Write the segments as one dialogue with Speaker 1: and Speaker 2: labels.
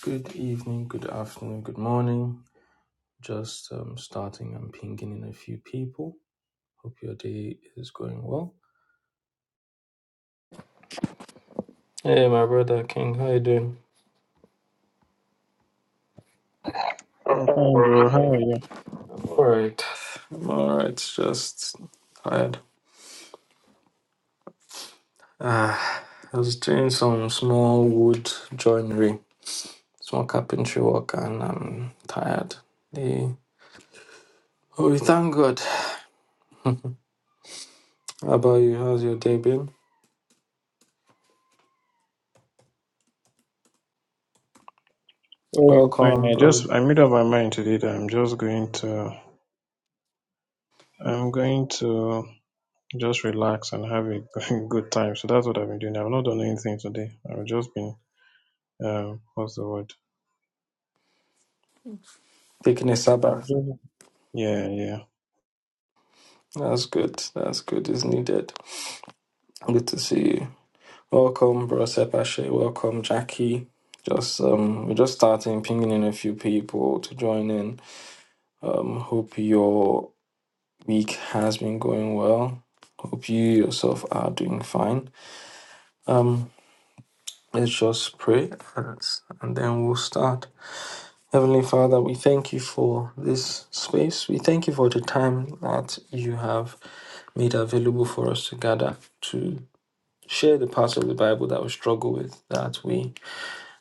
Speaker 1: Good evening, good afternoon, good morning. Just um, starting and pinging in a few people. Hope your day is going well. Hey, my brother King, how you doing?
Speaker 2: I'm fine, bro. How are you?
Speaker 1: All right, I'm all right. Just tired. Ah, I was doing some small wood joinery, small carpentry work, and I'm tired. Yeah. Oh, we thank God. How about you? How's your day been?
Speaker 2: Oh, fine.
Speaker 1: Welcome,
Speaker 2: I
Speaker 1: bro.
Speaker 2: just I made up my mind today that I'm just going to I'm going to just relax and have a good time. So that's what I've been doing. I've not done anything today. I've just been um what's the word?
Speaker 1: Taking a
Speaker 2: I've
Speaker 1: Sabbath.
Speaker 2: just yeah yeah.
Speaker 1: That's good. That's good. It's needed. Good to see you. Welcome, bro Sepashe. Welcome, Jackie. Just um, we're just starting pinging in a few people to join in. Um, hope your week has been going well. Hope you yourself are doing fine. Um, let's just pray and, and then we'll start. Heavenly Father, we thank you for this space. We thank you for the time that you have made available for us to gather to share the parts of the Bible that we struggle with, that we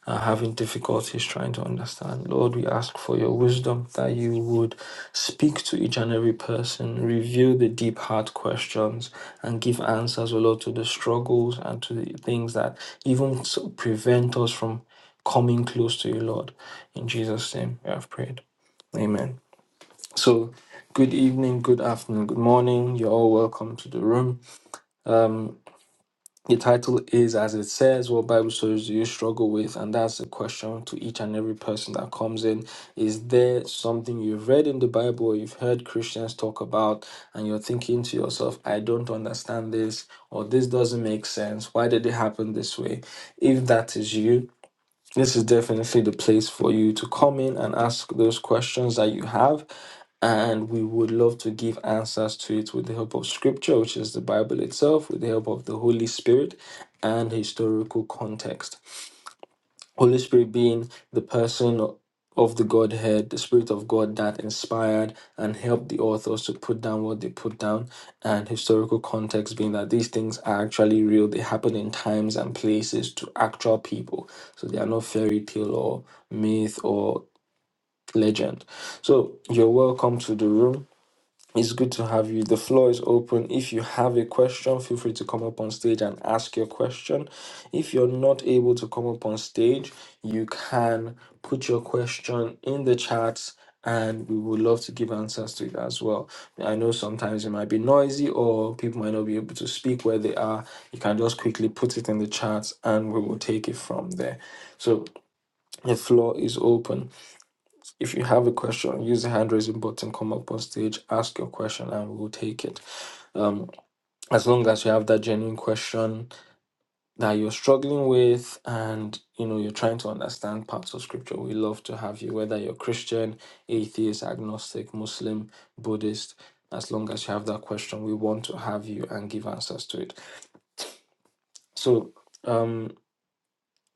Speaker 1: are having difficulties trying to understand. Lord, we ask for your wisdom that you would speak to each and every person, reveal the deep heart questions, and give answers, O Lord, to the struggles and to the things that even so prevent us from coming close to you, Lord. In Jesus' name, we have prayed. Amen. So, good evening, good afternoon, good morning. You're all welcome to the room. The title is As It Says, What Bible Stories Do You Struggle With? And that's a question to each and every person that comes in. Is there something you've read in the Bible or you've heard Christians talk about, and you're thinking to yourself, I don't understand this, or this doesn't make sense? Why did it happen this way? If that is you, this is definitely the place for you to come in and ask those questions that you have. And we would love to give answers to it with the help of scripture, which is the Bible itself, with the help of the Holy Spirit and historical context. Holy Spirit being the person of the Godhead, the Spirit of God that inspired and helped the authors to put down what they put down, and historical context being that these things are actually real. They happen in times and places to actual people. So they are not fairy tale or myth or legend. So you're welcome to the room. It's good to have you. The floor is open. If you have a question, feel free to come up on stage and ask your question. If you're not able to come up on stage, you can put your question in the chat and we would love to give answers to it as well. I know sometimes it might be noisy or people might not be able to speak where they are. You can just quickly put it in the chat and we will take it from there. So the floor is open. If you have a question, use the hand raising button, come up on stage, ask your question, and we'll take it. Um, as long as you have that genuine question that you're struggling with and you know you're trying to understand parts of scripture, we love to have you, whether you're Christian, atheist, agnostic, Muslim, Buddhist, as long as you have that question, we want to have you and give answers to it. So um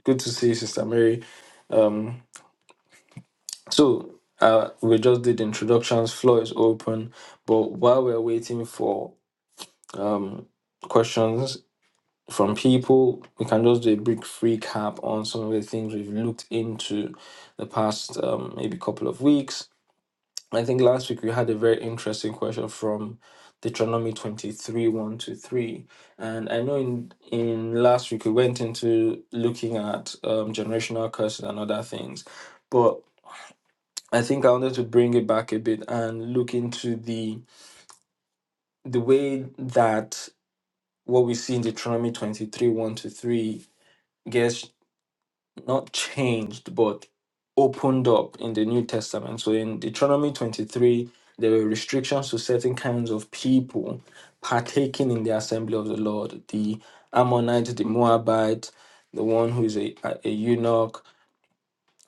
Speaker 1: good to see you, Sister Mary. Um So uh, we just did introductions. Floor is open, but while we're waiting for um, questions from people, we can just do a brief recap on some of the things we've looked into the past um, maybe couple of weeks. I think last week we had a very interesting question from Deuteronomy 23 1 to 3. And I know in, in last week we went into looking at um, generational curses and other things. But I think I wanted to bring it back a bit and look into the the way that what we see in Deuteronomy 23, 1 to 3 gets not changed but opened up in the New Testament. So in Deuteronomy 23, there were restrictions to certain kinds of people partaking in the assembly of the Lord, the Ammonite, the Moabite, the one who is a, a eunuch,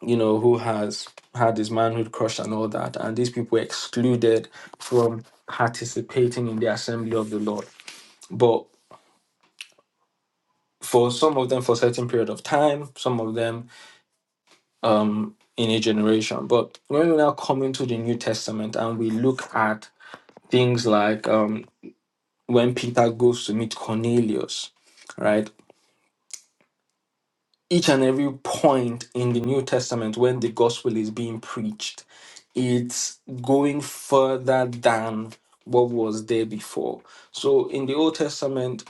Speaker 1: you know, who has had his manhood crushed and all that. And these people were excluded from participating in the assembly of the Lord. But for some of them, for a certain period of time, some of them um, in a generation. But when we now come into the New Testament and we look at things like um, when Peter goes to meet Cornelius, right? each and every point in the New Testament when the gospel is being preached, it's going further than what was there before. So in the Old Testament,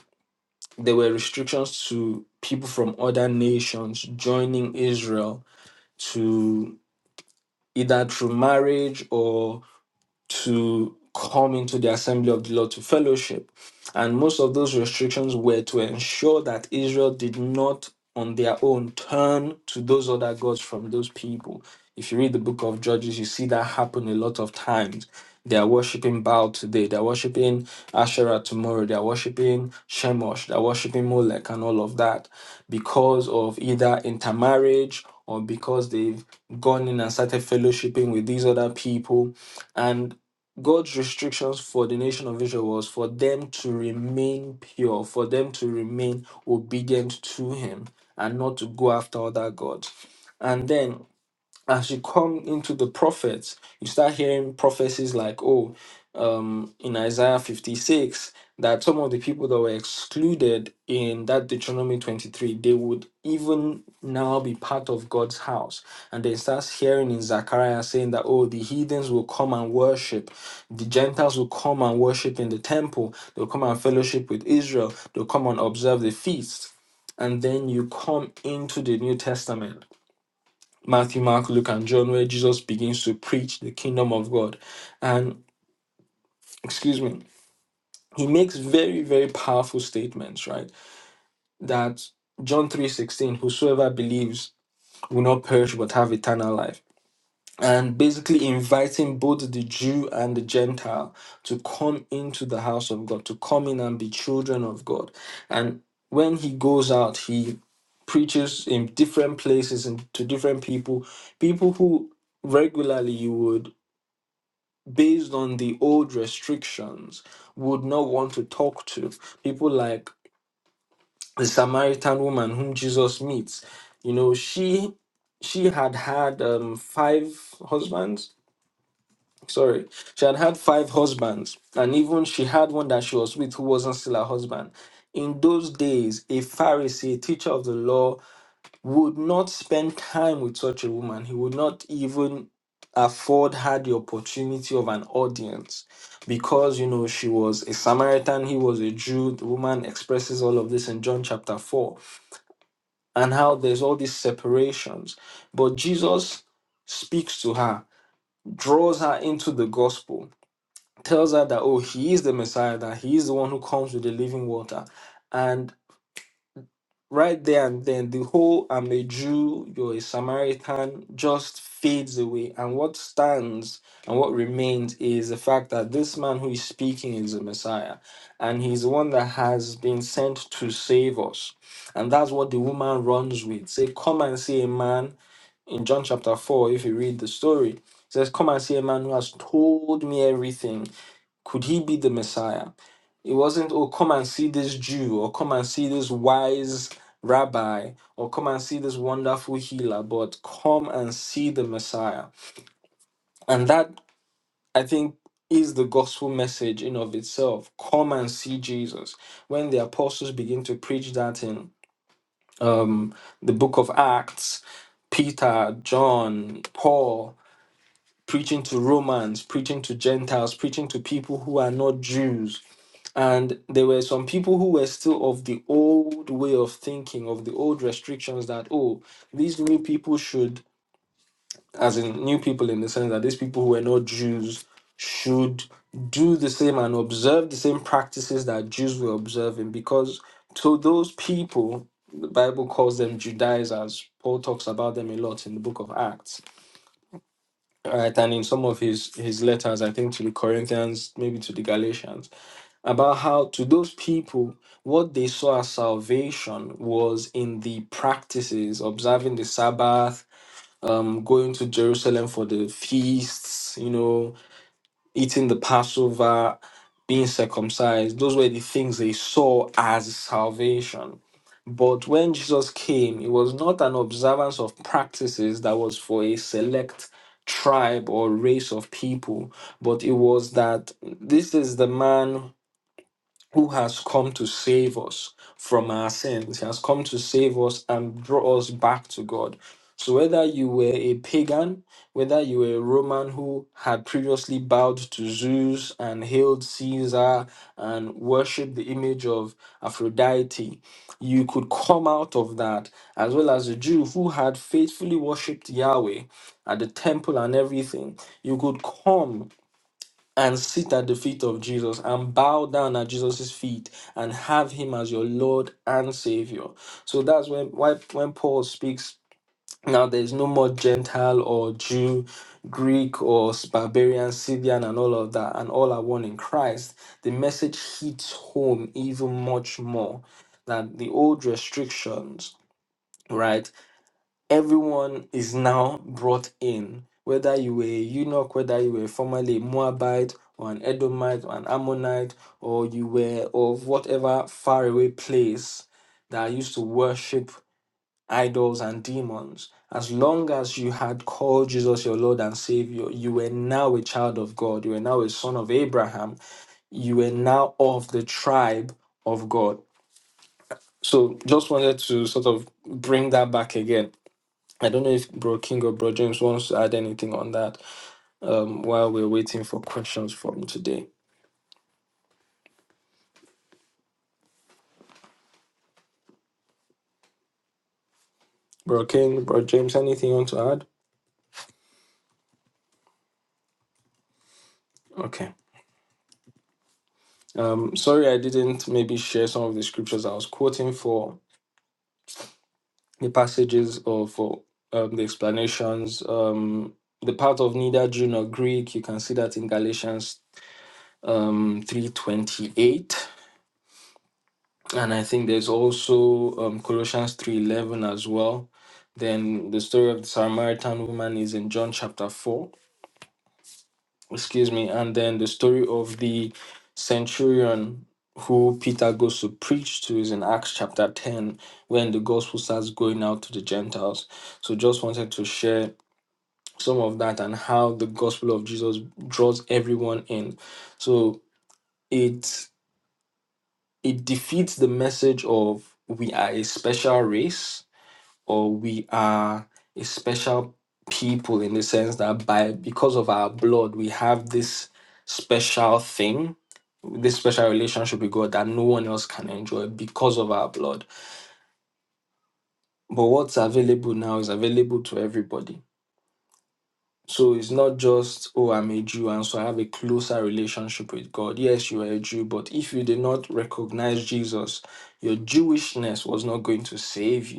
Speaker 1: there were restrictions to people from other nations joining Israel to either through marriage to come into the assembly of the Lord to fellowship. And most of those restrictions were to ensure that Israel did not, on their own, turn to those other gods from those people. If you read the book of Judges, you see that happen a lot of times. They are worshipping Baal today, they're worshipping Asherah tomorrow, they're worshipping Shemosh, they're worshipping Molech, and all of that because of either intermarriage or because they've gone in and started fellowshipping with these other people. And God's restrictions for the nation of Israel was for them to remain pure, for them to remain obedient to Him, and not to go after other gods. And then as you come into the prophets, you start hearing prophecies like, oh, um, in Isaiah 56, that some of the people that were excluded in that Deuteronomy 23, they would even now be part of God's house. And then starts hearing in Zechariah saying that, oh, the heathens will come and worship. The Gentiles will come and worship in the temple. They'll come and fellowship with Israel. They'll come and observe the feast. And then you come into the New Testament Matthew, Mark, Luke, and John, where Jesus begins to preach the kingdom of God. And excuse me, he makes very, very powerful statements, right? That John 3:16, whosoever believes will not perish but have eternal life. And basically inviting both the Jew and the Gentile to come into the house of God, to come in and be children of God. And when he goes out, he preaches in different places and to different people, people who regularly you would based on the old restrictions, would not want to talk to. People like the Samaritan woman whom Jesus meets. You know, she she had had um, five husbands. Sorry, she had had five husbands, and even she had one that she was with who wasn't still her husband. In those days, a Pharisee, teacher of the law, would not spend time with such a woman. He would not even afford her the opportunity of an audience because, you know, she was a Samaritan, he was a Jew. The woman expresses all of this in John chapter 4 and how there's all these separations. But Jesus speaks to her, draws her into the gospel, tells her that, oh, he is the Messiah, that he is the one who comes with the living water. right there and then the whole I'm a Jew, you're a Samaritan just fades away. And what stands and what remains is the fact that this man who is speaking is the Messiah and he's the one that has been sent to save us. And that's what the woman runs with. Say, come and see a man in John chapter 4, if you read the story. It says, Come and see a man who has told me everything. Could he be the Messiah? It wasn't, oh, come and see this Jew, or come and see this wise rabbi, or come and see this wonderful healer, but come and see the Messiah. And that, I think, is the gospel message in of itself. Come and see Jesus. When the apostles begin to preach that in um, the book of Acts, Peter, John, Paul, preaching to Romans, preaching to Gentiles, preaching to people who are not Jews And there were some people who were still of the old way of thinking, of the old restrictions that, oh, these new people should, as in new people in the sense that these people who were not Jews should do the same and observe the same practices that Jews were observing. Because to those people, the Bible calls them Judaizers. Paul talks about them a lot in the book of Acts, right? And in some of his, his letters, I think to the Corinthians, maybe to the Galatians about how to those people what they saw as salvation was in the practices observing the sabbath um, going to jerusalem for the feasts you know eating the passover being circumcised those were the things they saw as salvation but when jesus came it was not an observance of practices that was for a select tribe or race of people but it was that this is the man who has come to save us from our sins. He has come to save us and draw us back to God. So, whether you were a pagan, whether you were a Roman who had previously bowed to Zeus and hailed Caesar and worshipped the image of Aphrodite, you could come out of that, as well as a Jew who had faithfully worshipped Yahweh at the temple and everything. You could come and sit at the feet of Jesus and bow down at Jesus' feet and have him as your Lord and Savior. So that's when why when Paul speaks now there's no more Gentile or Jew, Greek or barbarian, Scythian, and all of that, and all are one in Christ. The message hits home even much more than the old restrictions, right? everyone is now brought in, whether you were a eunuch, whether you were formerly a Moabite or an Edomite or an Ammonite, or you were of whatever faraway place that used to worship idols and demons. As long as you had called Jesus your Lord and Savior, you were now a child of God. You were now a son of Abraham. You were now of the tribe of God. So just wanted to sort of bring that back again I don't know if Bro King or Bro James wants to add anything on that um, while we're waiting for questions from today. Bro King, Bro James, anything you want to add? Okay. Um, sorry, I didn't maybe share some of the scriptures I was quoting for the passages or for um, the explanations. Um, the part of neither Jew nor Greek, you can see that in Galatians um, 3.28 and I think there's also um, Colossians three eleven as well. Then the story of the Samaritan woman is in John chapter four. Excuse me, and then the story of the centurion who Peter goes to preach to is in Acts chapter ten, when the gospel starts going out to the Gentiles. So just wanted to share some of that and how the gospel of Jesus draws everyone in. So it it defeats the message of we are a special race or we are a special people in the sense that by because of our blood we have this special thing this special relationship with god that no one else can enjoy because of our blood but what's available now is available to everybody so it's not just oh i'm a jew and so i have a closer relationship with god yes you are a jew but if you did not recognize jesus your jewishness was not going to save you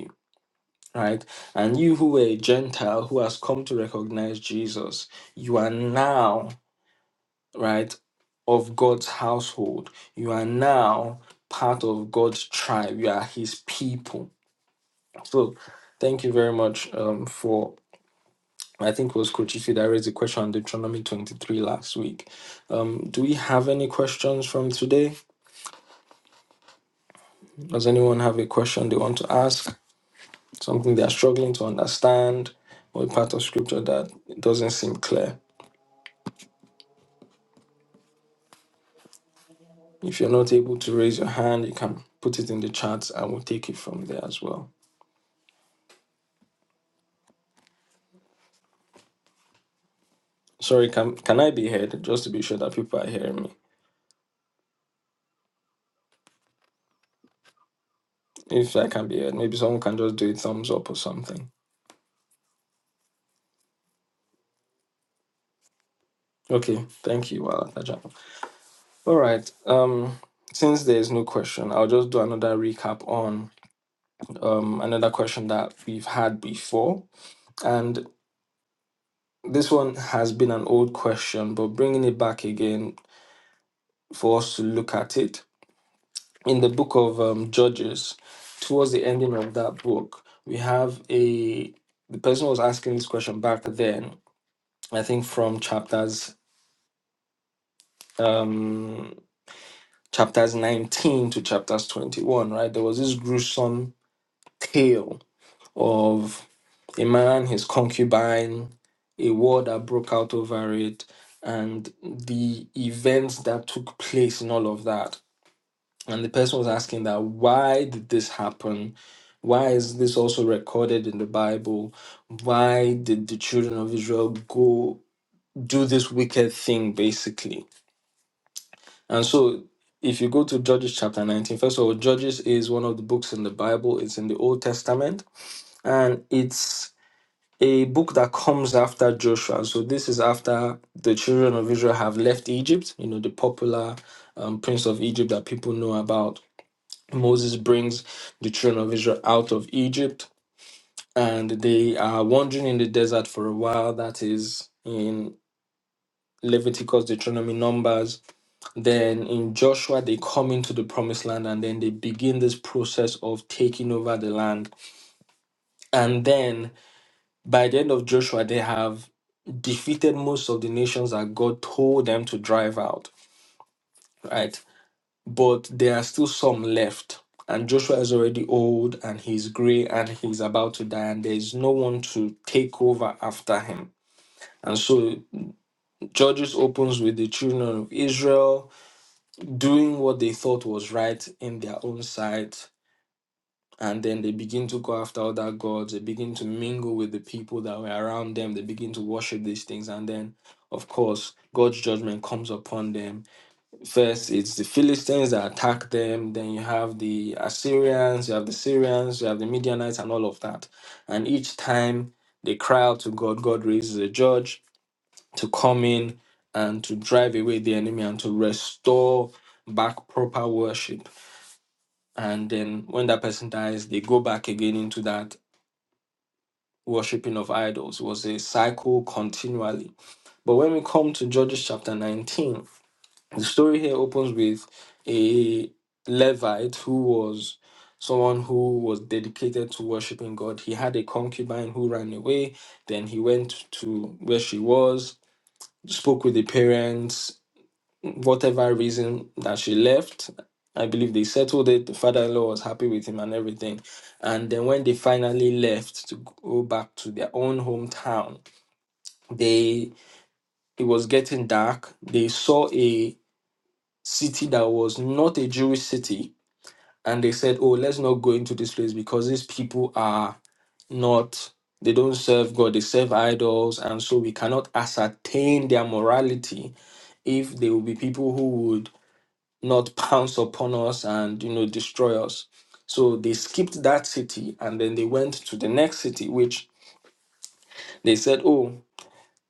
Speaker 1: right? And you who were a Gentile who has come to recognize Jesus, you are now, right, of God's household. You are now part of God's tribe. You are his people. So thank you very much um, for. I think it was Coach Ife that raised the question on Deuteronomy 23 last week. Um, do we have any questions from today? Does anyone have a question they want to ask? Something they are struggling to understand or a part of scripture that doesn't seem clear? If you're not able to raise your hand, you can put it in the chat and we'll take it from there as well. Sorry, can can I be heard? Just to be sure that people are hearing me. If I can be heard, maybe someone can just do a thumbs up or something. Okay, thank you, Wala Taja. All right. Um, since there is no question, I'll just do another recap on um another question that we've had before, and this one has been an old question, but bringing it back again for us to look at it in the book of um, Judges, towards the ending of that book, we have a the person was asking this question back then. I think from chapters um, chapters nineteen to chapters twenty one. Right, there was this gruesome tale of a man, his concubine, a war that broke out over it, and the events that took place in all of that and the person was asking that why did this happen why is this also recorded in the bible why did the children of israel go do this wicked thing basically and so if you go to judges chapter 19, first of all judges is one of the books in the bible it's in the old testament and it's a book that comes after joshua so this is after the children of israel have left egypt you know the popular um, prince of egypt that people know about Moses brings the children of Israel out of Egypt, and they are wandering in the desert for a while. That is in Leviticus, Deuteronomy, Numbers. Then in Joshua, they come into the promised land and then they begin this process of taking over the land. And then by the end of Joshua, they have defeated most of the nations that God told them to drive out, right? but there are still some left. And Joshua is already old and he's gray and he's about to die, and there's no one to take over after him. And so Judges opens with the children of Israel doing what they thought was right in their own sight. And then they begin to go after other gods. They begin to mingle with the people that were around them. They begin to worship these things. And then, of course, God's judgment comes upon them First, it's the Philistines that attack them. Then you have the Assyrians, you have the Syrians, you have the Midianites, and all of that. And each time they cry out to God, God raises a judge to come in and to drive away the enemy and to restore back proper worship. And then when that person dies, they go back again into that worshipping of idols. It was a cycle continually. But when we come to Judges chapter 19, The story here opens with a Levite who was someone who was dedicated to worshiping God. He had a concubine who ran away. Then he went to where she was, spoke with the parents, whatever reason that she left. I believe they settled it. The father in law was happy with him and everything. And then when they finally left to go back to their own hometown, they it was getting dark. They saw a city that was not a Jewish city, and they said, "Oh, let's not go into this place because these people are not." They don't serve God, they serve idols, and so we cannot ascertain their morality if they will be people who would not pounce upon us and you know destroy us. So they skipped that city and then they went to the next city, which they said, Oh,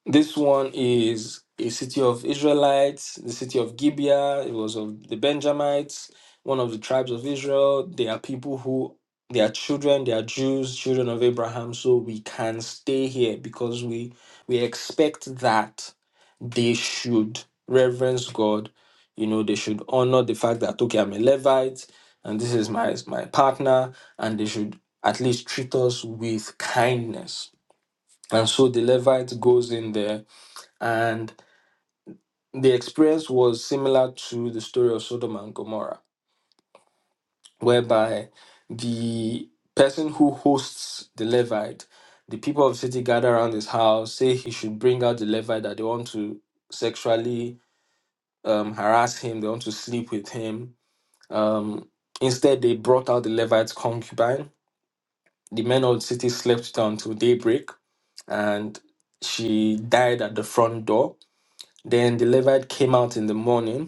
Speaker 1: This one is a city of Israelites, the city of Gibeah. It was of the Benjamites, one of the tribes of Israel. They are people who, they are children, they are Jews, children of Abraham. So we can stay here because we we expect that they should reverence God. You know, they should honor the fact that okay, I'm a Levite, and this is my my partner, and they should at least treat us with kindness. And so the Levite goes in there and the experience was similar to the story of Sodom and Gomorrah, whereby the person who hosts the Levite, the people of the city gather around his house, say he should bring out the Levite that they want to sexually um, harass him, they want to sleep with him. Um, instead, they brought out the Levite's concubine. The men of the city slept with her until daybreak, and she died at the front door. Then the Levite came out in the morning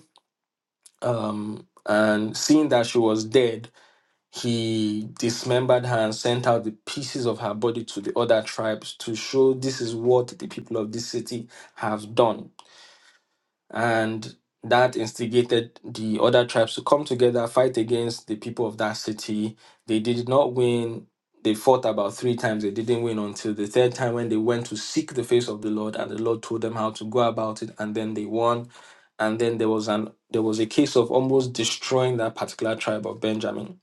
Speaker 1: um, and seeing that she was dead, he dismembered her and sent out the pieces of her body to the other tribes to show this is what the people of this city have done and that instigated the other tribes to come together, fight against the people of that city. They did not win. They fought about three times. They didn't win until the third time when they went to seek the face of the Lord, and the Lord told them how to go about it, and then they won. And then there was an there was a case of almost destroying that particular tribe of Benjamin.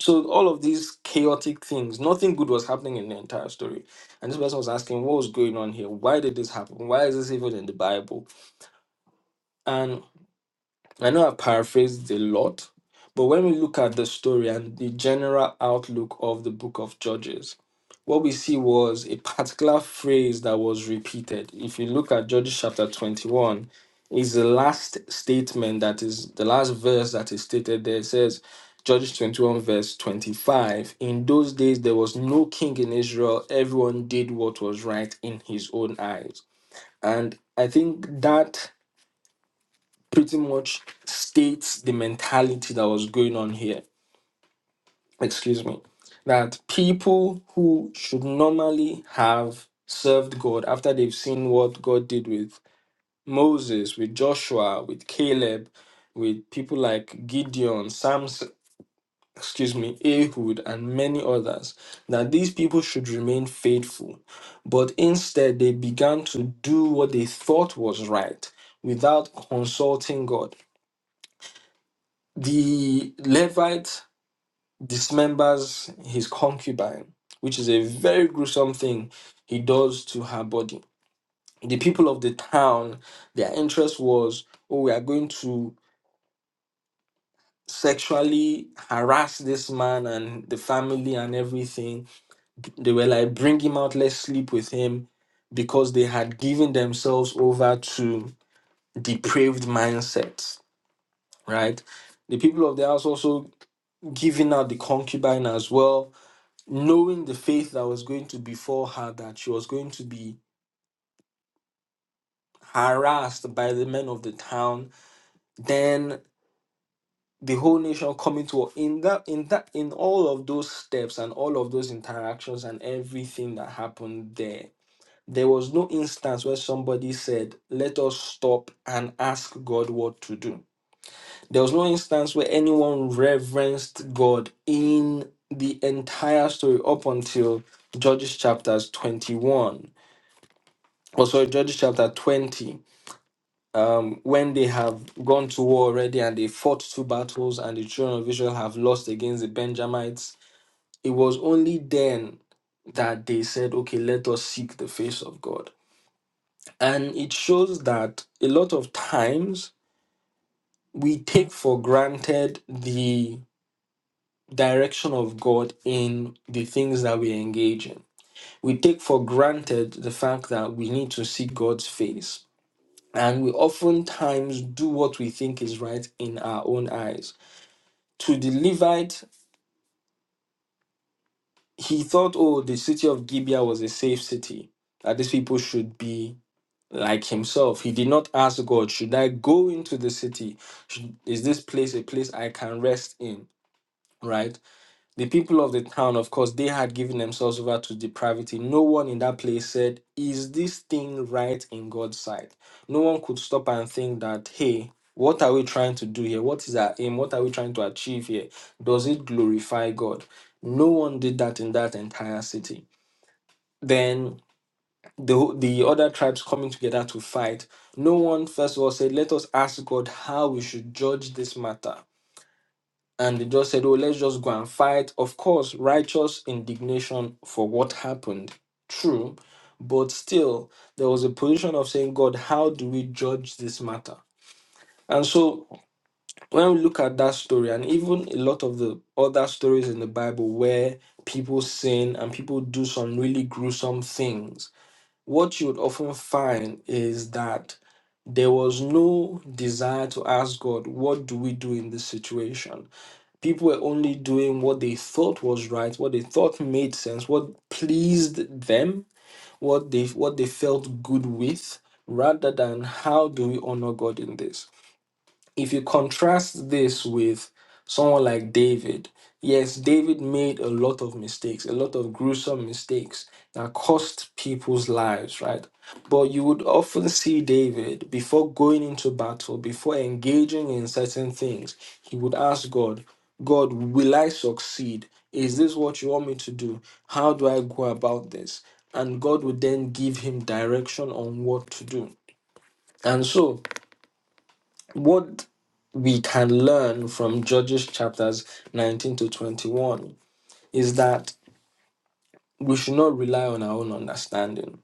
Speaker 1: So all of these chaotic things, nothing good was happening in the entire story. And this person was asking, what was going on here? Why did this happen? Why is this even in the Bible? And I know I paraphrased a lot, but when we look at the story and the general outlook of the book of Judges, what we see was a particular phrase that was repeated. If you look at Judges chapter 21, is the last statement that is the last verse that is stated there. It says, Judges 21, verse 25. In those days, there was no king in Israel. Everyone did what was right in his own eyes. And I think that pretty much states the mentality that was going on here. Excuse me. That people who should normally have served God after they've seen what God did with Moses, with Joshua, with Caleb, with people like Gideon, Samson, excuse me, Ehud, and many others, that these people should remain faithful. But instead, they began to do what they thought was right without consulting God The Levite dismembers his concubine, which is a very gruesome thing he does to her body. The people of the town, their interest was, oh, we are going to sexually harass this man and the family and everything. They were like, bring him out, let's sleep with him, because they had given themselves over to depraved mindsets, right? The people of the house also giving out the concubine as well knowing the faith that was going to befall her, that she was going to be harassed by the men of the town, then the whole nation coming to her. in that in that in all of those steps and all of those interactions and everything that happened there. There was no instance where somebody said, Let us stop and ask God what to do. There was no instance where anyone reverenced God in the entire story up until Judges chapters 21 Also, Judges chapter 20, um, when they have gone to war already and they fought two battles and the children of Israel have lost against the Benjamites, it was only then that they said, okay, let us seek the face of God. And it shows that a lot of times we take for granted the direction of God in the things that we engage in. We take for granted the fact that we need to seek God's face And we oftentimes do what we think is right in our own eyes. To the Levite, he thought, oh, the city of Gibeah was a safe city, that these people should be like himself. He did not ask God, should I go into the city? Should, is this place a place I can rest in? Right? The people of the town, of course, they had given themselves over to depravity. No one in that place said, Is this thing right in God's sight? No one could stop and think that, Hey, what are we trying to do here? What is our aim? What are we trying to achieve here? Does it glorify God? No one did that in that entire city. Then the, the other tribes coming together to fight, no one, first of all, said, Let us ask God how we should judge this matter and they just said, "Oh, let's just go and fight." Of course, righteous indignation for what happened, true, but still there was a position of saying, "God, how do we judge this matter?" And so, when we look at that story, and even a lot of the other stories in the Bible where people sin and people do some really gruesome things, what you would often find is that there was no desire to ask God, what do we do in this situation? People were only doing what they thought was right, what they thought made sense, what pleased them, what they what they felt good with, rather than how do we honor God in this? if you contrast this with someone like David, yes, David made a lot of mistakes, a lot of gruesome mistakes that cost people's lives, right? But you would often see David before going into battle, before engaging in certain things, he would ask God, God, will I succeed? Is this what you want me to do? How do I go about this? And God would then give him direction on what to do. And so, what we can learn from Judges chapters 19 to 21 is that we should not rely on our own understanding.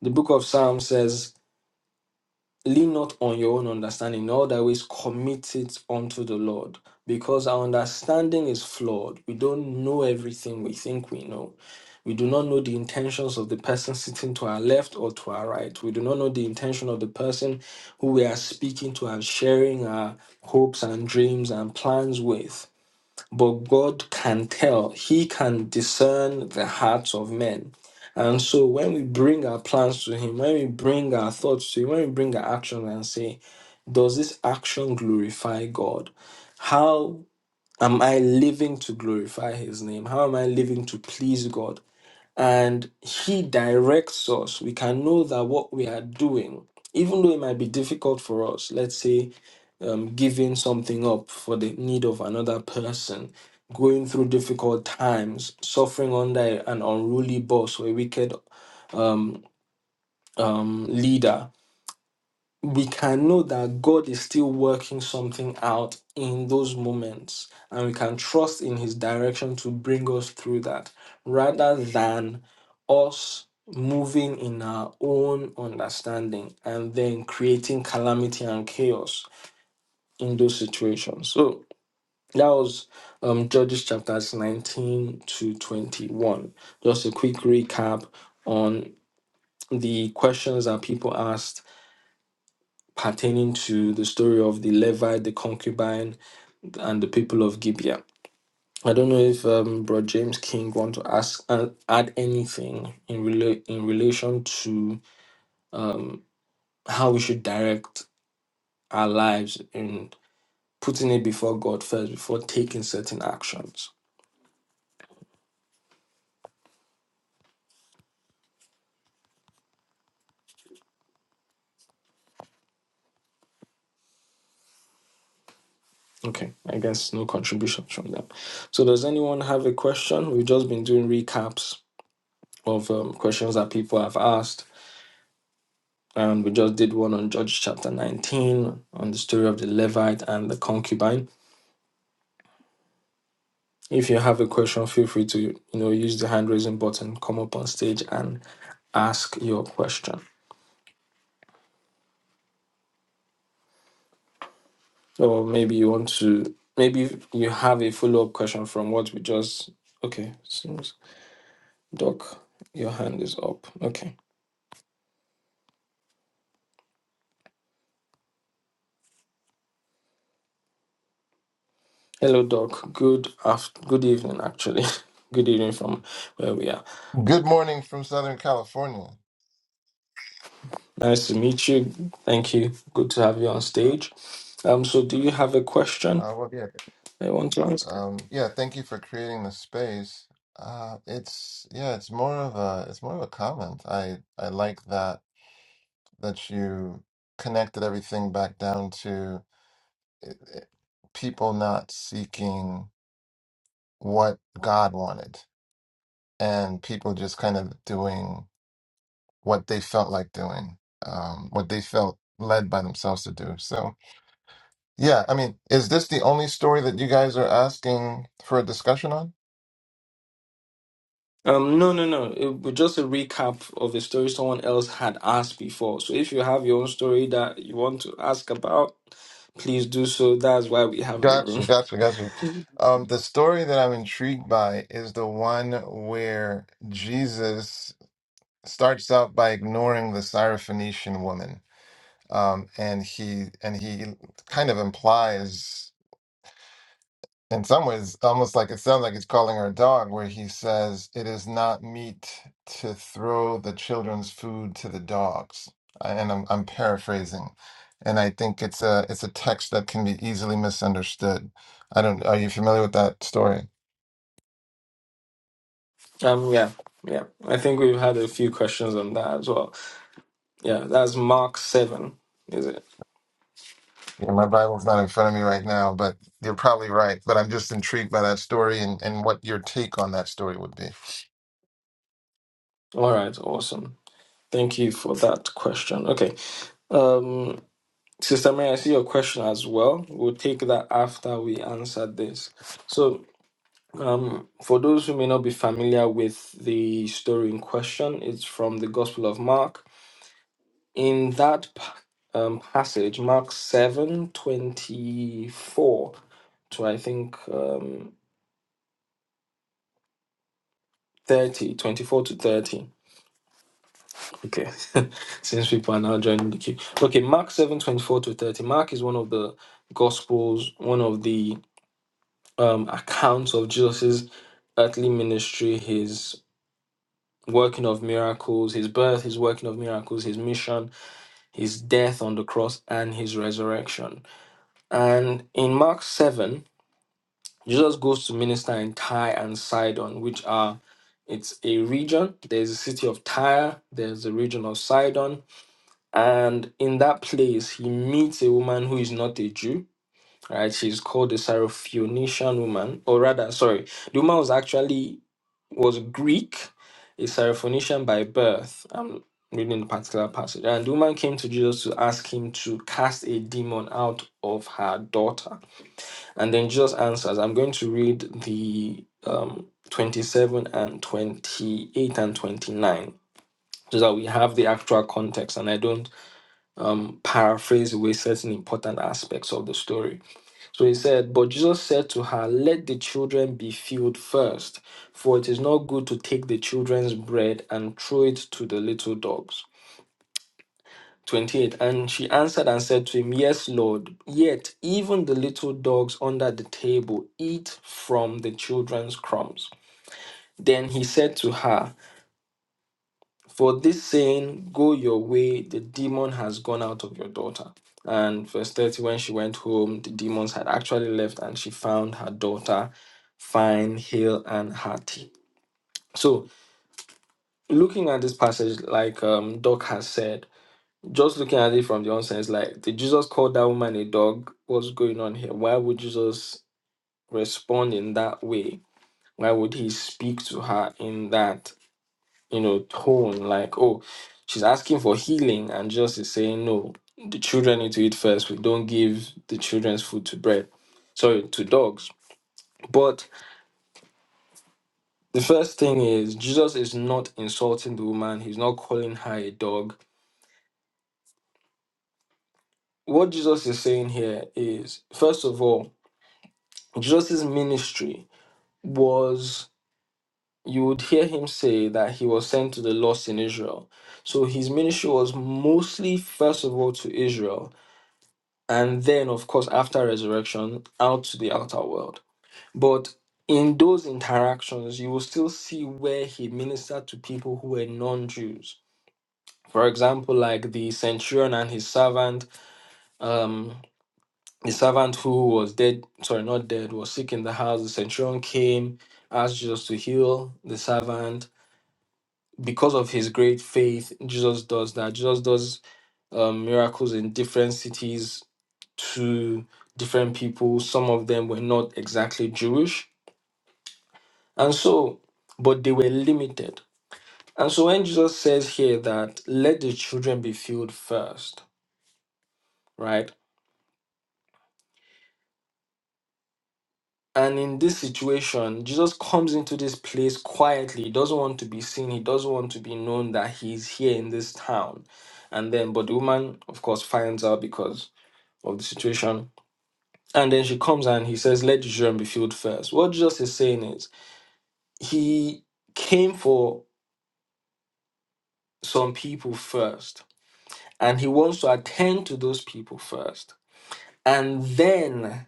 Speaker 1: The book of Psalms says, Lean not on your own understanding, in all thy ways commit it unto the Lord. Because our understanding is flawed. We don't know everything we think we know. We do not know the intentions of the person sitting to our left or to our right. We do not know the intention of the person who we are speaking to and sharing our hopes and dreams and plans with. But God can tell, He can discern the hearts of men. And so when we bring our plans to Him, when we bring our thoughts to Him, when we bring our actions and say, Does this action glorify God? How am I living to glorify His name? How am I living to please God? and he directs us we can know that what we are doing even though it might be difficult for us let's say um, giving something up for the need of another person going through difficult times suffering under an unruly boss or a wicked um, um, leader we can know that God is still working something out in those moments, and we can trust in His direction to bring us through that rather than us moving in our own understanding and then creating calamity and chaos in those situations. So that was um, Judges chapters 19 to 21. Just a quick recap on the questions that people asked pertaining to the story of the Levite, the concubine, and the people of Gibeah. I don't know if um, Bro James King want to ask uh, add anything in rela- in relation to how we should direct our lives in putting it before God first before taking certain actions. Okay, I guess no contributions from them. So does anyone have a question? We've just been doing recaps of um, questions that people have asked Um, we just did one on Judges chapter 19 on the story of the Levite and the concubine. If you have a question, feel free to you know use the hand raising button, come up on stage and ask your question. Or maybe you want to maybe you have a follow up question from what we just okay. So Doc, your hand is up. Okay. Hello Doc. Good after good evening actually. good evening from where we are.
Speaker 3: Good morning from Southern California.
Speaker 1: Nice to meet you. Thank you. Good to have you on
Speaker 3: Uh,
Speaker 1: stage. Um, so do you have a question
Speaker 3: uh, well, yeah,
Speaker 1: I want to ask?
Speaker 3: um, yeah. Thank you for creating the space. Uh, it's yeah, it's more of a it's more of a comment. I I like that that you connected everything back down to eh, eh, people not seeking what God wanted and people just kind of doing what they felt like doing, um, what they felt led by themselves to do. So. Yeah, I mean, is this the only story that you guys are asking for a discussion on?
Speaker 1: Um, no, no, no. It was just a recap of a story someone else had asked before. So if you have your own story that you want to ask about, please do so. That's why we have the room.
Speaker 3: Gotcha, gotcha, gotcha. Um, the story that I'm intrigued by is the one where Jesus starts out by ignoring the Syrophoenician woman. Um, and he and he kind of implies. in some ways almost like it sounds like it's calling her a dog where he says it is not meet to throw the children's food to the dogs I- and I'm, I'm paraphrasing and i think it's a it's a text that can be easily misunderstood i don't are you familiar with that story
Speaker 1: Um, yeah, yeah. I think we've had a few questions on that as well. Yeah, that's Mark 7, is it?
Speaker 3: yeah, my bible's not in front of me right now but you're probably right but i'm just intrigued by that story and, and what your take on that story would be
Speaker 1: All right, awesome. Thank you for that question. Okay. Um, Sister Mary, I see your question as well. We'll take that after we answer this. So, um, for those who may not be familiar with the story in question, it's from the Gospel of Mark. In that pa- um, passage, Mark seven twenty four to I think um, 30, twenty-four to 30. Okay, since people are now joining the queue. Okay, Mark seven twenty four to 30. Mark is one of the Gospels, one of the um, accounts of Jesus's earthly ministry, his working of miracles, his birth, his working of miracles, his mission, his death on the cross, and his resurrection. And in Mark 7, Jesus goes to minister in Tyre and Sidon, which are it's a region. There's a city of Tyre, there's the region of Sidon, and in that place he meets a woman who is not a Jew. Right, she's called the Syrophoenician woman, or rather, sorry, the woman was actually was Greek, a Syrophoenician by birth. I'm reading the particular passage. And the woman came to Jesus to ask him to cast a demon out of her daughter. And then Jesus answers. I'm going to read the um, 27 and 28 and 29. So that we have the actual context and I don't paraphrase away certain important aspects of the story. So he said, But Jesus said to her, Let the children be filled first, for it is not good to take the children's bread and throw it to the little dogs. 28. And she answered and said to him, Yes, Lord, yet even the little dogs under the table eat from the children's crumbs. Then he said to her, For this saying, go your way, the demon has gone out of your daughter. And verse 30, when she went home, the demons had actually left and she found her daughter fine, hale, and hearty. So, looking at this passage, like um, Doc has said, just looking at it from the onset, it's like, did Jesus call that woman a dog? What's going on here? Why would Jesus respond in that way? Why would he speak to her in that? you know, tone like, oh, she's asking for healing, and just is saying, no, the children need to eat first. We don't give the children's food to bread, sorry, to dogs. But the first thing is, Jesus is not insulting the woman, he's not calling her a dog. What Jesus is saying here is, first of all, Jesus' ministry was, you would hear him say that he was sent to the lost in Israel. So his ministry was mostly, first of all, to Israel and then of course after resurrection out to the outer world but in those interactions you will still see where he ministered to people who were non-jews for example like the centurion and his servant um the servant who was dead sorry not dead was sick in the house the centurion came asked jesus to heal the servant because of his great faith jesus does that jesus does um, miracles in different cities to different people. Some of them were not exactly Jewish. And so, but they were limited. And so when Jesus says here that let the children be filled first, right? And in this situation, Jesus comes into this place quietly. He doesn't want to be seen. He doesn't want to be known that he's here in this town. And then, but the woman, of course, finds out because of the situation. And then she comes and he says, Let the children be filled first. What Jesus is saying is, he came for some people first and he wants to attend to those people first and then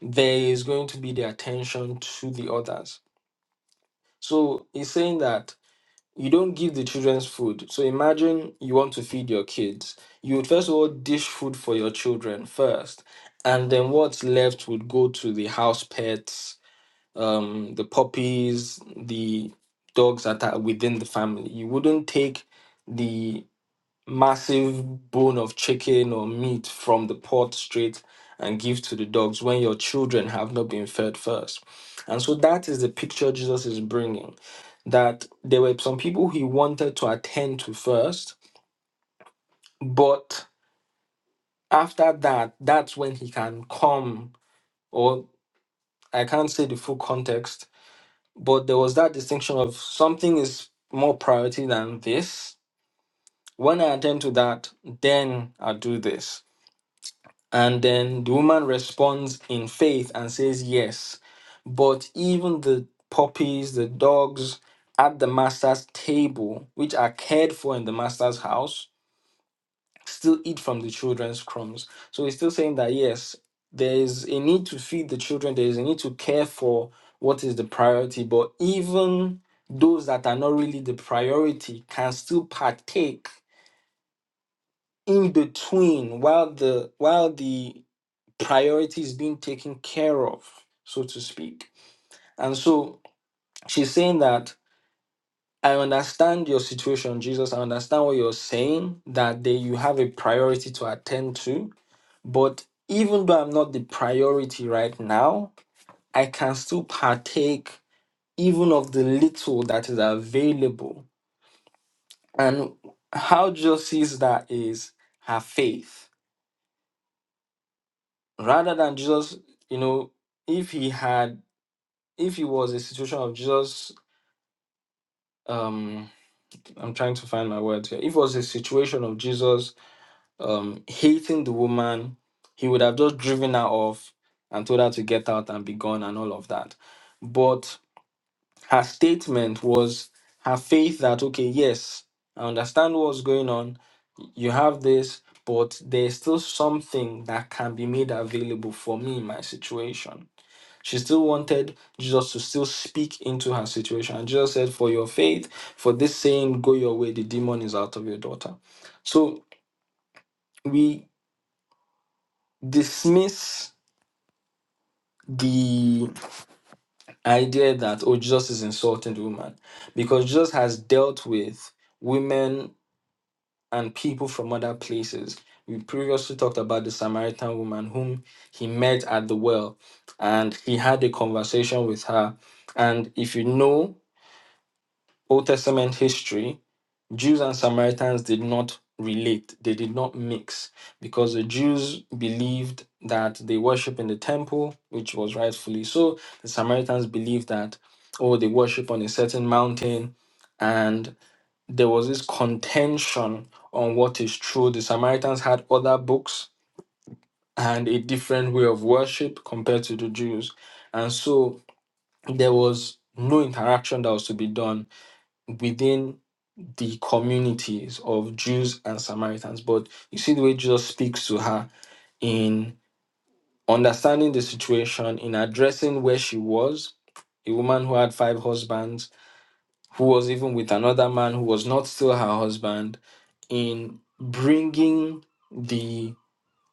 Speaker 1: there is going to be the attention to the others so he's saying that you don't give the children's food so imagine you want to feed your kids you would first of all dish food for your children first and then what's left would go to the house pets um the puppies the dogs that are within the family you wouldn't take the massive bone of chicken or meat from the pot straight and give to the dogs when your children have not been fed first. And so that is the picture Jesus is bringing that there were some people he wanted to attend to first, but after that, that's when he can come, or I can't say the full context, but there was that distinction of something is more priority than this. When I attend to that, then I do this And then the woman responds in faith and says, Yes. But even the puppies, the dogs at the master's table, which are cared for in the master's house, still eat from the children's crumbs. So he's still saying that, yes, there is a need to feed the children, there is a need to care for what is the priority. But even those that are not really the priority can still partake in between while the while the Priority is being taken care of, so to speak. And so she's saying that I understand your situation, Jesus. I understand what you're saying, that they, you have a priority to attend to. But even though I'm not the priority right now, I can still partake even of the little that is available. And how Jesus sees that is her faith. Rather than Jesus, you know, if he had, if it was a situation of Jesus um i'm trying to find my words here if it was a situation of jesus um hating the woman he would have just driven her off and told her to get out and be gone and all of that but her statement was her faith that okay yes i understand what's going on you have this but there's still something that can be made available for me in my situation she still wanted Jesus to still speak into her situation. And Jesus said, For your faith, for this saying, go your way, the demon is out of your daughter. So we dismiss the idea that, oh, Jesus is insulting the woman because Jesus has dealt with women and people from other places. We previously talked about the Samaritan woman whom he met at the well and he had a conversation with her. And if you know Old Testament history, Jews and Samaritans did not relate, they did not mix, because the Jews believed that they worship in the temple, which was rightfully so. The Samaritans believed that, oh, they worship on a certain mountain. And there was this contention on what is true. The Samaritans had other books and a different way of worship compared to the Jews. And so there was no interaction that was to be done within the communities of Jews and Samaritans. But you see the way Jesus speaks to her in understanding the situation, in addressing where she was, a woman who had five husbands, who was even with another man who was not still her husband, in bringing the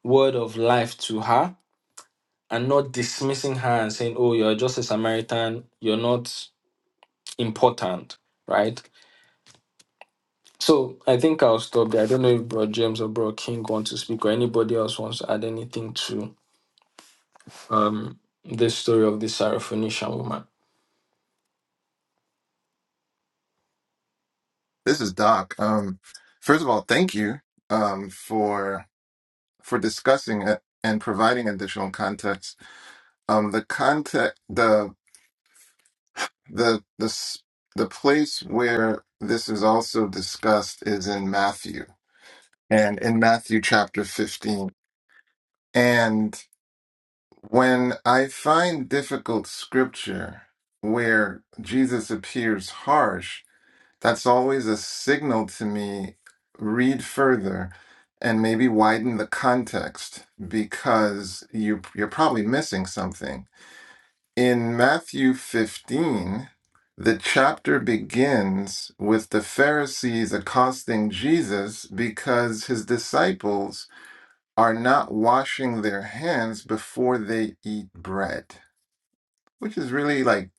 Speaker 1: word of life to her and not dismissing her and saying, Oh, you're just a Samaritan, you're not important, right? So I think I'll stop there. I don't know if Bro James or Bro King want to speak or anybody else wants to add anything to um this story of the Syrophoenician woman.
Speaker 3: this is doc um first of all thank you um for for discussing it and providing additional context. Um, the context, the the the s- the place where this is also discussed is in Matthew, and in Matthew chapter fifteen. And when I find difficult scripture where Jesus appears harsh, that's always a signal to me. Read further and maybe widen the context because you you're probably missing something In Matthew 15, the chapter begins with the Pharisees accosting Jesus because his disciples are not washing their hands before they eat bread, which is really like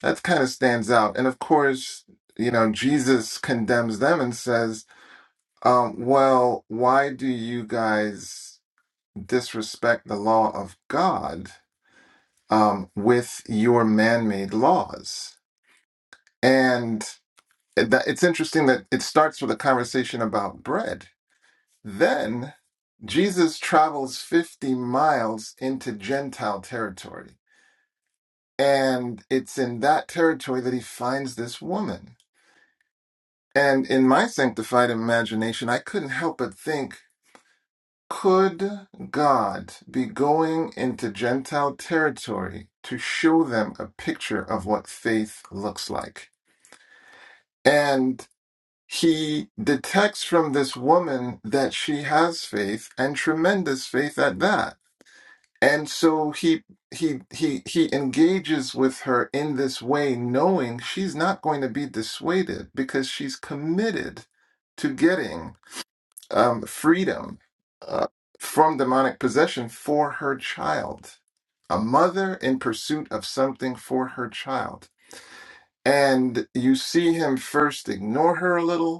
Speaker 3: that kind of stands out. And of course, you know, Jesus condemns them and says, um, Well, why do you guys disrespect the law of God um, with your man made laws? And that it's interesting that it starts with a conversation about bread. Then Jesus travels 50 miles into Gentile territory. And it's in that territory that he finds this woman. And in my sanctified imagination, I couldn't help but think could God be going into Gentile territory to show them a picture of what faith looks like? And he detects from this woman that she has faith and tremendous faith at that and so he he he he engages with her in this way knowing she's not going to be dissuaded because she's committed to getting um, freedom uh, from demonic possession for her child a mother in pursuit of something for her child and you see him first ignore her a little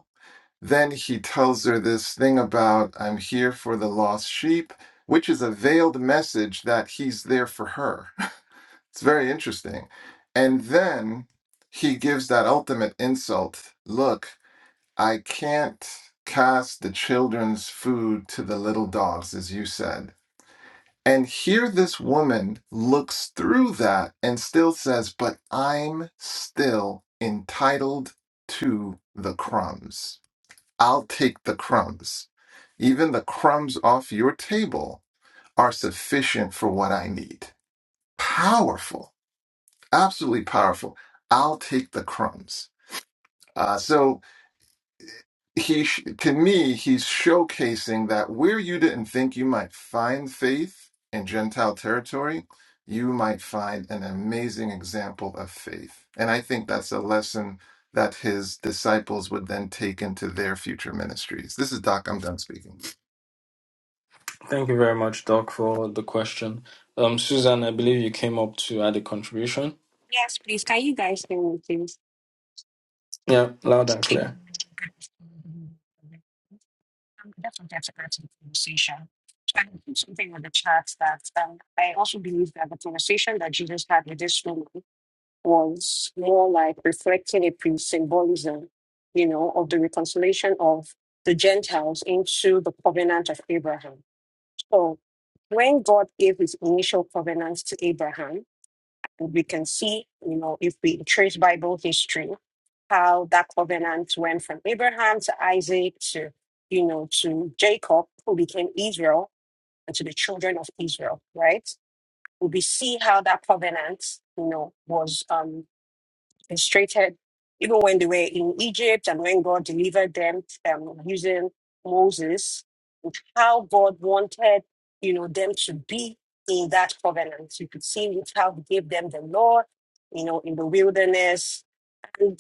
Speaker 3: then he tells her this thing about, I'm here for the lost sheep, which is a veiled message that he's there for her. It's very interesting. And then he gives that ultimate insult Look, I can't cast the children's food to the little dogs, as you said. And here this woman looks through that and still says, But I'm still entitled to the crumbs I'll take the crumbs. Even the crumbs off your table are sufficient for what I need. Powerful, absolutely powerful. I'll take the crumbs. Uh, so he, sh- to me, he's showcasing that where you didn't think you might find faith in Gentile territory, you might find an amazing example of faith. And I think that's a lesson that his disciples would then take into their future ministries. This is Doc. I'm done speaking.
Speaker 1: Thank you very much, Doc, for the question. Um, Susan, I believe you came up to add a contribution.
Speaker 4: Yes, please. Can you guys hear me, please?
Speaker 1: Yeah, loud and
Speaker 4: Okay.
Speaker 1: clear.
Speaker 4: I'm definitely get to get to the conversation. So I put something on the chat that um, I also believe that the conversation that Jesus had with this woman was more like reflecting a pre-symbolism, you know, of the reconciliation of the Gentiles into the covenant of Abraham. So when God gave his initial covenant to Abraham, we can see, you know, if we trace Bible history, how that covenant went from Abraham to Isaac to, you know, to Jacob, who became Israel, and to the children of Israel, right? We see how that covenant, you know, was. um, mistreated. Even when they were in Egypt and when God delivered them um, using Moses, with how God wanted, you know, them to be in that covenant. You could see it, how he gave them the law, you know, in the wilderness and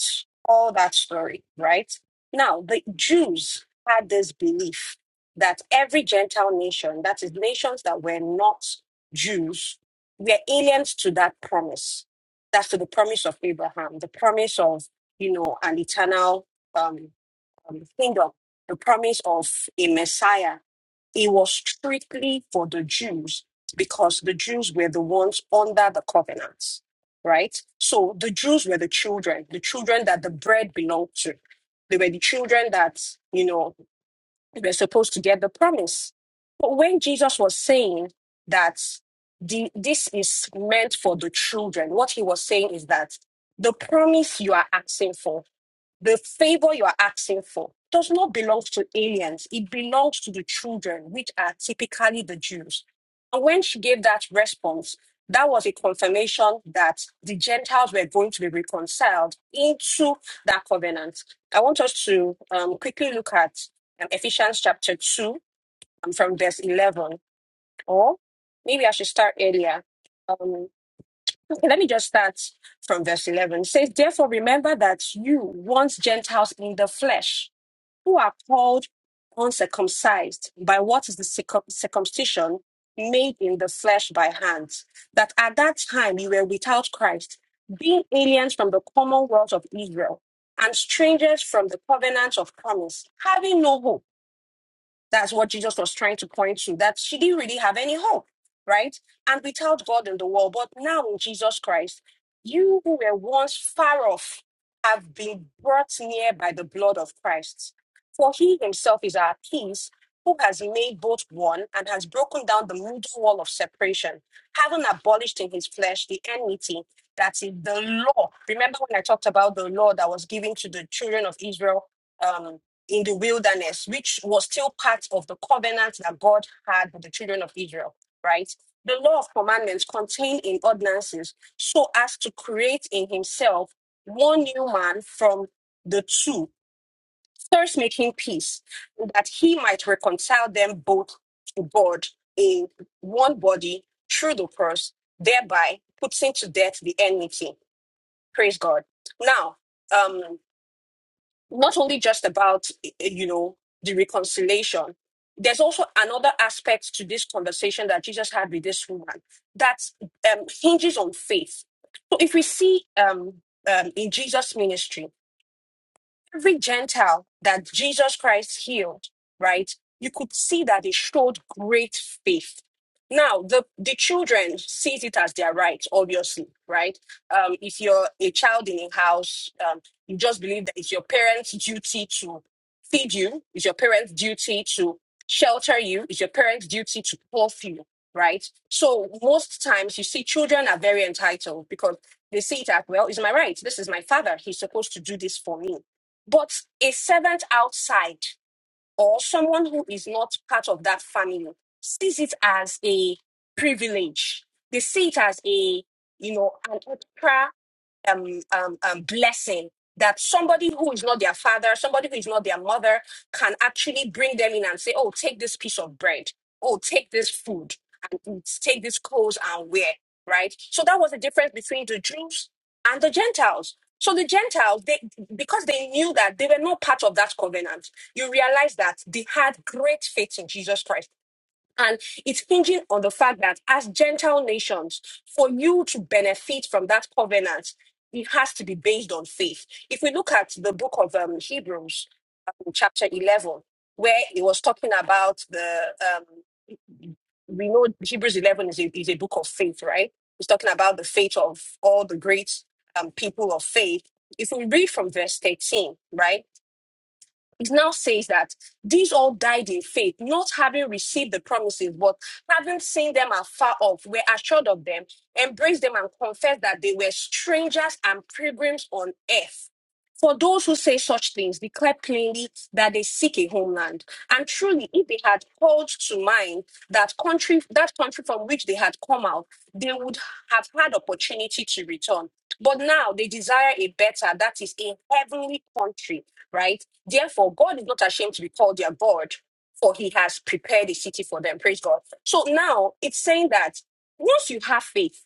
Speaker 4: all that story, right? Now, the Jews had this belief that every Gentile nation, that is nations that were not Jews, were aliens to that promise that's to the promise of Abraham, the promise of, you know, an eternal um, um, kingdom, the promise of a Messiah. It was strictly for the Jews because the Jews were the ones under the covenants, right? So the Jews were the children, the children that the bread belonged to. They were the children that, you know, we're supposed to get the promise. But when Jesus was saying that the, this is meant for the children, what he was saying is that the promise you are asking for the favor you are asking for does not belong to aliens. It belongs to the children, which are typically the Jews. And when she gave that response, that was a confirmation that the Gentiles were going to be reconciled into that covenant. I want us to um, quickly look at um, Ephesians chapter 2 um, from verse 11, or maybe I should start earlier. Um, let me just start from verse 11. It says, Therefore, remember that you, once Gentiles in the flesh, who are called uncircumcised by what is the circum- circumcision made in the flesh by hands, that at that time you were without Christ, being aliens from the commonwealth of Israel and strangers from the covenant of promise, having no hope that's what Jesus was trying to point to, that she didn't really have any hope, right? And without God in the world, but now in Jesus Christ, you who were once far off have been brought near by the blood of Christ. For he himself is our peace, who has made both one and has broken down the middle wall of separation, having abolished in his flesh the enmity that is the law. Remember when I talked about the law that was given to the children of Israel? Um, in the wilderness, which was still part of the covenant that God had with the children of Israel, right? The law of commandments contained in ordinances so as to create in himself one new man from the two, first making peace, that he might reconcile them both to God in one body through the cross, thereby putting to death the enmity. Praise God. Now, um not only just about eh, eh, you know the reconciliation there's also another aspect to this conversation that jesus had with this woman that um, hinges on faith so if we see um, um, in jesus ministry every Gentile that Jesus Christ healed, right? You could see that they showed great faith. Now, the, the children sees it as their right, obviously, right? Um, if you're a child in a house, um, you just believe that it's your parents' duty to feed you, it's your parents' duty to shelter you, it's your parents' duty to clothe you, right? So most times you see children are very entitled because they see it as, well, it's my right. This is my father. He's supposed to do this for me but a servant outside or someone who is not part of that family sees it as a privilege. They see it as a, you know, an extra um, um, um, blessing that somebody who is not their father, somebody who is not their mother, can actually bring them in and say, "Oh, take this piece of bread. Oh, take this food and eat. Take this clothes and wear." Right. So that was the difference between the Jews and the Gentiles. So the Gentiles, they because they knew that they were not part of that covenant you realize that they had great faith in Jesus Christ. And it's hinging on the fact that as Gentile nations, for you to benefit from that covenant, it has to be based on faith. If we look at the book of um, Hebrews, um, chapter 11, where it was talking about the, um, we know Hebrews 11 is a, is a book of faith, right? It's talking about the faith of all the great um, people of faith. If we read from verse 13, right? it now says that these all died in faith, not having received the promises, but having seen them afar off, were assured of them, embraced them, and confessed that they were strangers and pilgrims on earth. For those who say such things, declare plainly that they seek a homeland. And truly, if they had called to mind that country, that country from which they had come out, they would have had opportunity to return. But now they desire a better, that is a heavenly country, right? Therefore, God is not ashamed to be called their God, for he has prepared a city for them. Praise God. So now it's saying that once you have faith,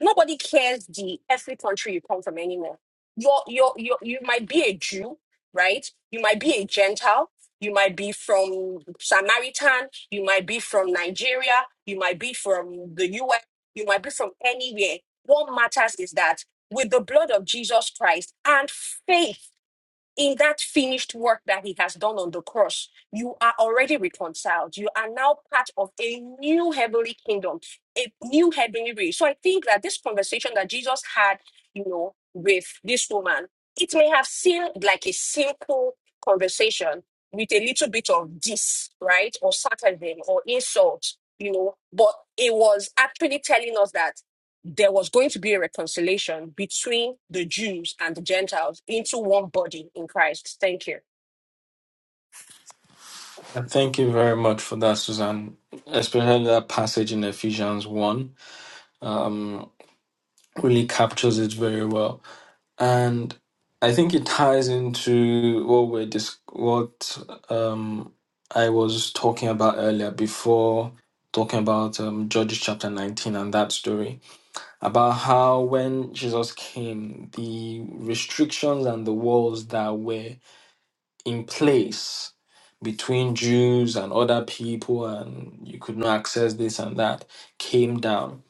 Speaker 4: nobody cares the every country you come from anymore you're, you're, you're, you might be a Jew, right? You might be a Gentile. You might be from Samaritan. You might be from Nigeria. You might be from the US. You might be from anywhere. What matters is that with the blood of Jesus Christ and faith in that finished work that he has done on the cross, you are already reconciled. You are now part of a new heavenly kingdom, a new heavenly race. So I think that this conversation that Jesus had, you know, with this woman, it may have seemed like a simple conversation with a little bit of diss, right? Or sarcasm or insult, you know, but it was actually telling us that there was going to be a reconciliation between the Jews and the Gentiles into one body in Christ. Thank you.
Speaker 1: And Thank you very much for that, Susan. Especially that passage in Ephesians one um really captures it very well and I think it ties into what we're dis- what um, I was talking about earlier before talking about um, Judges chapter 19 and that story about how when Jesus came, the restrictions and the walls that were in place between Jews and other people, and you could not access this and that, came down.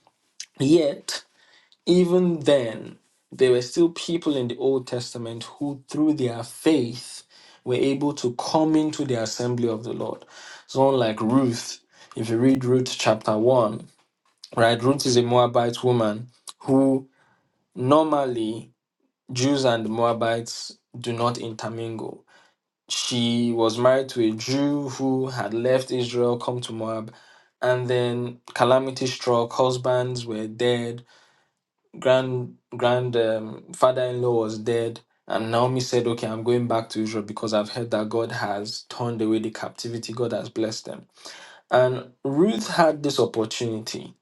Speaker 1: Yet even then, there were still people in the Old Testament who, through their faith, were able to come into the assembly of the Lord. Someone like Ruth, if you read Ruth chapter 1, right? Ruth is a Moabite woman who normally Jews and Moabites do not intermingle. She was married to a Jew who had left Israel, come to Moab, and then calamity struck, husbands were dead, grand grand um, father-in-law was dead and naomi said okay i'm going back to israel because i've heard that god has turned away the captivity god has blessed them and ruth had this opportunity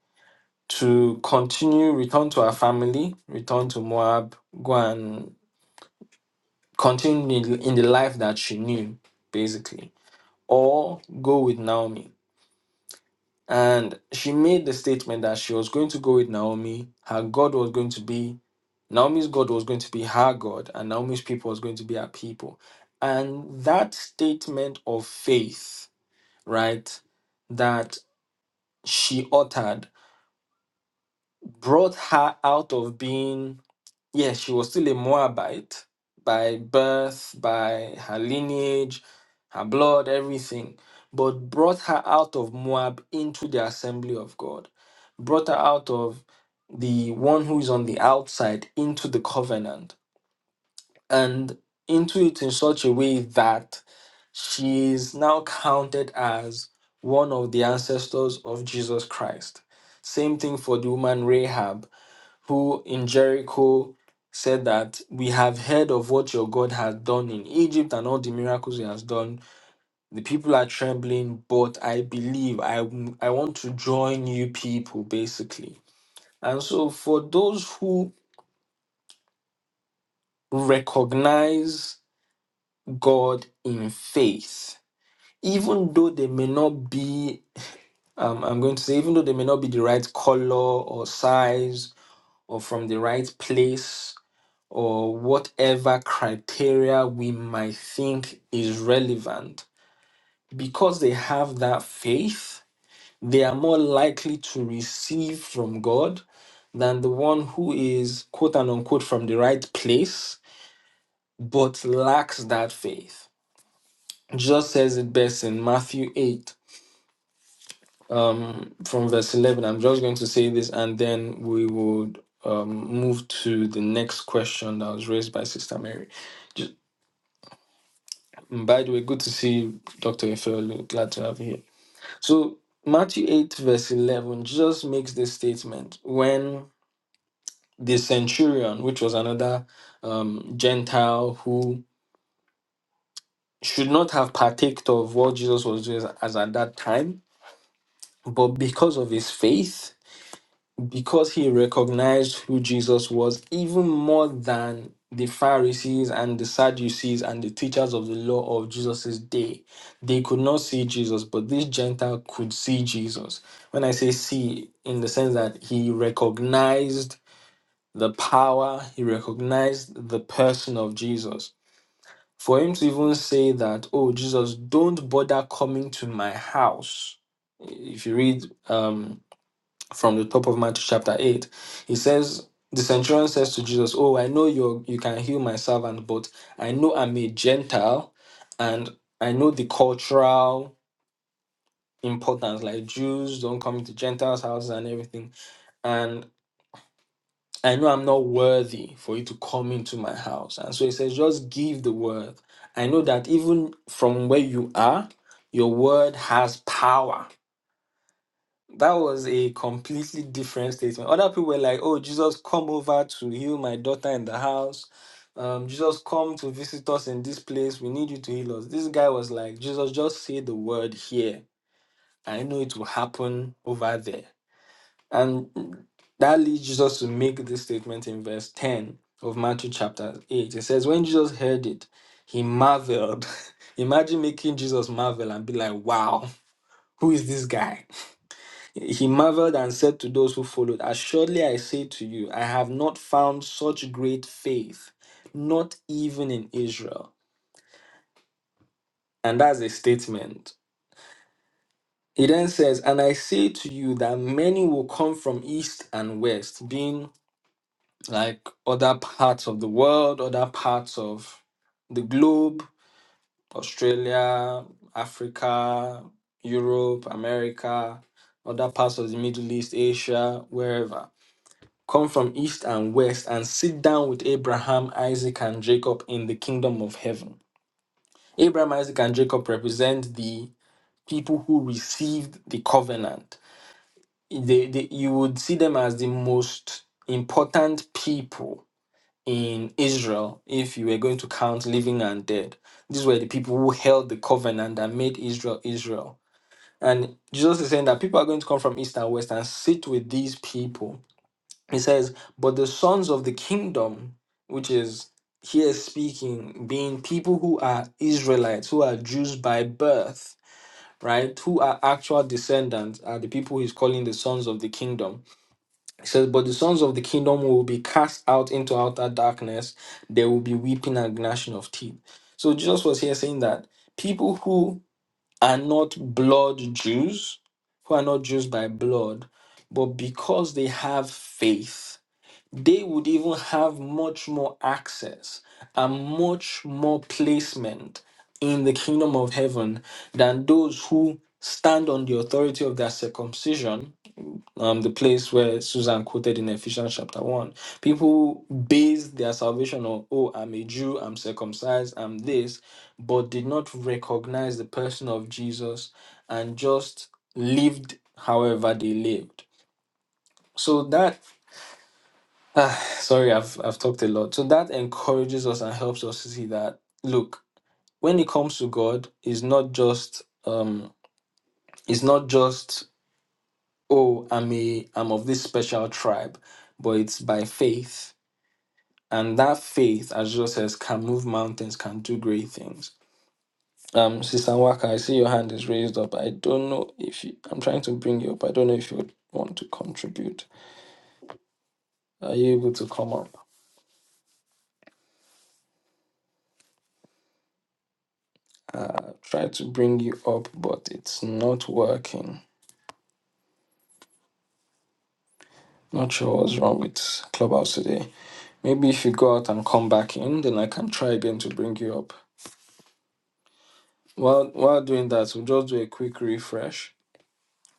Speaker 1: to continue return to her family return to moab go and continue in in the life that she knew basically or go with naomi and she made the statement that she was going to go with naomi her god was going to be Naomi's God was going to be her God, and Naomi's people was going to be her people. And that statement of faith, right, that she uttered brought her out of being, yes, she was still a Moabite by birth, by her lineage, her blood, everything, but brought her out of Moab into the assembly of God, brought her out of the one who is on the outside into the covenant and into it in such a way that she is now counted as one of the ancestors of Jesus Christ. Same thing for the woman Rahab, who in Jericho said that we have heard of what your God has done in Egypt and all the miracles he has done. The people are trembling, but I believe I, I want to join you people, basically. And so, for those who recognize God in faith, even though they may not be um, i'm going to say even though they may not be the right color or size or from the right place or whatever criteria we might think is relevant because they have that faith they are more likely to receive from god than the one who is quote and unquote from the right place but lacks that faith just says it best in matthew 8 um, from verse 11. I'm just going to say this and then we would um, move to the next question that was raised by Sister Mary. Ju- by the way, good to see you, Dr. Efeolu. Glad to have you here. So, Matthew 8, verse 11, just makes this statement when the centurion, which was another um, Gentile who should not have partaked of what Jesus was doing as at that time, but because of his faith, because he recognized who Jesus was even more than the Pharisees and the Sadducees and the teachers of the law of Jesus's day. They could not see Jesus, but this Gentile could see Jesus. When I say see, in the sense that he recognized the power, he recognized the person of Jesus. For him to even say that, oh, Jesus, don't bother coming to my house. If you read, um from the top of Matthew chapter 8. He says, The centurion says to Jesus, Oh, I know you you can heal my servant, but I know I'm a Gentile and I know the cultural importance, like Jews don't come into Gentiles' houses and everything. And I know I'm not worthy for you to come into my house. And so he says, Just give the word. I know that even from where you are, your word has power That was a completely different statement. Other people were like, "Oh, Jesus, come over to heal my daughter in the house. Um, Jesus, come to visit us in this place. We need you to heal us." This guy was like, "Jesus, just say the word here. I know it will happen over there." And that leads Jesus to make this statement in verse ten of Matthew chapter eight. It says, "When Jesus heard it, he marveled." Imagine making Jesus marvel and be like, "Wow, who is this guy?" He marveled and said to those who followed, Assuredly I say to you, I have not found such great faith, not even in Israel. And that's a statement. He then says, And I say to you that many will come from east and west, being like other parts of the world, other parts of the globe, Australia, Africa, Europe, America, other parts of the Middle East, Asia, wherever come from east and west and sit down with Abraham, Isaac, and Jacob in the kingdom of heaven. Abraham, Isaac, and Jacob represent the people who received the covenant. They- they- you would see them as the most important people in Israel if you were going to count living and dead. These were the people who held the covenant and made Israel Israel. And Jesus is saying that people are going to come from east and west and sit with these people He says, But the sons of the kingdom, which is here speaking, being people who are Israelites, who are Jews by birth, right, who are actual descendants, are the people he's calling the sons of the kingdom. He says, But the sons of the kingdom will be cast out into outer darkness, there will be weeping and gnashing of teeth. So Jesus was here saying that people who are not blood Jews, who are not Jews by blood, but because they have faith they would even have much more access and much more placement in the kingdom of heaven than those who stand on the authority of their circumcision. Um, the place where Susan quoted in Ephesians chapter 1. People base their salvation on, oh, I'm a Jew, I'm circumcised, I'm this, but did not recognize the person of Jesus and just lived however they lived. So that Ah, sorry, I've I've talked a lot. So that encourages us and helps us to see that look, when it comes to God, it's not just um it's not just oh I'm a I'm of this special tribe, but it's by faith. And that faith, as Jesus says, can move mountains, can do great things. Um, Sister Waka, I see your hand is raised up. I don't know if you, I'm trying to bring you up. I don't know if you would want to contribute. Are you able to come up? uh, try to bring you up, but it's not working. Not sure what's wrong with Clubhouse today. Maybe if you go out and come back in, then I can try again to bring you up. While while doing that, we'll just do a quick refresh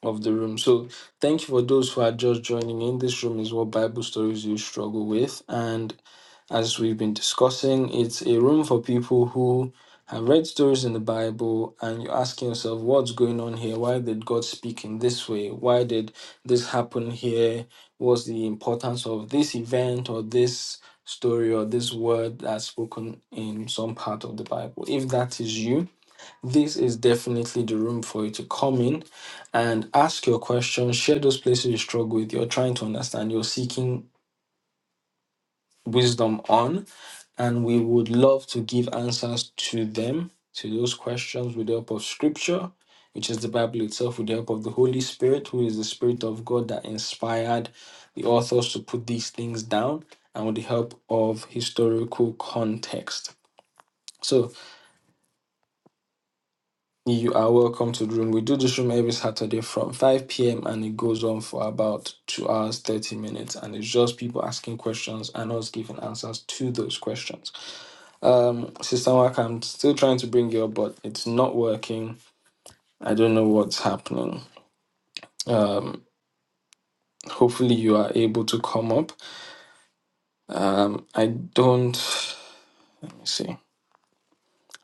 Speaker 1: of the room. So thank you for those who are just joining in. This room is what Bible stories you struggle with, and. As we've been discussing, it's a room for people who have read stories in the Bible and you're asking yourself, what's going on here? Why did God speak in this way? Why did this happen here? What's the importance of this event or this story or this word that's spoken in some part of the Bible? If that is you, this is definitely the room for you to come in and ask your questions, share those places you struggle with, you're trying to understand, you're seeking wisdom on and we would love to give answers to them, to those questions, with the help of Scripture, which is the Bible itself, with the help of the Holy Spirit, who is the Spirit of God that inspired the authors to put these things down, and with the help of historical context. So, you are welcome to the room. We do this room every Saturday from 5 p.m. and it goes on for about 2 hours, 30 minutes. And it's just people asking questions and us giving answers to those questions. Um, Sister Mark, I'm still trying to bring you up, but it's not working. I don't know what's happening. Hopefully, you are able to come up. Um, I don't let me see.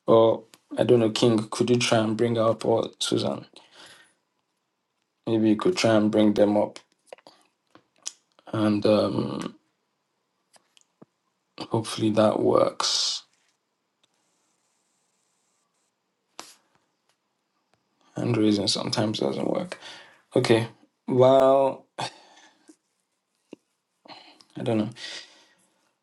Speaker 1: Or I don't know, King. Could you try and bring her up, or Susan? Maybe you could try and bring them up, and um, hopefully that works. Hand raising sometimes doesn't work. Okay. Well, I don't know.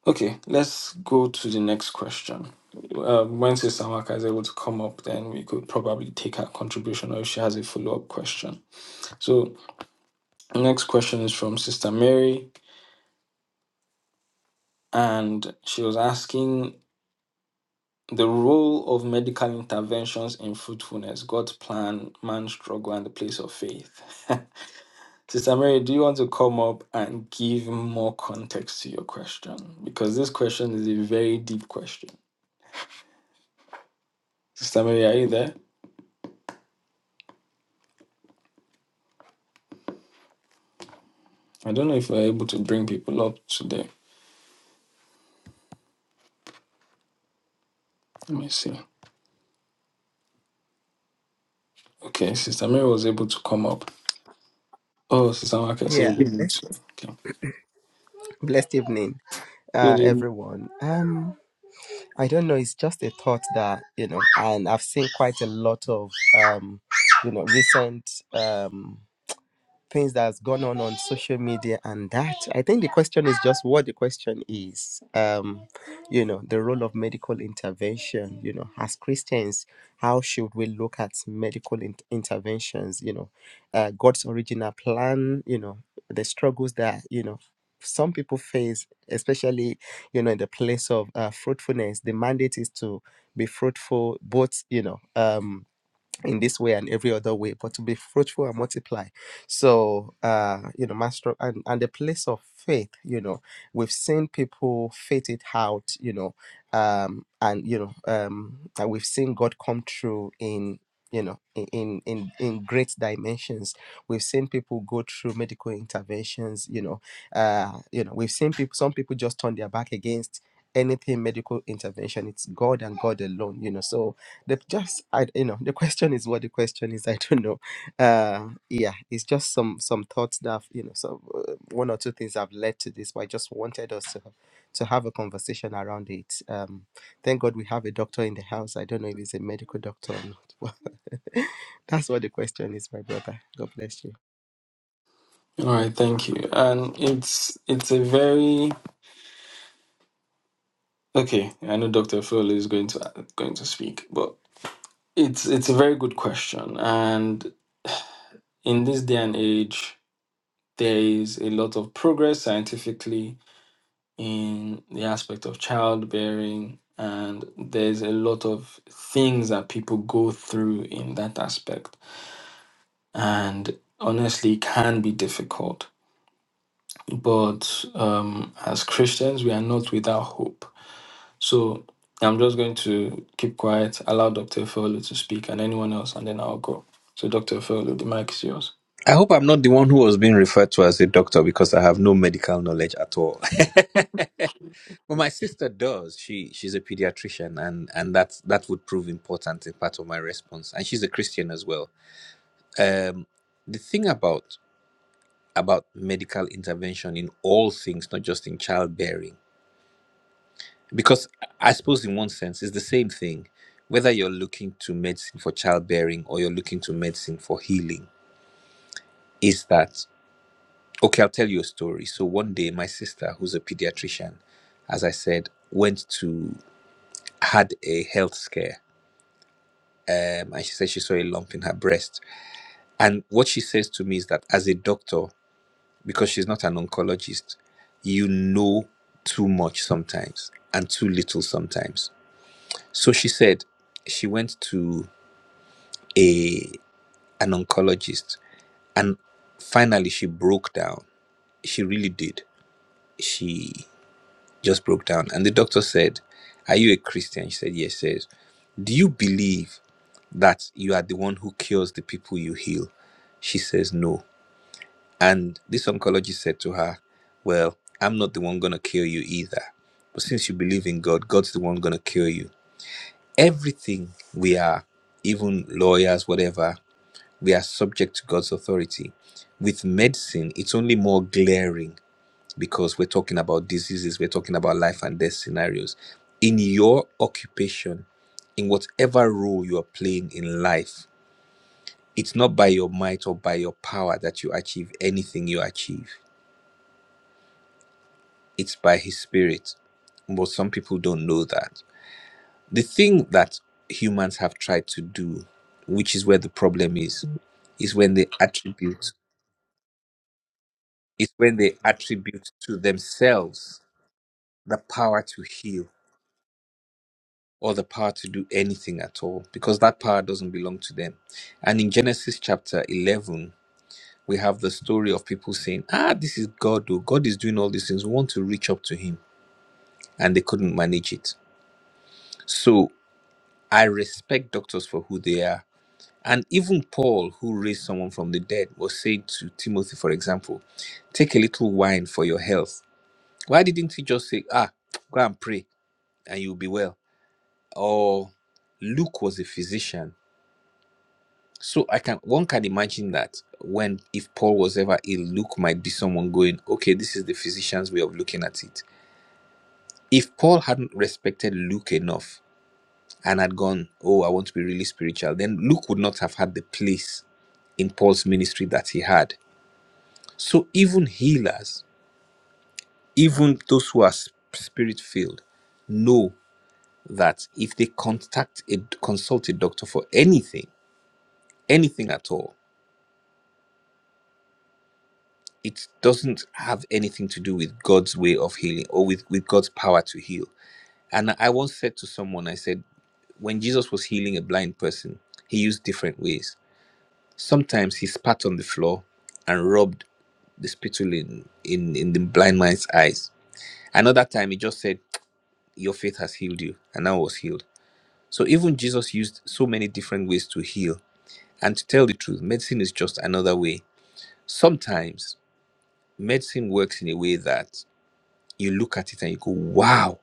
Speaker 1: Okay, let's go to the next question. Um, when Sister Amaka is able to come up, then we could probably take her contribution or if she has a follow up question. So, next question is from Sister Mary, and she was asking the role of medical interventions in fruitfulness, God's plan, man's struggle, and the place of faith. Sister Mary, do you want to come up and give more context to your question? Because this question is a very deep question. Sister Mary, are you there? I don't know if we're able to bring people up today. Let me see. Okay, Sister Mary was able to come up. Oh, Sister Mark is
Speaker 5: Yeah,
Speaker 1: able
Speaker 5: blessed,
Speaker 1: to. Okay.
Speaker 5: blessed evening, uh,
Speaker 1: Good evening.
Speaker 5: everyone. Um, I don't know. It's just a thought that you know, and I've seen quite a lot of um, you know, recent um things that's gone on on social media and that i think the question is just what the question is um you know the role of medical intervention you know as christians how should we look at medical in- interventions you know uh, god's original plan you know the struggles that you know some people face especially you know in the place of uh, fruitfulness the mandate is to be fruitful both you know um in this way and every other way, but to be fruitful and multiply. So, uh, you know, master and, and the place of faith, you know, we've seen people faith it out, you know, um, and you know, um, and we've seen God come through in you know in in in in great dimensions we've seen people go through medical interventions you know uh you know we've seen people some people just turn their back against anything medical intervention it's god and god alone you know so the just I you know the question is what the question is I don't know. Uh, yeah, it's just some some thoughts that I've, you know some uh, one or two things have led to this, but I just wanted us to to have a conversation around it. Um, thank God we have a doctor in the house. I don't know if he's a medical doctor or not. but That's what the question is, my brother. God bless you.
Speaker 1: All right, thank you. And it's it's a very okay. I know Dr. Phil is going to going to speak, but it's it's a very good question. And in this day and age, there is a lot of progress scientifically in the aspect of childbearing and there's a lot of things that people go through in that aspect and honestly it can be difficult but um, as christians we are not without hope so i'm just going to keep quiet allow dr Folo to speak and anyone else and then i'll go so dr Folo, the mic is yours
Speaker 6: I hope I'm not the one who was being referred to as a doctor because I have no medical knowledge at all. but my sister does. She she's a pediatrician, and and that that would prove important in part of my response. And she's a Christian as well. Um, the thing about about medical intervention in all things, not just in childbearing, because I suppose in one sense it's the same thing, whether you're looking to medicine for childbearing or you're looking to medicine for healing, is that Okay, I'll tell you a story. So one day, my sister, who's a pediatrician, as I said, went to had a health scare, um, and she said she saw a lump in her breast. And what she says to me is that as a doctor, because she's not an oncologist, you know too much sometimes and too little sometimes. So she said she went to a an oncologist, and finally she broke down. She really did. She just broke down. And the doctor said, Are you a Christian? She said, Yes. says, Do you believe that you are the one who cures the people you heal? She says, No. And this oncologist said to her, Well, I'm not the one going to cure you either. But since you believe in God, God's the one going to cure you. Everything we are, even lawyers, whatever, we are subject to God's authority. With medicine, it's only more glaring because we're talking about diseases, we're talking about life and death scenarios. In your occupation, in whatever role you are playing in life, it's not by your might or by your power that you achieve anything you achieve, it's by His Spirit. But some people don't know that. The thing that humans have tried to do, which is where the problem is, is when they attribute is when they attribute to themselves the power to heal or the power to do anything at all because that power doesn't belong to them. And in Genesis chapter 11, we have the story of people saying, Ah, this is God, oh, God is doing all these things. We want to reach up to Him. And they couldn't manage it. So I respect doctors for who they are. And even Paul, who raised someone from the dead, was saying to Timothy, for example, take a little wine for your health. Why didn't he just say, Ah, go and pray and you'll be well? Or Luke was a physician So I can one can imagine that when if Paul was ever ill, Luke might be someone going, okay, this is the physician's way of looking at it. If Paul hadn't respected Luke enough and had gone, oh, I want to be really spiritual, then Luke would not have had the place in Paul's ministry that he had. So even healers, even those who are spirit filled, know that if they contact a consult a doctor for anything, anything at all, it doesn't have anything to do with God's way of healing or with, with God's power to heal. And I once said to someone, I said, when Jesus was healing a blind person, he used different ways. Sometimes he spat on the floor and rubbed the spittle in, in, in the blind man's eyes. Another time he just said, Your faith has healed you, and I was healed. So even Jesus used so many different ways to heal. And to tell the truth, medicine is just another way. Sometimes medicine works in a way that you look at it and you go, wow,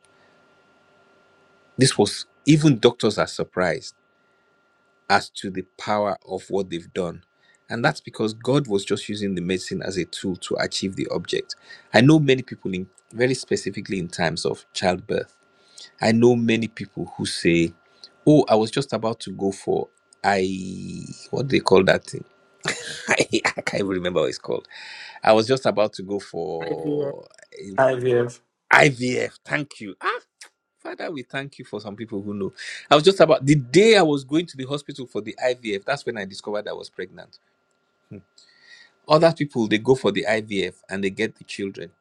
Speaker 6: this was even doctors are surprised as to the power of what they've done. And that's because God was just using the medicine as a tool to achieve the object. I know many people in very specifically in times of childbirth. I know many people who say, Oh, I was just about to go for I what do they call that thing? I, can't even remember what it's called. I was just about to go
Speaker 5: Hi, dear.
Speaker 6: for eh,
Speaker 1: hi Viv.
Speaker 6: IVF. Thank you. Ah, Father, we thank you for some people who know. I was just about the day I was going to the hospital for the IVF, that's when I discovered I was pregnant. Other people, they go for the IVF and they get the children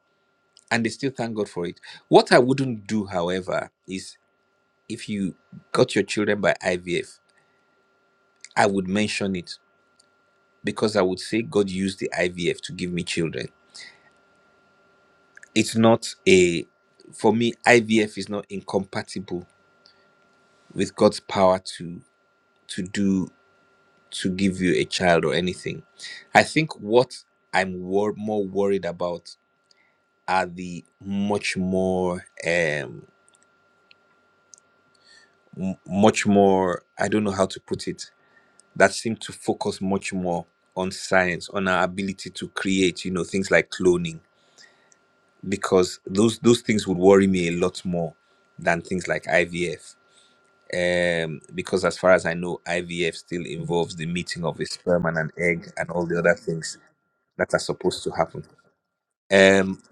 Speaker 6: and they still thank God for it. What I wouldn't do, however, is if you got your children by IVF, I would mention it because I would say God used the IVF to give me children. It's not a, for me, IVF is not incompatible with God's power to to do to give you a child or anything. I think what I'm wor- more worried about are the much more, um, m- much more, I don't know how to put it, that seem to focus much more on science, on our ability to create, you know, things like cloning, because those, those things would worry me a lot more than things like IVF. Um, because as far as I know, IVF still involves the meeting of a sperm and an egg and all the other things that are supposed to happen. Um,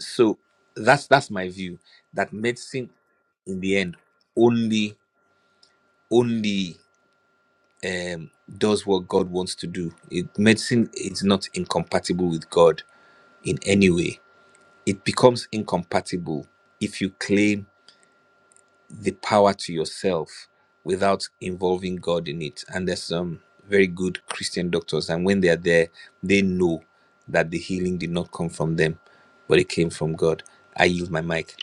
Speaker 6: so that's that's my view that medicine in the end only only um does what God wants to do. It medicine is not incompatible with God in any way. It becomes incompatible if you claim the power to yourself without involving God in it. And there's some very good Christian doctors, and when they are there, they know that the healing did not come from them, but it came from God. I use my mic.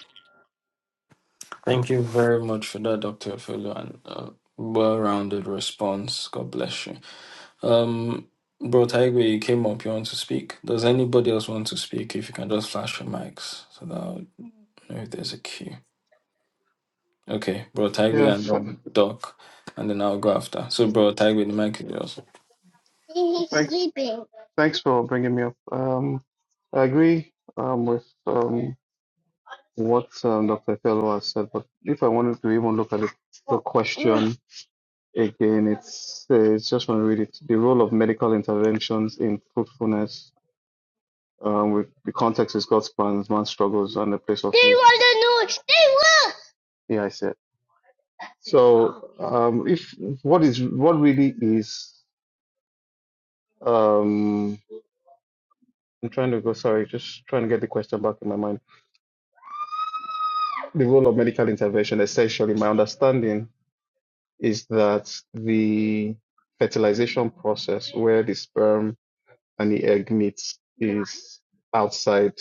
Speaker 1: thank you very much for that dr Folo, and uh, well-rounded response god bless you Um, bro, Taigwe, you came up. You want to speak? Does anybody else want to speak? If you can just flash your mics so that I'll know if there's a queue. Okay, bro,
Speaker 7: Yeah,
Speaker 1: Taigwe and
Speaker 7: f-
Speaker 1: um, Doc, and then I'll go after. So, bro, Taigwe, the mic is yours.
Speaker 7: He's thanks, sleeping. thanks for bringing me up. Um, I agree um, with um, what um, Dr. Fellow has said, but if I wanted to even look at it, the question again, it's, uh, it's just want to read it. The role of medical interventions in fruitfulness, um, with the context is God's plans, man's struggles, and the place of. They They want to know. They will. Yeah, I said. So, um, if what is what really is. Um, I'm trying to go, sorry, just trying to get the question back in my mind. The role of medical intervention, essentially, my understanding is that the fertilization process where the sperm and the egg meets is outside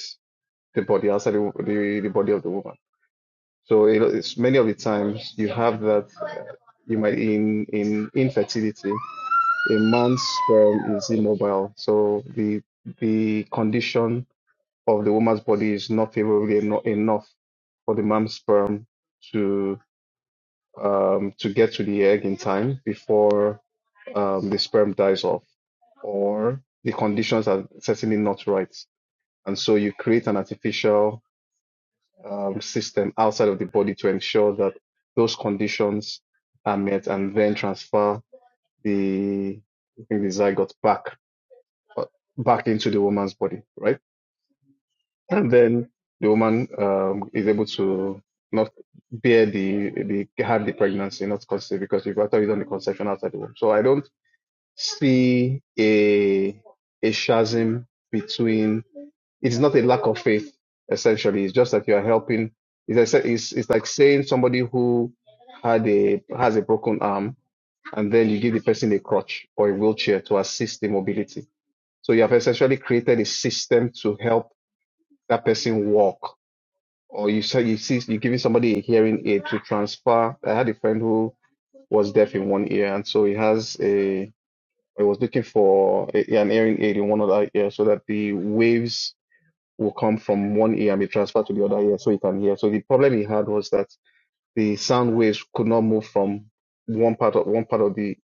Speaker 7: the body, outside the, the, the body of the woman. So it, it's many of the times you have that, uh, you might in, in infertility, a man's sperm is immobile. So the, the condition of the woman's body is not favorably eno- enough for the mom's sperm to um, to get to the egg in time before um, the sperm dies off, or the conditions are certainly not right, and so you create an artificial um, system outside of the body to ensure that those conditions are met, and then transfer the I think the zygote back uh, back into the woman's body, right? And then the woman um, is able to not bear the, the have the pregnancy, not conceive, because you've actually done the conception outside the womb. So I don't see a a chasm between. It's not a lack of faith. Essentially, it's just that you are helping. It's, like say- it's it's like saying somebody who had a has a broken arm, and then you give the person a crutch or a wheelchair to assist the mobility. So you have essentially created a system to help that person walk or you say you see you're giving somebody a hearing aid to transfer. I had a friend who was deaf in one ear, and so he has a he was looking for a, an hearing aid in one other ear so that the waves will come from one ear and be transferred to the other ear so he can hear. So the problem he had was that the sound waves could not move from one part of one part of the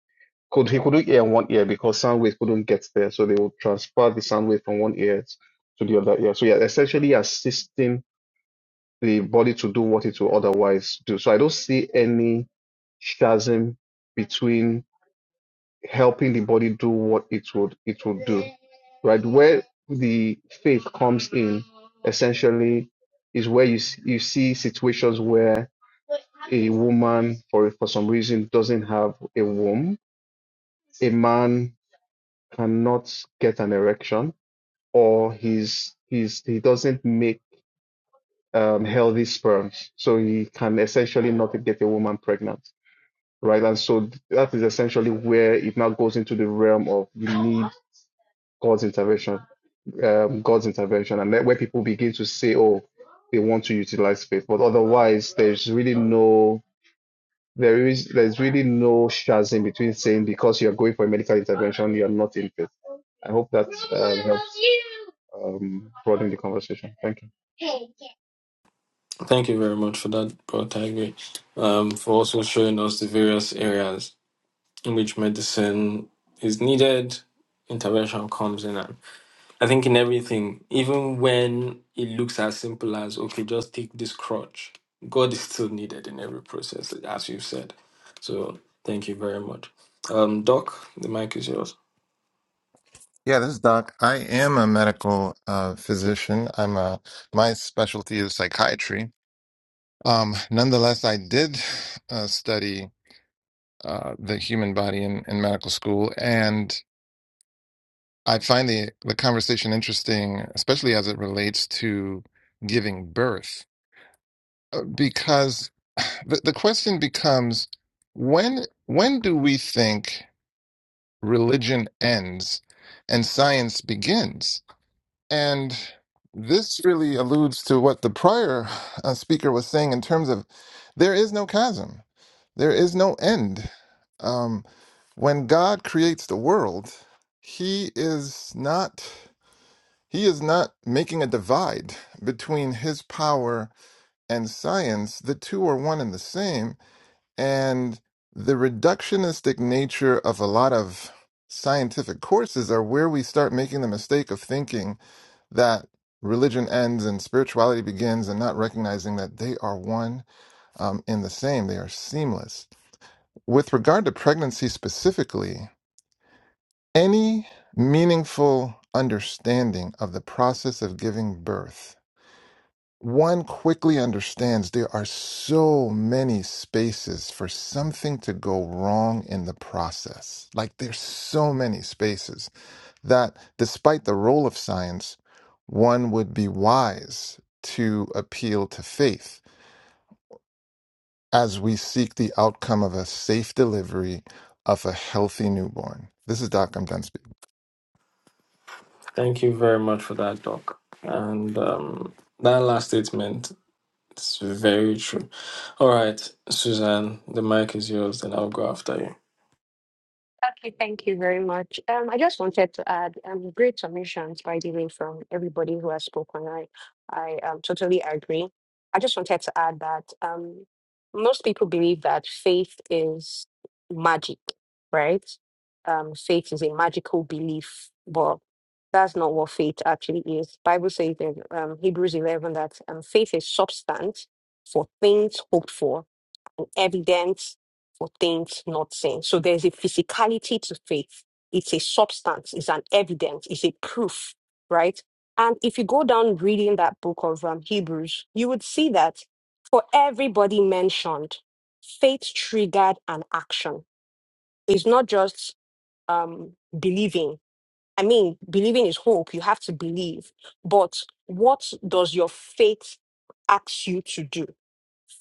Speaker 7: could he couldn't hear in one ear because sound waves couldn't get there. So they would transfer the sound wave from one ear to the other ear. So yeah, essentially assisting the body to do what it will otherwise do. So I don't see any chasm between helping the body do what it would it would do. Right where the faith comes in, essentially, is where you s- you see situations where a woman, for for some reason, doesn't have a womb, a man cannot get an erection, or he's he's he doesn't make um, healthy sperms, so he can essentially not get a woman pregnant, right? And so that is essentially where it now goes into the realm of you need God's intervention, um, God's intervention, and that where people begin to say, oh, they want to utilize faith, but otherwise, there's really no. There is there's really no chasm between saying because you're going for a medical intervention, you're not in faith. I hope that um, helps um, broaden the conversation. Thank you.
Speaker 1: Thank you very much for that, bro, Taigwe, um, for also showing us the various areas in which medicine is needed, intervention comes in, I think in everything, even when it looks as simple as, okay, just take this crutch, God is still needed in every process, as you said. So thank you very much. Um, Doc, the mic is yours.
Speaker 3: Yeah, this is Doc. I am a medical uh, physician. I'm a, my specialty is psychiatry. Um, nonetheless, I did uh, study uh, the human body in, in medical school, and I find the, the conversation interesting, especially as it relates to giving birth, because the, the question becomes when when do we think religion ends and science begins? And this really alludes to what the prior uh, speaker was saying in terms of there is no chasm, there is no end. Um, when God creates the world, he is not he is not making a divide between his power and science. The two are one and the same, and the reductionistic nature of a lot of scientific courses are where we start making the mistake of thinking that religion ends and spirituality begins and not recognizing that they are one um, in the same, they are seamless. With regard to pregnancy specifically, any meaningful understanding of the process of giving birth. One quickly understands there are so many spaces for something to go wrong in the process. Like, there's so many spaces that despite the role of science, one would be wise to appeal to faith as we seek the outcome of a safe delivery of a healthy newborn. This is Doc. I'm done speaking.
Speaker 1: Thank you very much for that, Doc. And um, that last statement is very true. All right, Suzanne, the mic is yours, then I'll go after you.
Speaker 4: Okay, thank you very much. Um, I just wanted to add um, great submissions, by the way, from everybody who has spoken. I, I um, totally agree. I just wanted to add that um, most people believe that faith is magic, right? Um, faith is a magical belief, but that's not what faith actually is. Bible says in um, Hebrews 11 that um, faith is substance for things hoped for evidence for things not seen. So there's a physicality to faith. It's a substance, it's an evidence, it's a proof, right? And if you go down reading that book of um, Hebrews, you would see that for everybody mentioned, faith triggered an action. It's not just um, believing. I mean, believing is hope. You have to believe. But what does your faith ask you to do?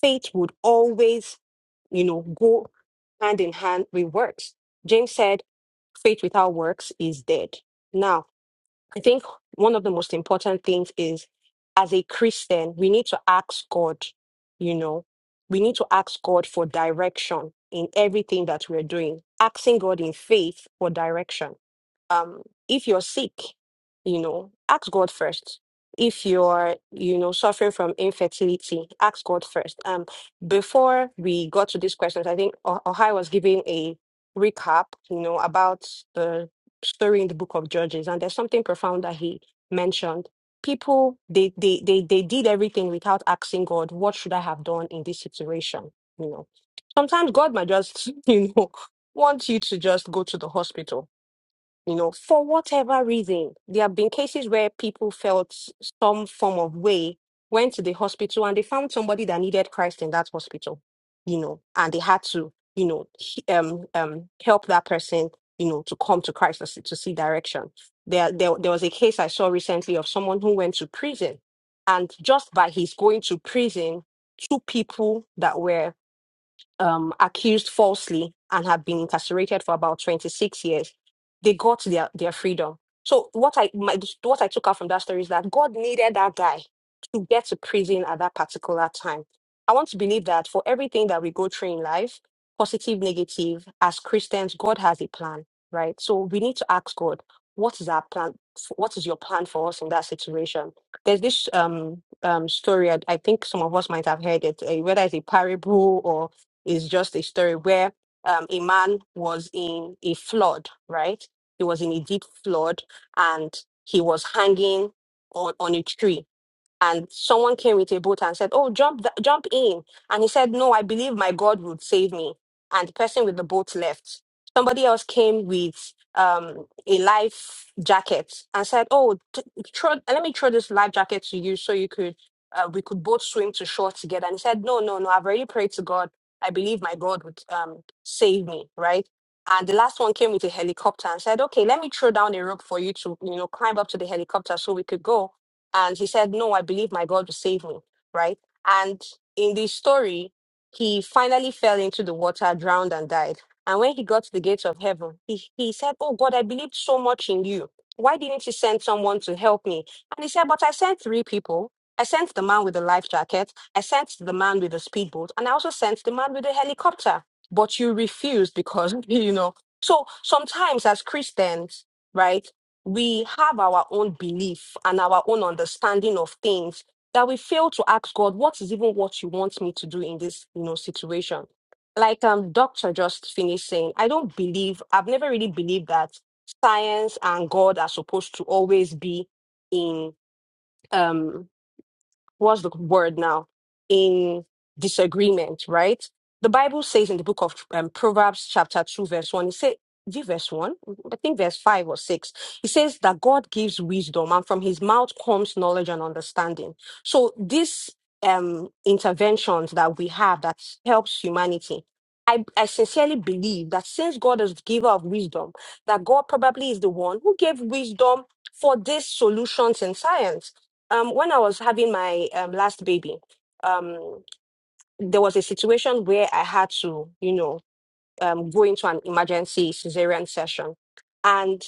Speaker 4: faith would always, you know, go hand in hand with works. James said, faith without works is dead. Now, I think one of the most important things is as a Christian, we need to ask God, you know, we need to ask God for direction in everything that we're doing, asking God in faith for direction um if you're sick you know ask god first if you're you know suffering from infertility ask god first um before we got to these questions i think O- ohio was giving a recap you know about the story in the book of judges and there's something profound that he mentioned people they they they, they did everything without asking god what should i have done in this situation you know sometimes god might just you know want you to just go to the hospital you know, for whatever reason, there have been cases where people felt s- some form of way, went to the hospital and they found somebody that needed Christ in that hospital, you know, and they had to, you know, he- um, um, help that person, you know, to come to Christ to see, to see direction. There, there, there was a case I saw recently of someone who went to prison, and just by his going to prison, two people that were um, accused falsely and have been incarcerated for about 26 years, they got their, their freedom. So what I my, what I took out from that story is that God needed that guy to get to prison at that particular time. I want to believe that for everything that we go through in life, positive, negative, as Christians, God has a plan, right? So we need to ask God, what is our plan? What is your plan for us in that situation? There's this um um story. I, I think some of us might have heard it, eh, whether it's a parable or is just a story where um, a man was in a flood, right? He was in a deep flood and he was hanging on, on a tree and someone came with a boat and said, "Oh, jump, th- jump in!" And he said, "No, I believe my God would save me." And the person with the boat left. Somebody else came with um, a life jacket and said, "Oh, t- throw, let me throw this life jacket to you so you could uh, we could both swim to shore together." And he said, "No, no, no! I've already prayed to God. I believe my God would um, save me." Right. And the last one came with a helicopter and said, "Okay, let me throw down a rope for you to, you know, climb up to the helicopter so we could go." And he said, No, I believe my God will save me, right? And in the story, he finally fell into the water, drowned, and died. And when he got to the gates of heaven, he, he said, Oh God, I believed so much in you. Why didn't you send someone to help me? And he said, But I sent three people. I sent the man with the life jacket, I sent the man with the speedboat, and I also sent the man with the helicopter. But you refused because, you know. So sometimes as Christians, right? we have our own belief and our own understanding of things that we fail to ask God, what is even what you want me to do in this, you know, situation? Like um doctor just finished saying, I don't believe, I've never really believed that science and God are supposed to always be in um what's the word now in disagreement right the bible says in the book of um, proverbs chapter 2 verse 1 it says is it verse 1 i think verse 5 or 6 it says that god gives wisdom and from his mouth comes knowledge and understanding so these um interventions that we have that helps humanity I, I sincerely believe that since God is the giver of wisdom, that God probably is the one who gave wisdom for these solutions in science um, when I was having my um, last baby, um, there was a situation where I had to, you know, um, go into an emergency cesarean session. And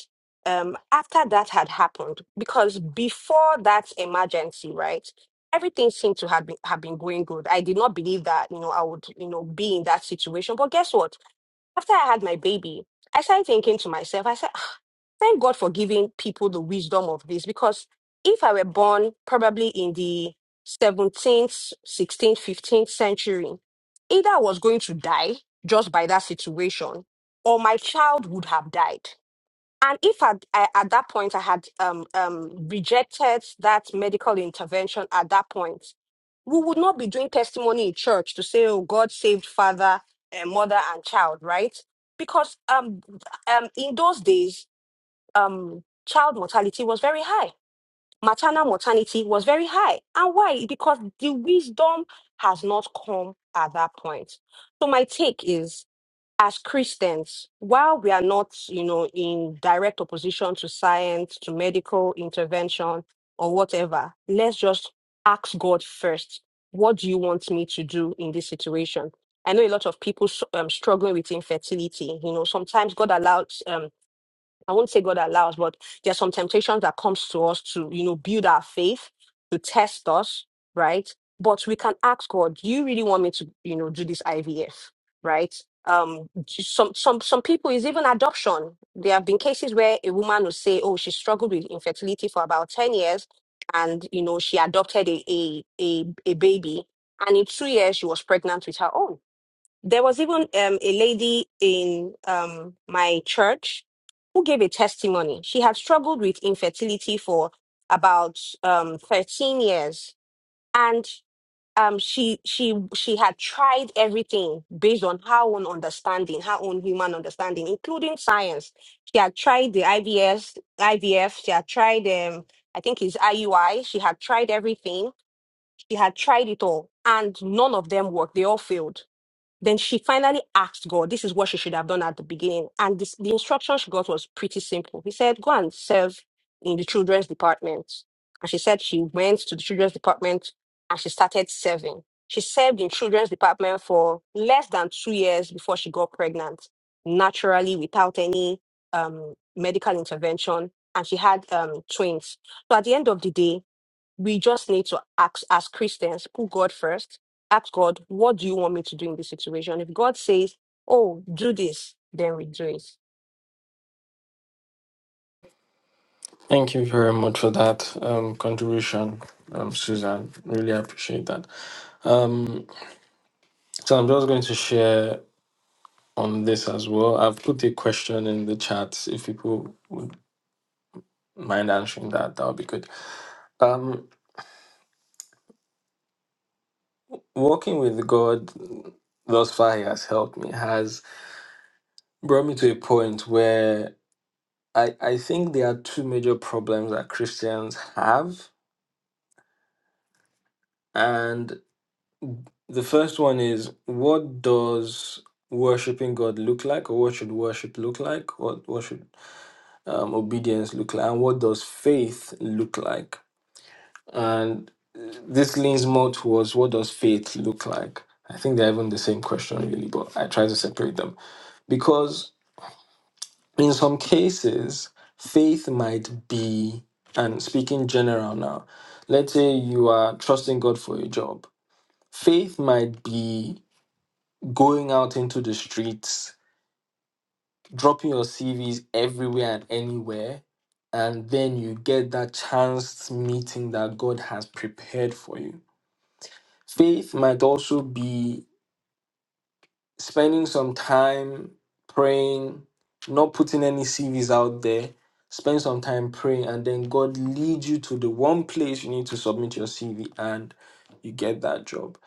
Speaker 4: um, after that had happened, because before that emergency, right, everything seemed to have been, have been going good. I did not believe that, you know, I would, you know, be in that situation. But guess what? After I had my baby, I started thinking to myself, I said, thank God for giving people the wisdom of this because if I were born probably in the 17th, 16th, 15th century, either I was going to die just by that situation or my child would have died. And if I, I, at that point I had um, um, rejected that medical intervention at that point, we would not be doing testimony in church to say, oh, God saved father and mother and child, right? Because um, um, in those days, um, child mortality was very high. Maternal mortality was very high. And why? Because the wisdom has not come at that point. So my take is, as Christians, while we are not, you know, in direct opposition to science, to medical intervention or whatever, let's just ask God first. What do you want me to do in this situation? I know a lot of people s- um, struggling with infertility. You know, sometimes God allows um, I won't say God allows, but there's some temptations that comes to us to, you know, build our faith, to test us, right? But we can ask God, do you really want me to, you know, do this IVF? Right? Um j- some some some people is even adoption. There have been cases where a woman will say, Oh, she struggled with infertility for about 10 years and you know she adopted a a a, a baby and in two years she was pregnant with her own there was even um, a lady in um, my church who gave a testimony. She had struggled with infertility for about um, 13 years, and um, she she she had tried everything based on her own understanding, her own human understanding, including science. She had tried the IVS, IVF. She had tried, um, I think it's IUI. She had tried everything. She had tried it all, and none of them worked. They all failed then she finally asked God, this is what she should have done at the beginning. And this, the instruction she got was pretty simple. He said, go and serve in the children's department. And she said she went to the children's department and she started serving. She served in children's department for less than two years before she got pregnant, naturally without any um, medical intervention. And she had um, twins. So at the end of the day, we just need to ask as Christians, put God first, ask God, what do you want me to do in this situation? If God says, Oh, do this, then we do it.
Speaker 1: Thank you very much for that um, contribution, um, Suzanne. Really appreciate that. Um, so I'm just going to share. on this as well. I've put a question in the chat. If people would mind answering that, that would be good. Um, working with God thus far he has helped me, has brought me to a point where I, I think there are two major problems that Christians have. And the first one is what does worshiping God look like, or what should worship look like, what, what should um, obedience look like, and what does faith look like? And this leans more towards what does faith look like? I think they're even the same question, really, but I try to separate them because in some cases, faith might be, and speaking general now, let's say you are trusting God for a job. Faith might be going out into the streets, dropping your CVs everywhere and anywhere, and then you get that chance meeting that God has prepared for you Faith might also be spending some time praying, not putting any CVs out there. Spend some time praying, and then God leads you to the one place you need to submit your CV and you get that job.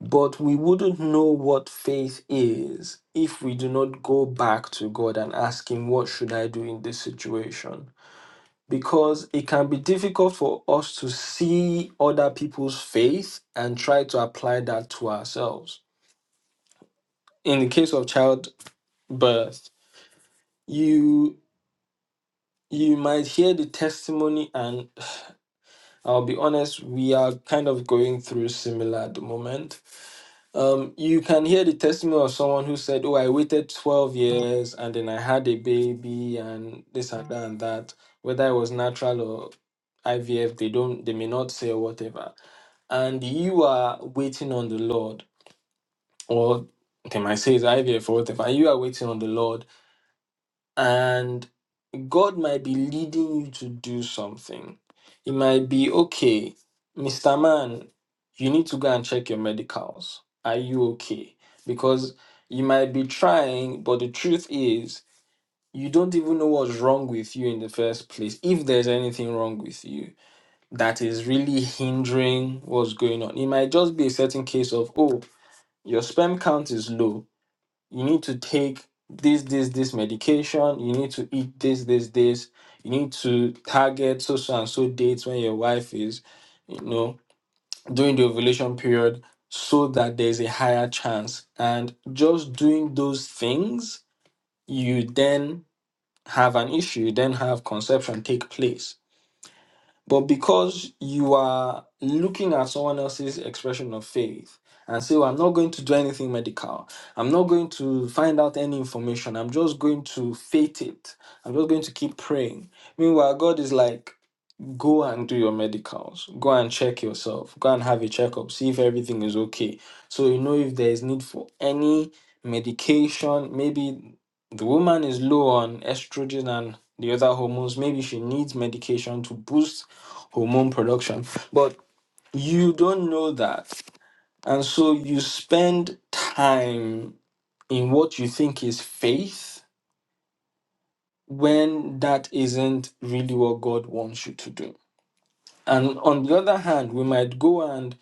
Speaker 1: But we wouldn't know what faith is if we do not go back to God and ask Him, What should I do in this situation? Because it can be difficult for us to see other people's faith and try to apply that to ourselves in the case of childbirth, you you might hear the testimony, and I'll be honest, we are kind of going through similar at the moment. Um, you can hear the testimony of someone who said, "Oh, I waited twelve years, and then I had a baby, and this and that and that." Whether it was natural or IVF, they don't, they may not say or whatever. And you are waiting on the Lord, or they might say it's IVF or whatever. And you are waiting on the Lord, and God might be leading you to do something. It might be, okay, Mr. Man, you need to go and check your medicals. Are you okay? Because you might be trying, but the truth is, you don't even know what's wrong with you in the first place. If there's anything wrong with you that is really hindering what's going on, it might just be a certain case of, oh, your sperm count is low you need to take this, this, this medication, you need to eat this, this, this, you need to target so so and so dates when your wife is, you know, during the ovulation period, so that there's a higher chance. And just doing those things, you then have an issue, you then have conception take place. But because you are looking at someone else's expression of faith and say, well, I'm not going to do anything medical, I'm not going to find out any information, I'm just going to faith it, I'm just going to keep praying. Meanwhile, God is like, go and do your medicals go and check yourself go and have a checkup see if everything is okay so you know if there is need for any medication maybe the woman is low on estrogen and the other hormones maybe she needs medication to boost hormone production but you don't know that and so you spend time in what you think is faith when that isn't really what god wants you to do And on the other hand, we might go and,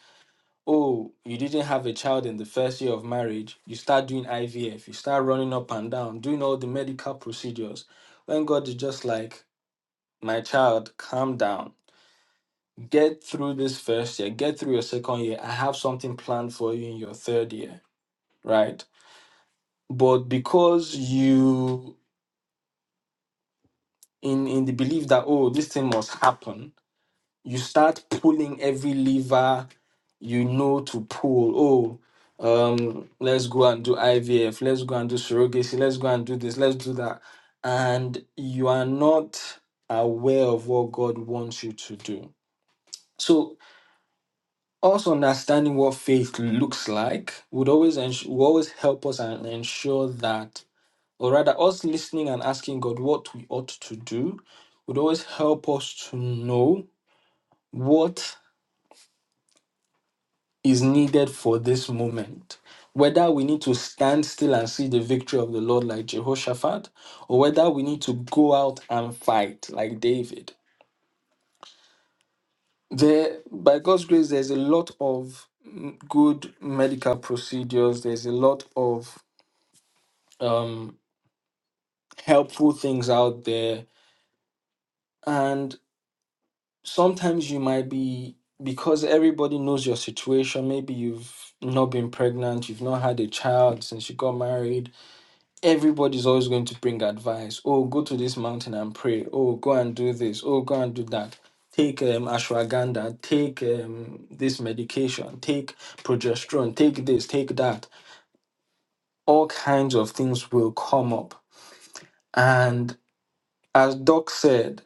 Speaker 1: oh, you didn't have a child in the first year of marriage. You start doing IVF, you start running up and down, doing all the medical procedures. When God is just like, my child, calm down. Get through this first year, get through your second year. I have something planned for you in your third year, right? But because you, in, in the belief that, oh, this thing must happen, you start pulling every lever you know to pull. Oh, um, let's go and do IVF, let's go and do surrogacy, let's go and do this, let's do that. And you are not aware of what God wants you to do. So us understanding what faith looks like would always ens- will always help us and ensure that, or rather, us listening and asking God what we ought to do would always help us to know what is needed for this moment. Whether we need to stand still and see the victory of the Lord like Jehoshaphat, or whether we need to go out and fight like David. There, by God's grace, there's a lot of mm, good medical procedures, there's a lot of um, helpful things out there. And sometimes you might be, because everybody knows your situation, maybe you've not been pregnant, you've not had a child since you got married, everybody's always going to bring advice. Oh, go to this mountain and pray. Oh, go and do this. Oh, go and do that. Take um, ashwagandha. Take um, this medication. Take progesterone. Take this. Take that. All kinds of things will come up. And as Doc said,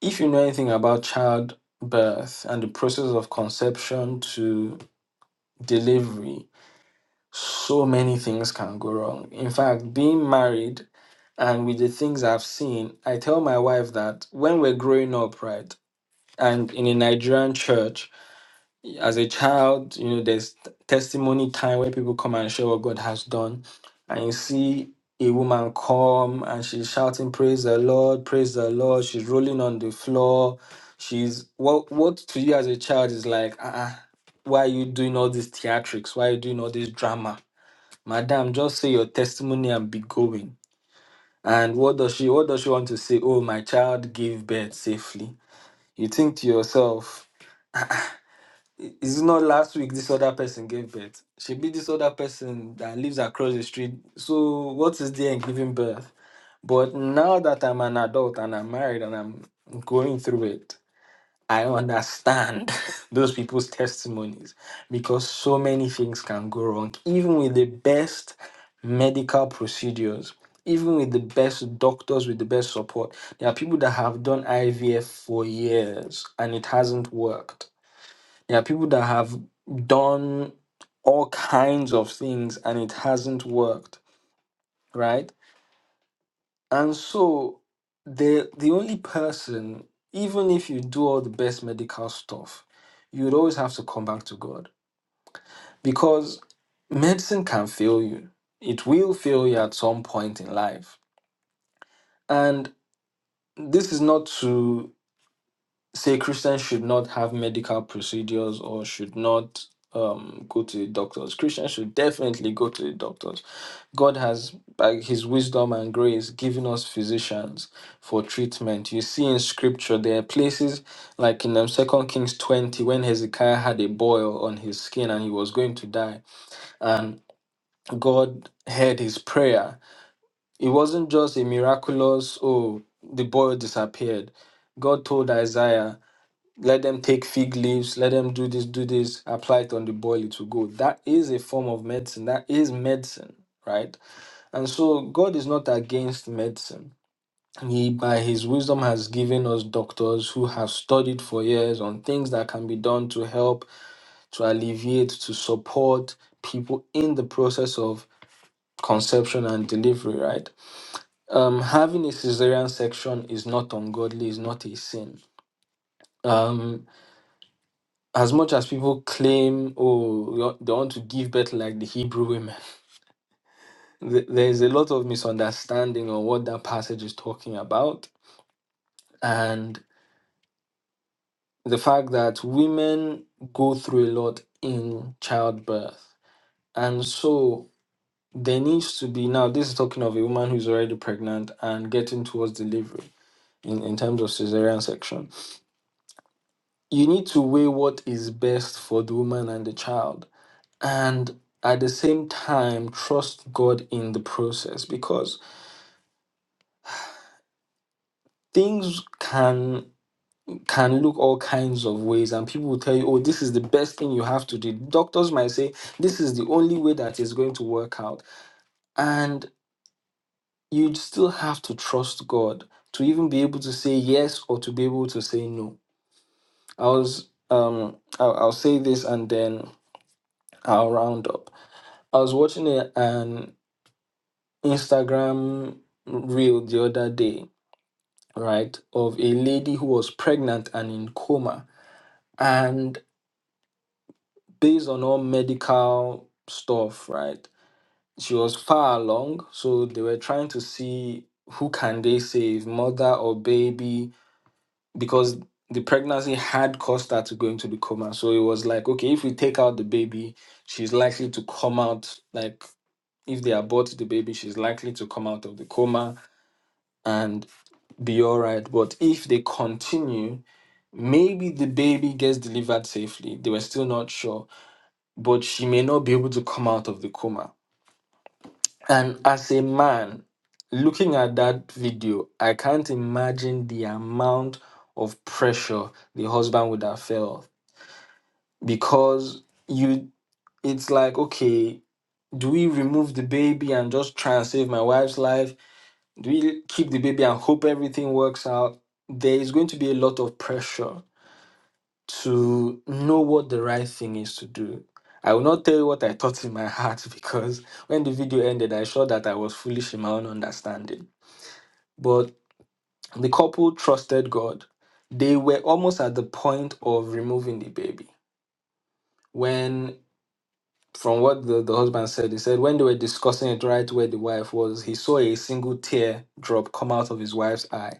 Speaker 1: if you know anything about childbirth and the process of conception to delivery, so many things can go wrong. In fact, being married and with the things I've seen, I tell my wife that when we're growing up, right, and in a Nigerian church, as a child, you know, there's testimony time where people come and share what God has done, and you see a woman come and she's shouting, "Praise the Lord! Praise the Lord!" She's rolling on the floor. She's what what to you as a child is like, uh-uh, why are you doing all these theatrics? Why are you doing all this drama? Madam, just say your testimony and be going and what does she what does she want to say? Oh, my child gave birth safely. You think to yourself, "I- is it not last week this other person gave birth? She be this other person that lives across the street. So what is there in giving birth? But now that I'm an adult and I'm married and I'm going through it, I understand those people's testimonies because so many things can go wrong, even with the best medical procedures, even with the best doctors, with the best support. There are people that have done IVF for years and it hasn't worked. There are people that have done all kinds of things and it hasn't worked, right? And so the the only person, even if you do all the best medical stuff, you would always have to come back to God. Because medicine can fail you. It will fail you at some point in life. And this is not to say Christians should not have medical procedures or should not um, go to the doctors. Christians should definitely go to the doctors. God has, by His wisdom and grace, given us physicians for treatment. You see in Scripture there are places like in um, Second Kings twenty when Hezekiah had a boil on his skin and he was going to die, and God heard his prayer. It wasn't just a miraculous oh the boil disappeared. God told Isaiah let them take fig leaves, let them do this, do this, apply it on the boil, it will go. That is a form of medicine. That is medicine, right? And so God is not against medicine. He, by His wisdom, has given us doctors who have studied for years on things that can be done to help, to alleviate, to support people in the process of conception and delivery, right? Um, having a cesarean section is not ungodly, is not a sin Um, as much as people claim, oh, we want- they want to give birth like the Hebrew women, th- there's a lot of misunderstanding on what that passage is talking about. And the fact that women go through a lot in childbirth. And so there needs to be now, this is talking of a woman who's already pregnant and getting towards delivery in, in terms of cesarean section. You need to weigh what is best for the woman and the child and at the same time trust God in the process because things can can look all kinds of ways and people will tell you oh this is the best thing you have to do doctors might say this is the only way that is going to work out and you still have to trust God to even be able to say yes or to be able to say no i was um i'll, I'll say this and then i'll round up i was watching a, an instagram reel the other day right, of a lady who was pregnant and in coma. And based on all medical stuff, right, she was far along. So they were trying to see who can they save, mother or baby, because the pregnancy had caused her to go into the coma. So it was like, okay, if we take out the baby, she's likely to come out like if they abort the baby, she's likely to come out of the coma. and. be all right. But if they continue, maybe the baby gets delivered safely. They were still not sure, but she may not be able to come out of the coma. And as a man, looking at that video, I can't imagine the amount of pressure the husband would have felt because you it's like okay do we remove the baby and just try and save my wife's life really keep the baby and hope everything works out, there is going to be a lot of pressure to know what the right thing is to do. I will not tell you what I thought in my heart because when the video ended, I saw that I was foolish in my own understanding. But the couple trusted God. They were almost at the point of removing the baby. When, from what the, the husband said, he said, when they were discussing it right where the wife was, he saw a single tear drop come out of his wife's eye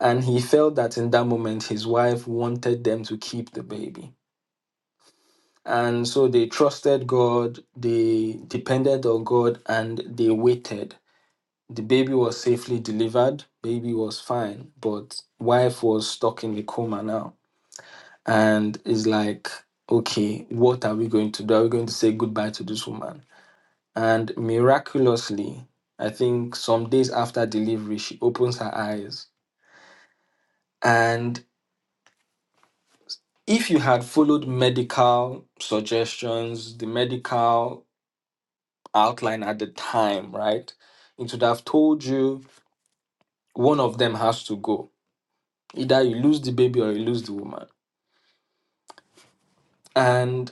Speaker 1: And he felt that in that moment, his wife wanted them to keep the baby. And so they trusted God, they depended on God, and they waited. The baby was safely delivered, baby was fine, but wife was stuck in a coma now. And it's like, okay, what are we going to do? Are we going to say goodbye to this woman? And miraculously, I think some days after delivery, she opens her eyes. And if you had followed medical suggestions, the medical outline at the time, right, it would have told you one of them has to go. Either you lose the baby or you lose the woman. And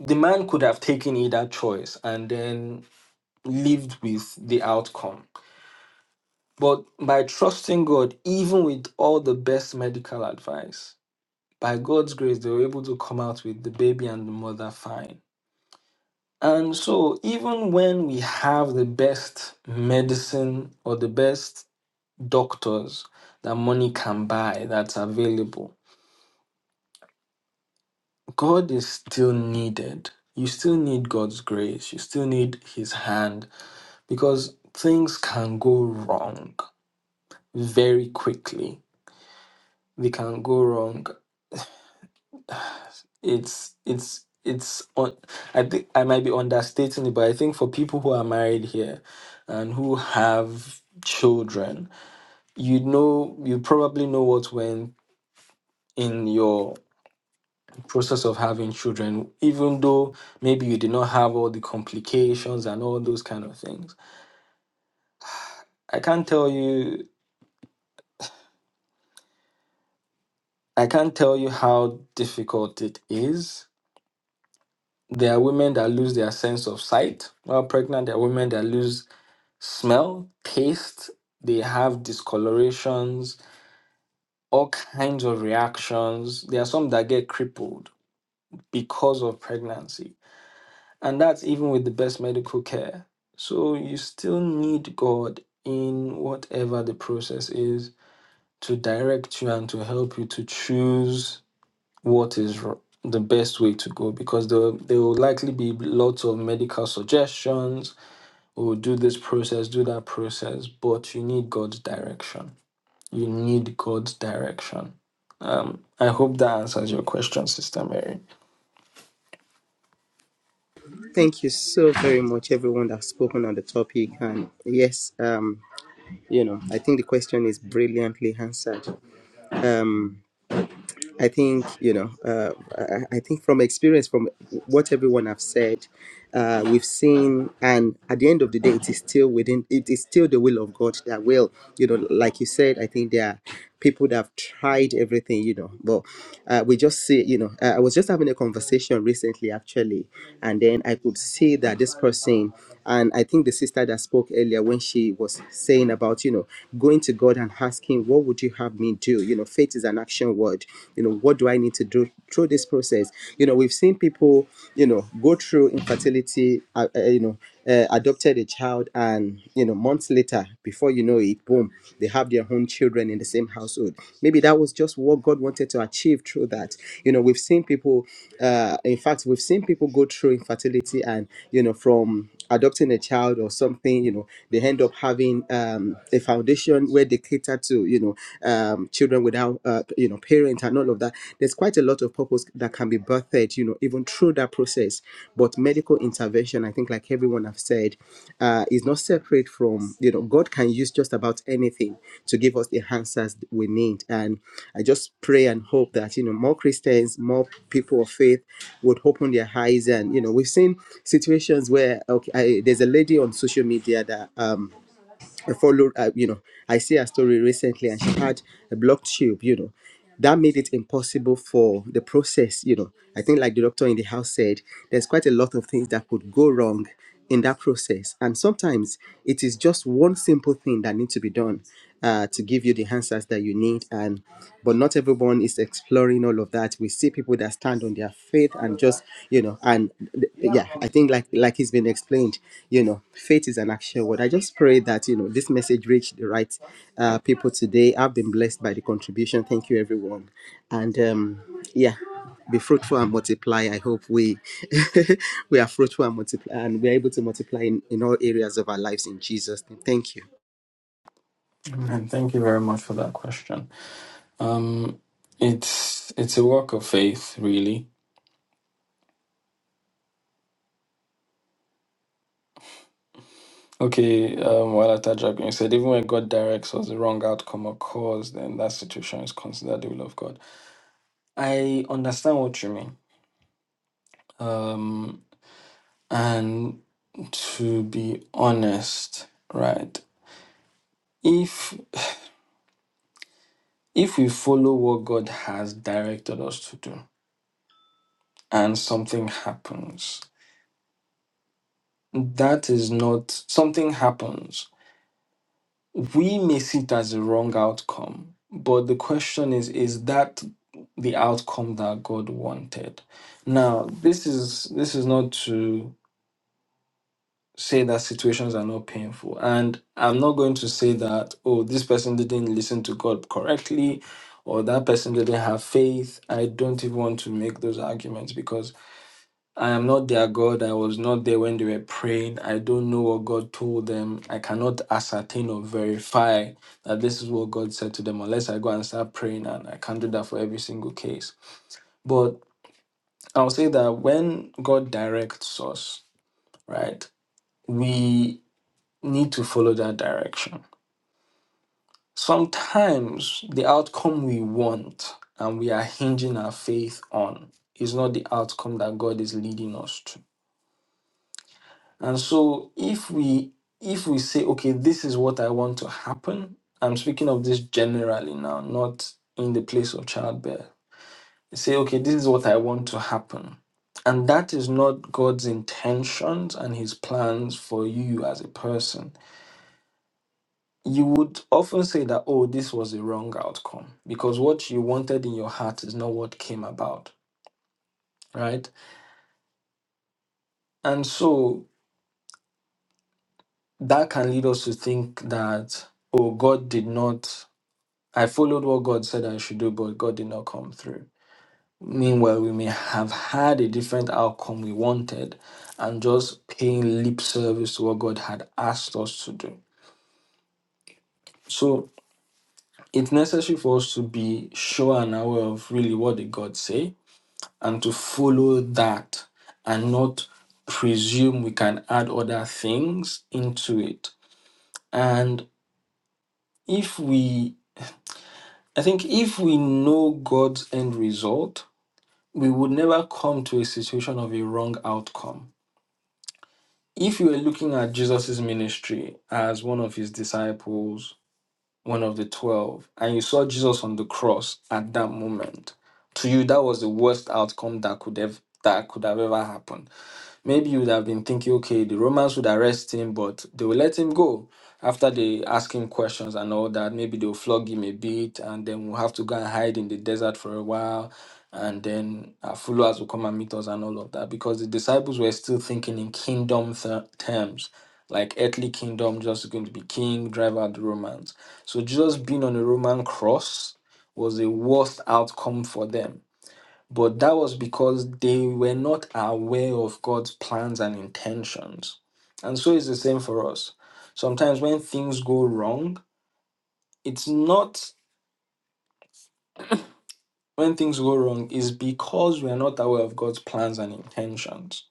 Speaker 1: the man could have taken either choice and then lived with the outcome. But by trusting God, even with all the best medical advice, by God's grace, they were able to come out with the baby and the mother fine And so, even when we have the best medicine or the best doctors that money can buy that's available, God is still needed. You still need God's grace, you still need His hand because things can go wrong very quickly. They can go wrong. It's, it's, it's on. I think I might be understating it, but I think for people who are married here and who have children, you know you probably know what went in your process of having children even though maybe you did not have all the complications and all those kind of things i can't tell you i can't tell you how difficult it is there are women that lose their sense of sight while pregnant there are women that lose smell taste they have discolorations all kinds of reactions there are some that get crippled because of pregnancy And that's even with the best medical care. So you still need God in whatever the process is to direct you and to help you to choose what is r- the best way to go because there, there will likely be lots of medical suggestions or do this process, do that process, but you need God's direction. You need God's direction. Um, I hope that answers your question, Sister Mary.
Speaker 5: Thank you so very much, everyone that's spoken on the topic. And yes, um, you know, I think the question is brilliantly answered. Um, I think you know. Uh, I I think from experience, from what everyone have said, uh, we've seen, and at the end of the day, it is still within. It is still the will of God that will, you know, like you said. I think there are people that have tried everything, you know, but uh, we just see, you know. Uh, I was just having a conversation recently, actually, and then I could see that this person, and I think the sister that spoke earlier when she was saying about, you know, going to God and asking, "What would you have me?" do? You know, faith is an action word. You know, what do I need to do through this process? You know, we've seen people, you know, go through infertility, uh, uh, you know, uh, adopted a child, and, you know, months later, before you know it, boom, they have their own children in the same household. Maybe that was just what God wanted to achieve through that. You know, we've seen people, uh, in fact, we've seen people go through infertility and, you know, from adopting a child or something, you know, they end up having um, a foundation children where they cater to you know um, children without uh, you know parents and all of that there's quite a lot of purpose that can be birthed you know even through that process but medical intervention i think like everyone have said uh, is not separate from you know god can use just about anything to give us the answers we need and i just pray and hope that you know more christians more people of faith would open their eyes and you know we've seen situations where okay I, there's a lady on social media that um I followed, uh, you know, I see her story recently and she had a blocked tube, you know. That made it impossible for the process, you know. I think, like the doctor in the house said, there's quite a lot of things that could go wrong in that process. And sometimes it is just one simple thing that needs to be done uh, to give you the answers that you need. And but not everyone is exploring all of that. We see people that stand on their faith and just you know, and th- yeah, I think like like it's been explained, you know, faith is an action word. I just pray that you know this message reached the right uh, people today. I've been blessed by the contribution. Thank you, everyone, and um, yeah. Be fruitful and multiply. I hope we we are fruitful and multiply, and we're able to multiply in, in all areas of our lives in Jesus' name. Thank you.
Speaker 1: Amen. Thank you very much for that question. Um, it's it's a work of faith, really. Okay, um, while at you said even when God directs us the wrong outcome or cause, then that situation is considered the will of God. I understand what you mean. Um, and to be honest, right? If if we follow what God has directed us to do, and something happens, that is not something happens we may see it as a wrong outcome, but the question is, is that the outcome that God wanted? Now, this is this is not to say that situations are not painful. And I'm not going to say that, oh, this person didn't listen to God correctly or that person didn't have faith. I don't even want to make those arguments because. I am not their God. I was not there when they were praying. I don't know what God told them. I cannot ascertain or verify that this is what God said to them unless I go and start praying. And I can't do that for every single case. But I'll say that when God directs us, right, we need to follow that direction. Sometimes the outcome we want and we are hinging our faith on is not the outcome that God is leading us to And so if we if we say, okay, this is what I want to happen, I'm speaking of this generally now, not in the place of childbirth. Say, okay, this is what I want to happen. And that is not God's intentions and his plans for you as a person. You would often say that, oh, this was a wrong outcome because what you wanted in your heart is not what came about, right? And so that can lead us to think that, oh, God did not I followed what God said I should do, but God did not come through. Meanwhile, we may have had a different outcome we wanted and just paying lip service to what God had asked us to do. So it's necessary for us to be sure and aware of really what did God say and to follow that and not presume we can add other things into it. And if we, I think if we know God's end result, we would never come to a situation of a wrong outcome. If you were looking at Jesus' ministry as one of his disciples, one of the 12, and you saw Jesus on the cross at that moment, to you, that was the worst outcome that could have, that could have ever happened Maybe you would have been thinking, okay, the Romans would arrest him, but they will let him go after they ask him questions and all that. Maybe they'll flog him a bit, and then we'll have to go and hide in the desert for a while. And then our followers will come and meet us and all of that because the disciples were still thinking in kingdom th- terms, like earthly kingdom, just going to be king, drive out the Romans. So, just being on a Roman cross was the worst outcome for them but that was because they were not aware of God's plans and intentions. And so it's the same for us. Sometimes when things go wrong, it's not when things go wrong, is because we are not aware of God's plans and intentions.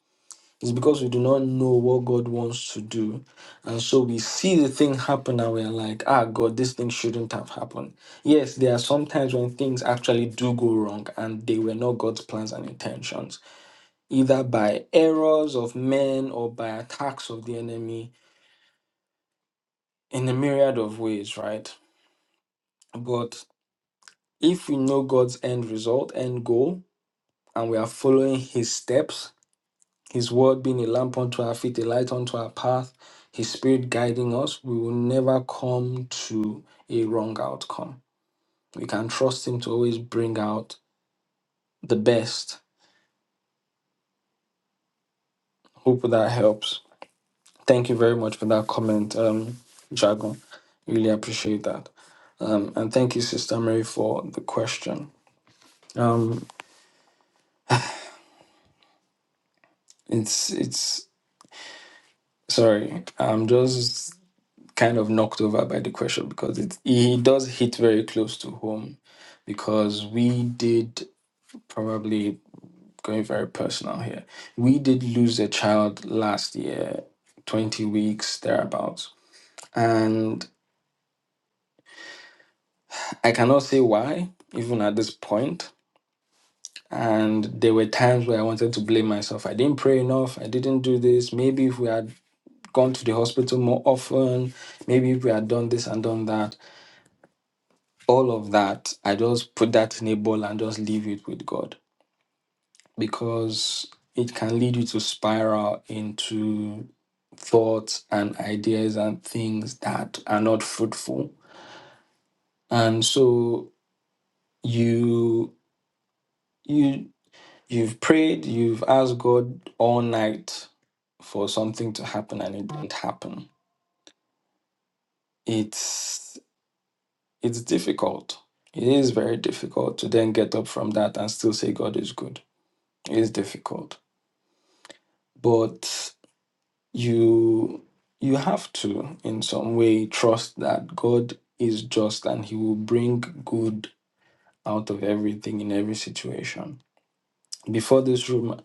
Speaker 1: It's because we do not know what God wants to do. And so we see the thing happen and we're like, ah, God, this thing shouldn't have happened. Yes, there are sometimes when things actually do go wrong and they were not God's plans and intentions either by errors of men or by attacks of the enemy in a myriad of ways, right? But if we know God's end result, end goal, and we are following his steps, his word being a lamp unto our feet, a light unto our path, his spirit guiding us, we will never come to a wrong outcome. We can trust him to always bring out the best. Hope that helps. Thank you very much for that comment, um, Jago. Really appreciate that. Um, and thank you, Sister Mary, for the question. Um, it's it's sorry, I'm just kind of knocked over by the question because it he does hit very close to home because we did probably going very personal here. We did lose a child last year, twenty weeks thereabouts, and I cannot say why even at this point And there were times where I wanted to blame myself. I didn't pray enough. I didn't do this. Maybe if we had gone to the hospital more often, maybe if we had done this and done that, all of that, I just put that in a bowl and just leave it with God because it can lead you to spiral into thoughts and ideas and things that are not fruitful. And so you you You've prayed, you've asked God all night for something to happen and it didn't happen. It's it's difficult. It is very difficult to then get up from that and still say God is good. It is difficult. But you you have to in some way trust that God is just and he will bring good out of everything in every situation. Before this room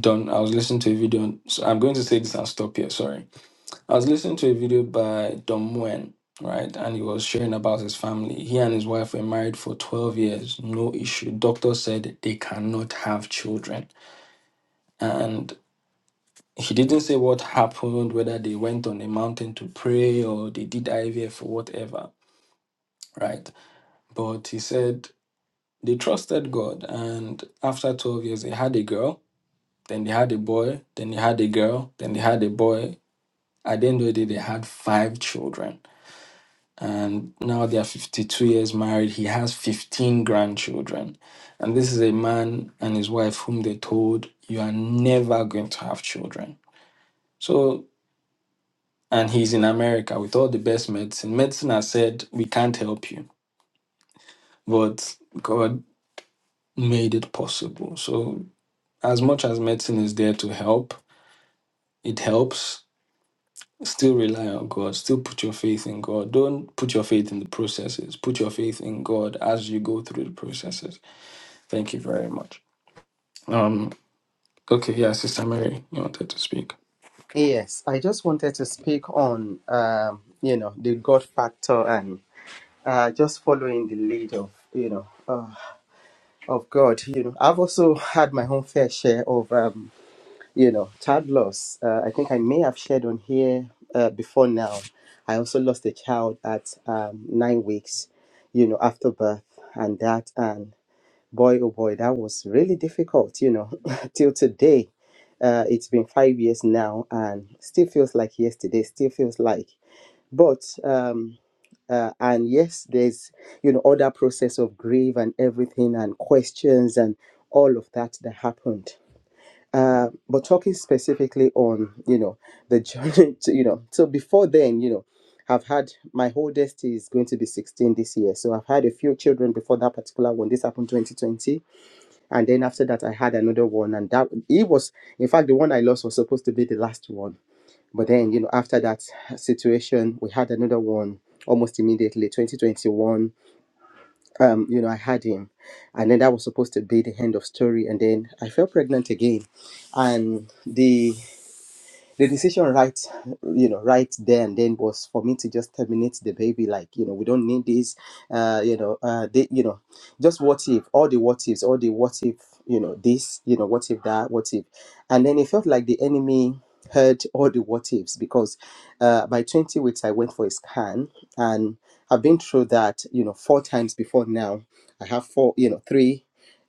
Speaker 1: done, I was listening to a video. So I'm going to say this and stop here. Sorry I was listening to a video by Dom Nguyen, right? And he was sharing about his family. He and his wife were married for 12 years, no issue. Doctor said they cannot have children. And he didn't say what happened, whether they went on a mountain to pray or they did IVF or whatever, right? But he said they trusted God. And after 12 years, they had a girl, then they had a boy, then they had a girl, then they had a boy. At the end of the day, they had five children and now they are 52 years married. He has 15 grandchildren. And this is a man and his wife whom they told, You are never going to have children. So, and he's in America with all the best medicine. Medicine has said, We can't help you, but God made it possible. So, as much as medicine is there to help, it helps. Still rely on God. Still put your faith in God. Don't put your faith in the processes. Put your faith in God as you go through the processes Thank you very much. Um, okay, yeah, Sister Mary, you wanted to speak.
Speaker 5: Yes, I just wanted to speak on um, you know the God factor and uh, just following the lead of you know uh, of God. You know, I've also had my own fair share of um, you know child loss. Uh, I think I may have shared on here uh, before now. I also lost a child at um, nine weeks, you know, after birth and that. and boy oh boy that was really difficult you know till today uh, it's been five years now and still feels like yesterday still feels like but um uh, and yes there's you know other process of grief and everything and questions and all of that that happened uh, but talking specifically on you know the journey to, you know so before then you know I've had my oldest is going to be 16 this year so I've had a few children before that particular one this happened 2020 and then after that, I had another one, and that it was, in fact, the one I lost was supposed to be the last one. But then, you know, after that situation, we had another one almost immediately, 2021. Um, you know, I had him, and then that was supposed to be the end of story. And then I fell pregnant again, and the the decision right you know right there and then was for me to just terminate the baby like you know we don't need this uh you know uh they, you know just what if all the what ifs all the what if you know this you know what if that what if and then it felt like the enemy heard all the what ifs because uh by 20 weeks i went for a scan and i've been through that you know four times before now i have four you know three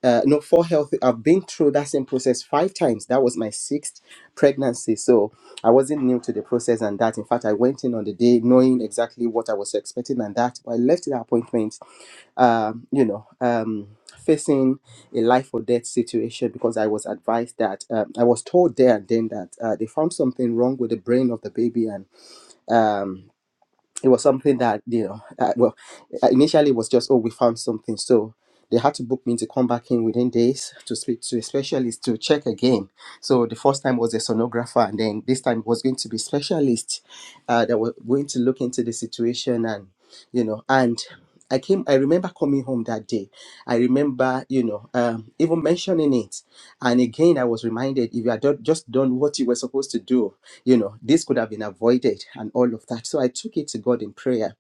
Speaker 5: uh, no, four healthy. I've been through that same process five times. That was my sixth pregnancy. So, I wasn't new to the process and that. In fact, I went in on the day knowing exactly what I was expecting and that. But I left the appointment, um, you know, um, facing a life or death situation because I was advised that um, I was told there and then that uh, they found something wrong with the brain of the baby and. Um, it was something that you know uh, well uh, initially it was just oh we found something so they had to book me to come back in within days to speak to a specialist to check again so the first time was a sonographer and then this time was going to be specialist uh, that were going to look into the situation and you know and I came, I remember coming home that day. I remember, you know, um, even mentioning it. And again, I was reminded if you had done, just done what you were supposed to do, you know, this could have been avoided and all of that. So I took it to God in prayer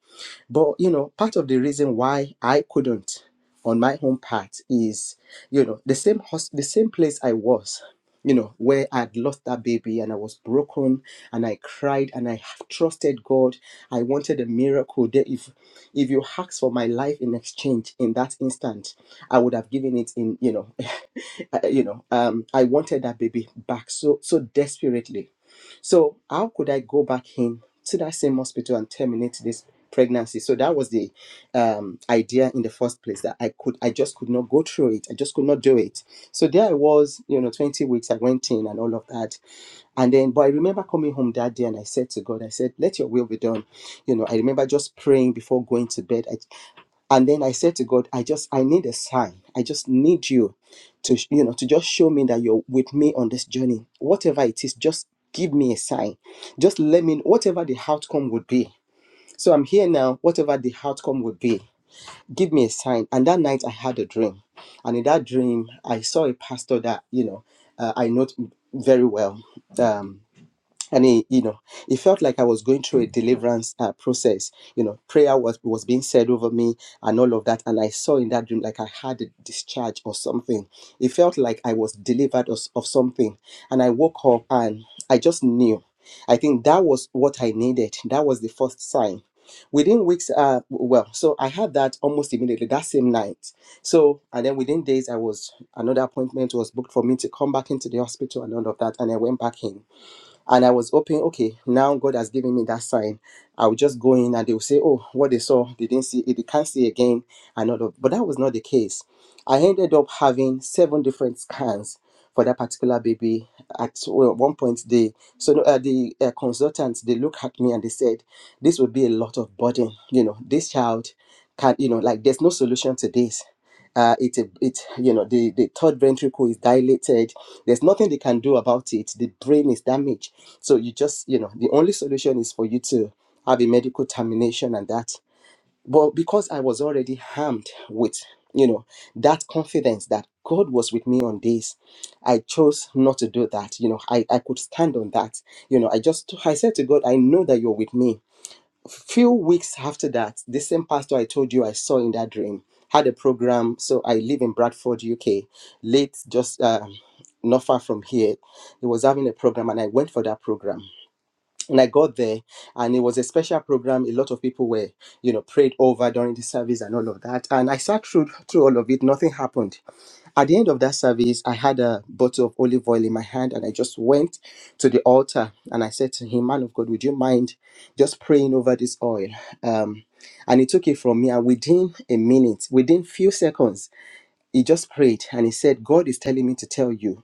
Speaker 5: but you know, part of the reason why I couldn't on my home part is, you know, the same hos- the same place I was, you know, where I'd lost that baby and I was broken and I cried and I have trusted God. I wanted a miracle. There, if if you asked for my life in exchange in that instant, I would have given it in, you know, uh, you know, um, I wanted that baby back so so desperately. So how could I go back in to that same hospital and terminate this? pregnancy so that was the um, idea in the first place that i could i just could not go through it i just could not do it so there i was you know 20 weeks i went in and all of that and then but i remember coming home that day and i said to god i said let your will be done you know i remember just praying before going to bed I, and then i said to god i just i need a sign i just need you to you know to just show me that you're with me on this journey whatever it is just give me a sign just let me whatever the outcome would be so I'm here now, whatever the outcome would be. Give me a sign. And that night I had a dream. And in that dream, I saw a pastor that, you know, uh, I know very well. Um, and it, you know it felt like i was going through a deliverance uh, process you know prayer was was being said over me and all of that and i saw in that dream like i had a discharge or something it felt like i was delivered of, of something and i woke up and i just knew i think that was what i needed that was the first sign within weeks uh well so i had that almost immediately that same night so and then within days i was another appointment was booked for me to come back into the hospital and all of that and i went back in and I was hoping, okay, now God has given me that sign. I would just go in and they will say, oh, what they saw, they didn't see it, they can't see again, and all of. But that was not the case. I ended up having seven different scans for that particular baby. At well, one point, they so no, uh, the uh, consultants they looked at me and they said, "This would be a lot of burden. You know, this child can, you know, like there's no solution to this uh, it's a, it's you know the the third ventricle is dilated. There's nothing they can do about it. The brain is damaged. So you just you know the only solution is for you to have a medical termination and that. But because I was already harmed with you know that confidence that God was with me on this, I chose not to do that. You know I I could stand on that. You know I just I said to God I know that you're with me few weeks after that, the same pastor I told you I saw in that dream had a program. So I live in Bradford, UK, late, just um not far from here. He was having a program, and I went for that program. And I got there, and it was a special program. A lot of people were, you know, prayed over during the service and all of that. And I sat through through all of it. Nothing happened. At the end of that service, I had a bottle of olive oil in my hand and I just went to the altar and I said to him, Man of God, would you mind just praying over this oil? Um, and he took it from me and within a minute, within few seconds, he just prayed and he said, God is telling me to tell you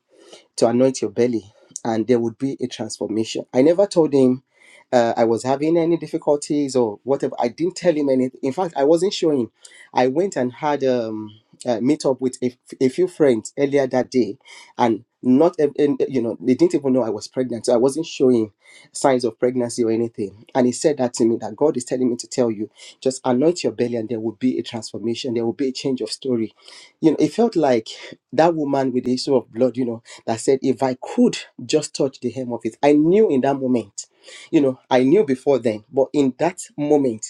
Speaker 5: to anoint your belly and there would be a transformation. I never told him uh, I was having any difficulties or whatever. I didn't tell him anything. In fact, I wasn't showing. I went and had um, a meet up with a, a few friends earlier that day, and not ev- and, you know they didn't even know I was pregnant, so I wasn't showing signs of pregnancy or anything. And he said that to me that God is telling me to tell you, just anoint your belly, and there will be a transformation. There will be a change of story. You know, it felt like that woman with the issue of blood. You know that said, If I could just touch the hem of it, I knew in that moment, you know, I knew before then, but in that moment,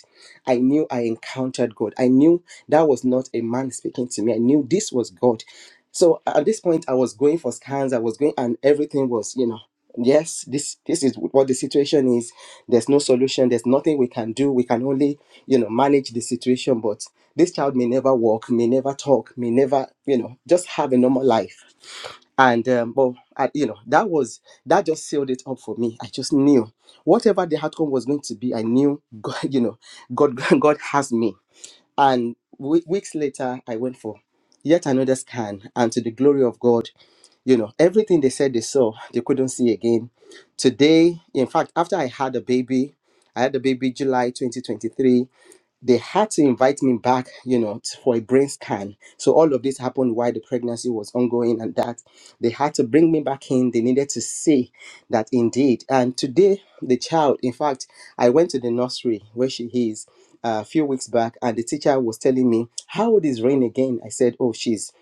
Speaker 5: I knew I encountered God. I knew that was not a man speaking to me, I knew this was God. So at this point, I was going for scans, I was going, and everything was, you know, yes this this is what the situation is there's no solution there's nothing we can do we can only you know manage the situation but this child may never walk may never talk may never you know just have a normal life and um, but I, you know that was that just sealed it up for me i just knew whatever the outcome was going to be i knew god you know god god has me and we weeks later i went for yet another scan and to the glory of god you know everything they said they saw they couldn't see again today in fact after i had a baby i had a baby july 2023 they had to invite me back, you know, t- for a brain scan. So all of this happened while the pregnancy was ongoing, and that they had to bring me back in. They needed to see that indeed. And today, the child, in fact, I went to the nursery where she is uh, a few weeks back, and the teacher was telling me, How old is Rain again? I said, Oh, she's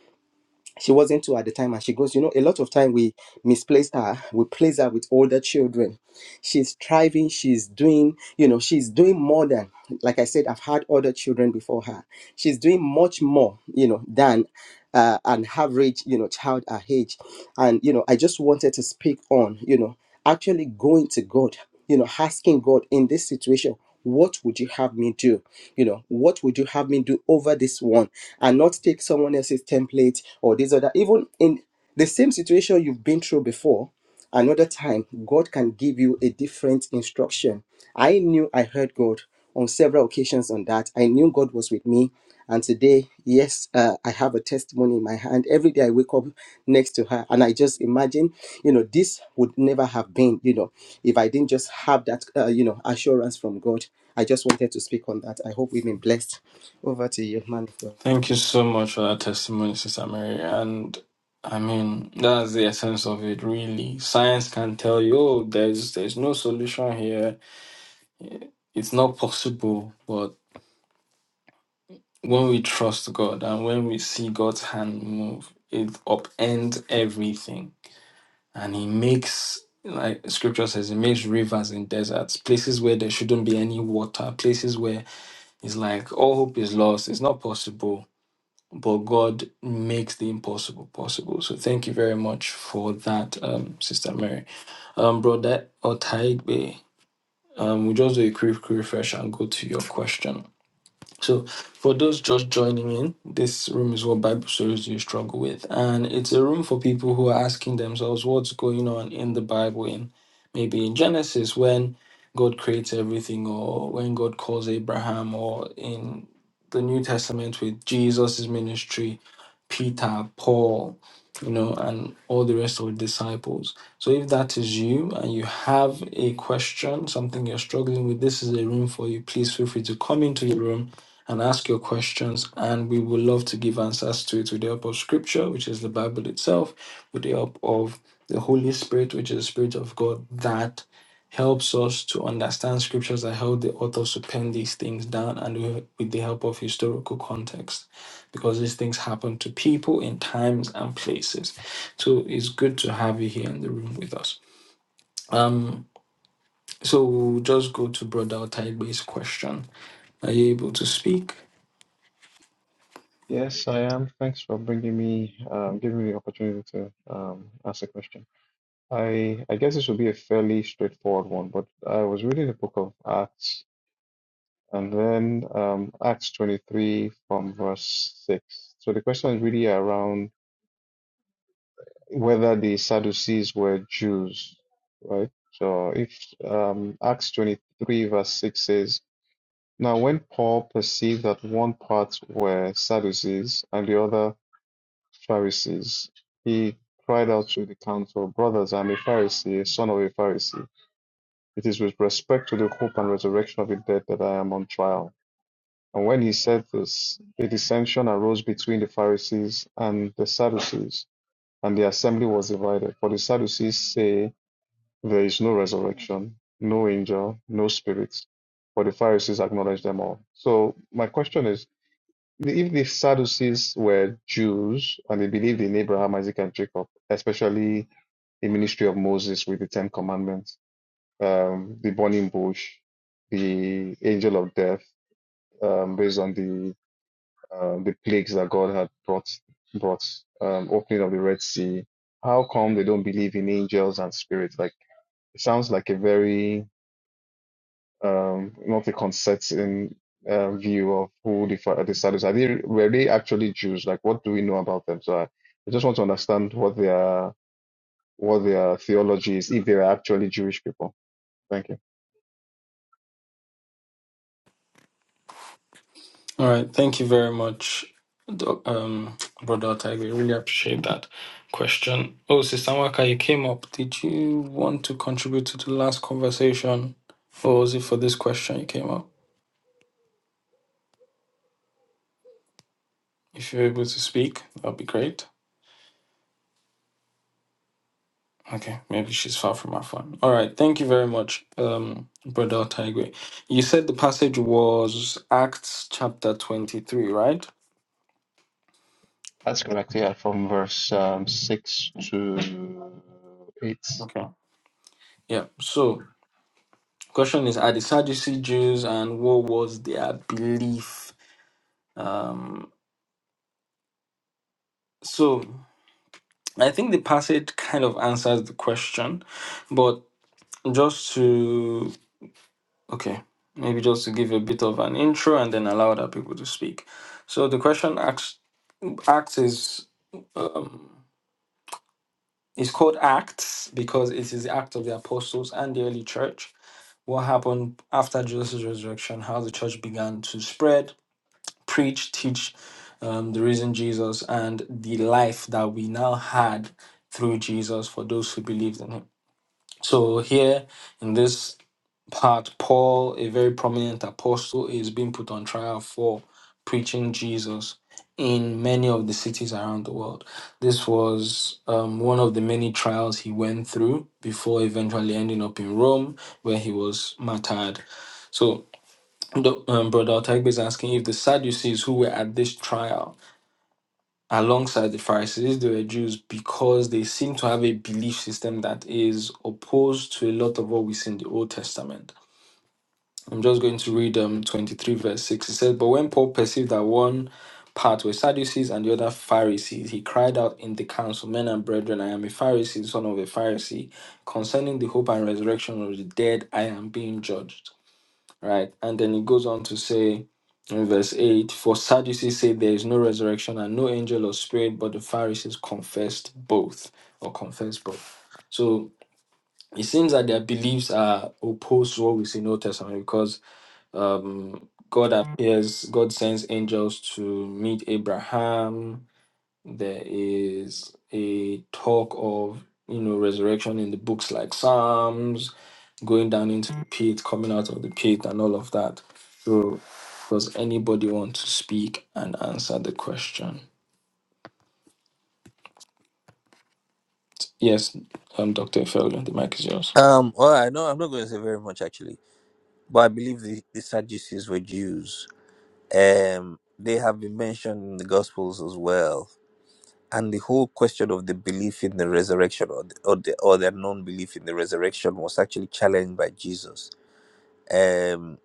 Speaker 5: she wasn't two at the time and she goes you know a lot of time we misplace her we place her with older children she's thriving she's doing you know she's doing more than like i said i've had other children before her she's doing much more you know than uh, an average you know child her age and you know i just wanted to speak on you know actually going to god you know asking god in this situation what would you have me do you know what would you have me do over this one and not take someone else's template or this or that even in the same situation you've been through before Another time, God can give you a different instruction. I knew I heard God on several occasions on that. I knew God was with me. And today, yes, uh, I have a testimony in my hand. Every day I wake up next to her and I just imagine, you know, this would never have been, you know, if I didn't just have that, uh, you know, assurance from God. I just wanted to speak on that. I hope we've been blessed. Over to you, man of God.
Speaker 1: Thank you so much for that testimony, Sister Mary. And I mean, that's the essence of it, really. Science can tell you, oh, there's there's no solution here. It's not possible. But when we trust God and when we see God's hand move, it upends everything. And He makes like scripture says, He makes rivers in deserts, places where there shouldn't be any water, places where It's like all hope is lost. It's not possible, but God makes the impossible possible. So thank you very much for that, um, Sister Mary. Um, Brother Otaigbe, um, we just do a quick refresh and go to your question. So, for those just joining in, this room is what Bible stories do you struggle with, and it's a room for people who are asking themselves what's going on in the Bible, in maybe in Genesis when God creates everything, or when God calls Abraham, or in the New Testament with Jesus' ministry, Peter, Paul, you know, and all the rest of the disciples. So, if that is you and you have a question, something you're struggling with, this is a room for you. Please feel free to come into the room and ask your questions, and we would love to give answers to it with the help of Scripture, which is the Bible itself, with the help of the Holy Spirit, which is the Spirit of God that helps us to understand Scriptures that help the authors to pen these things down, and with with the help of historical context, because these things happen to people in times and places. So it's good to have you here in the room with us. So we'll just go to Brother Otaibe's question. Are you able to speak?
Speaker 7: Yes, I am. Thanks for bringing me, um, giving me the opportunity to um, ask a question. I I guess this will be a fairly straightforward one, but I was reading the book of Acts and then um, Acts 23 from verse 6. So the question is really around whether the Sadducees were Jews, right? So if um, Acts 23 verse 6 says, Now when Paul perceived that one part were Sadducees and the other Pharisees. He cried out to the council, Brothers, I am a Pharisee, a son of a Pharisee. It is with respect to the hope and resurrection of the dead that I am on trial. And when he said this, a dissension arose between the Pharisees and the Sadducees, and the assembly was divided. For the Sadducees say there is no resurrection, no angel, no spirit. For the Pharisees acknowledge them all. So my question is the- if the Sadducees were Jews and they believed in Abraham, Isaac, and Jacob, especially the ministry of Moses with the Ten Commandments, um, the burning bush, the angel of death, um, based on the um, the plagues that God had brought brought um, opening of the Red Sea. How come they don't believe in angels and spirits? Like it sounds like a very um, not a consistent uh, view of who the fa- the Sadducees are. They, were they actually Jews? Like, what do we know about them? So I, I just want to understand what their what their theology is, if they are actually Jewish people. Thank you.
Speaker 1: All right. Thank you very much, Doc- um, Brother Tiger. Really appreciate that question. Oh, Sister Waka, you came up. Did you want to contribute to the last conversation, or was it for this question you came up? If you're able to speak, that'd be great. Okay, maybe she's far from her phone. All right. Thank you very much, um, Brother Tiger. You said the passage was Acts chapter twenty-three, right?
Speaker 7: That's correct. Yeah, from verse um, six to eight.
Speaker 1: Okay. Yeah. So Question is, are the Sadducee Jews and what was their belief? Um, so I think the passage kind of answers the question, but just to, okay, maybe just to give a bit of an intro and then allow other people to speak. So the question acts, acts is, um, is called Acts because it is the act of the apostles and the early church. What happened after Jesus' resurrection, how the church began to spread, preach, teach um, the risen Jesus and the life that we now had through Jesus for those who believed in him. So, here in this part, Paul, a very prominent apostle, is being put on trial for preaching Jesus in many of the cities around the world. This was um, one of the many trials he went through before eventually ending up in Rome, where he was martyred. So, the- Um, Brother Otaigbe is asking if the Sadducees who were at this trial alongside the Pharisees, they were Jews because they seem to have a belief system that is opposed to a lot of what we see in the Old Testament. I'm just going to read um, 23, verse 6. It says, But when Paul perceived that one part were Sadducees and the other Pharisees, he cried out in the council, 'Men and brethren, I am a Pharisee, son of a Pharisee. Concerning the hope and resurrection of the dead, I am being judged right? And then it goes on to say in verse 8 For Sadducees say there is no resurrection and no angel or spirit, but the Pharisees confessed both or confess both. So it seems that their beliefs are opposed to what we see in the Old Testament because um, God appears, God sends angels to meet Abraham, there is a talk of, you know, resurrection in the books like Psalms, going down into the pit, coming out of the pit, and all of that. So, does anybody want to speak and answer the question? Yes, um, Dr. Felgen, the mic is yours.
Speaker 6: Um, well, I know I'm not going to say very much actually, but I believe the, the Sadducees were Jews. Um, they have been mentioned in the Gospels as well, and the whole question of the belief in the resurrection or the, or, the, or their non-belief in the resurrection was actually challenged by Jesus. Um,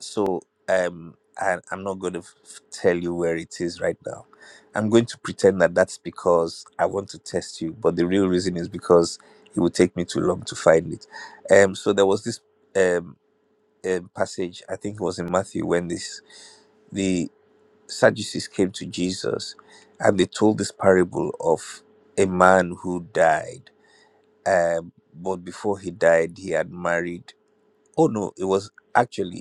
Speaker 6: so um I, i'm not going to f- tell you where it is right now i'm going to pretend that that's because i want to test you but the real reason is because it would take me too long to find it um so there was this um, um passage i think it was in matthew when this the sadducees came to jesus and they told this parable of a man who died um but before he died he had married oh no it was actually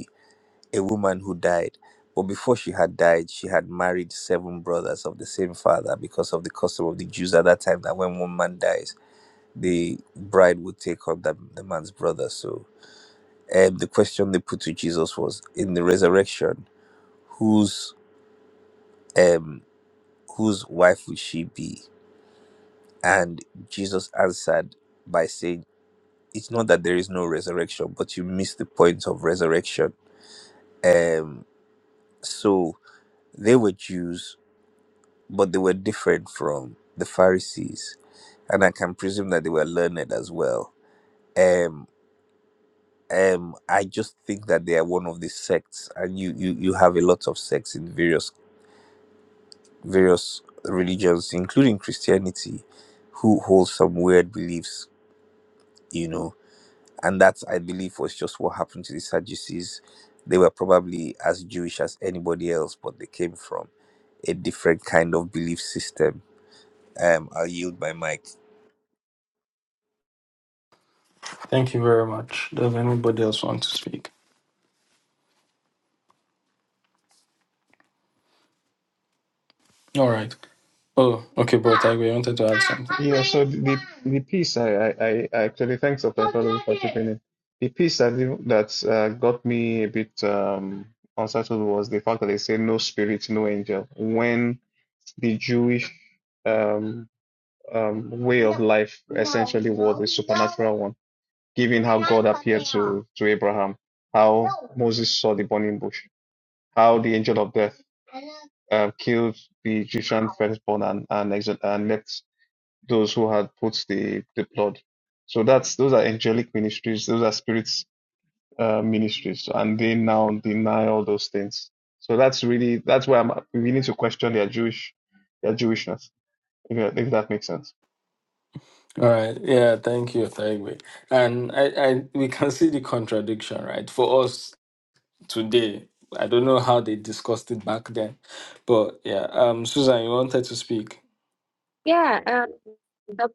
Speaker 6: a woman who died. But before she had died, she had married seven brothers of the same father because of the custom of the Jews at that time that when one man dies, the bride would take on the, the man's brother. So um, the question they put to Jesus was in the resurrection, whose um whose wife would she be? And Jesus answered by saying, It's not that there is no resurrection, but you miss the point of resurrection. Um so they were Jews but they were different from the Pharisees, and I can presume that they were learned as well. Um, um, I just think that they are one of the sects, and you you you have a lot of sects in various various religions, including Christianity, who hold some weird beliefs, you know. And that I believe was just what happened to the Sadducees. They were probably as Jewish as anybody else, but they came from a different kind of belief system. I'll yield my mic.
Speaker 1: Thank you very much. Does anybody else want to speak? All right. Oh, okay, bro. Taigwe, I wanted to add something.
Speaker 7: Yeah, so the the piece I, I, I I actually thanks Doctor Fowler, for participating. The piece that that uh, got me a bit um unsettled was the fact that they say no spirit, no angel when the Jewish um um way of life essentially was a supernatural one, given how God appeared to to Abraham, how Moses saw the burning bush, how the angel of death uh, killed the Egyptian firstborn and and, exil- and left those who had put the, the blood. So that's those are angelic ministries, those are spirits uh, ministries, and they now deny all those things. So that's really that's why I'm beginning to question their Jewish their Jewishness, if, that- if that makes sense.
Speaker 1: All right. Yeah, thank you, Taigwe. And I, I, we can see the contradiction, right? For us today. I don't know how they discussed it back then, but yeah. Um, Susan, you wanted to speak.
Speaker 4: Yeah, um, that's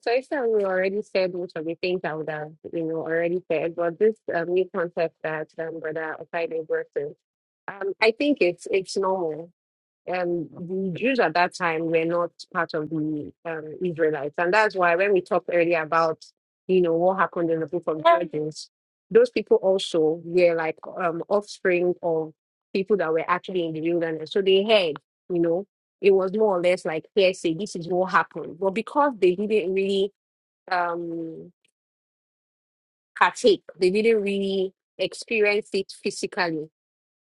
Speaker 4: the things I would have, you know, already said. But this um, new concept that um, Brother Osaide works in, um, I think it's it's normal. um, the Jews at that time were not part of the um, Israelites. And that's why when we talked earlier about, you know, what happened in the book of Judges, those people also were like um, offspring of people that were actually in the wilderness. So they heard, you know, it was more or less like hearsay, this is what happened. But because they didn't really um, partake, they didn't really experience it physically,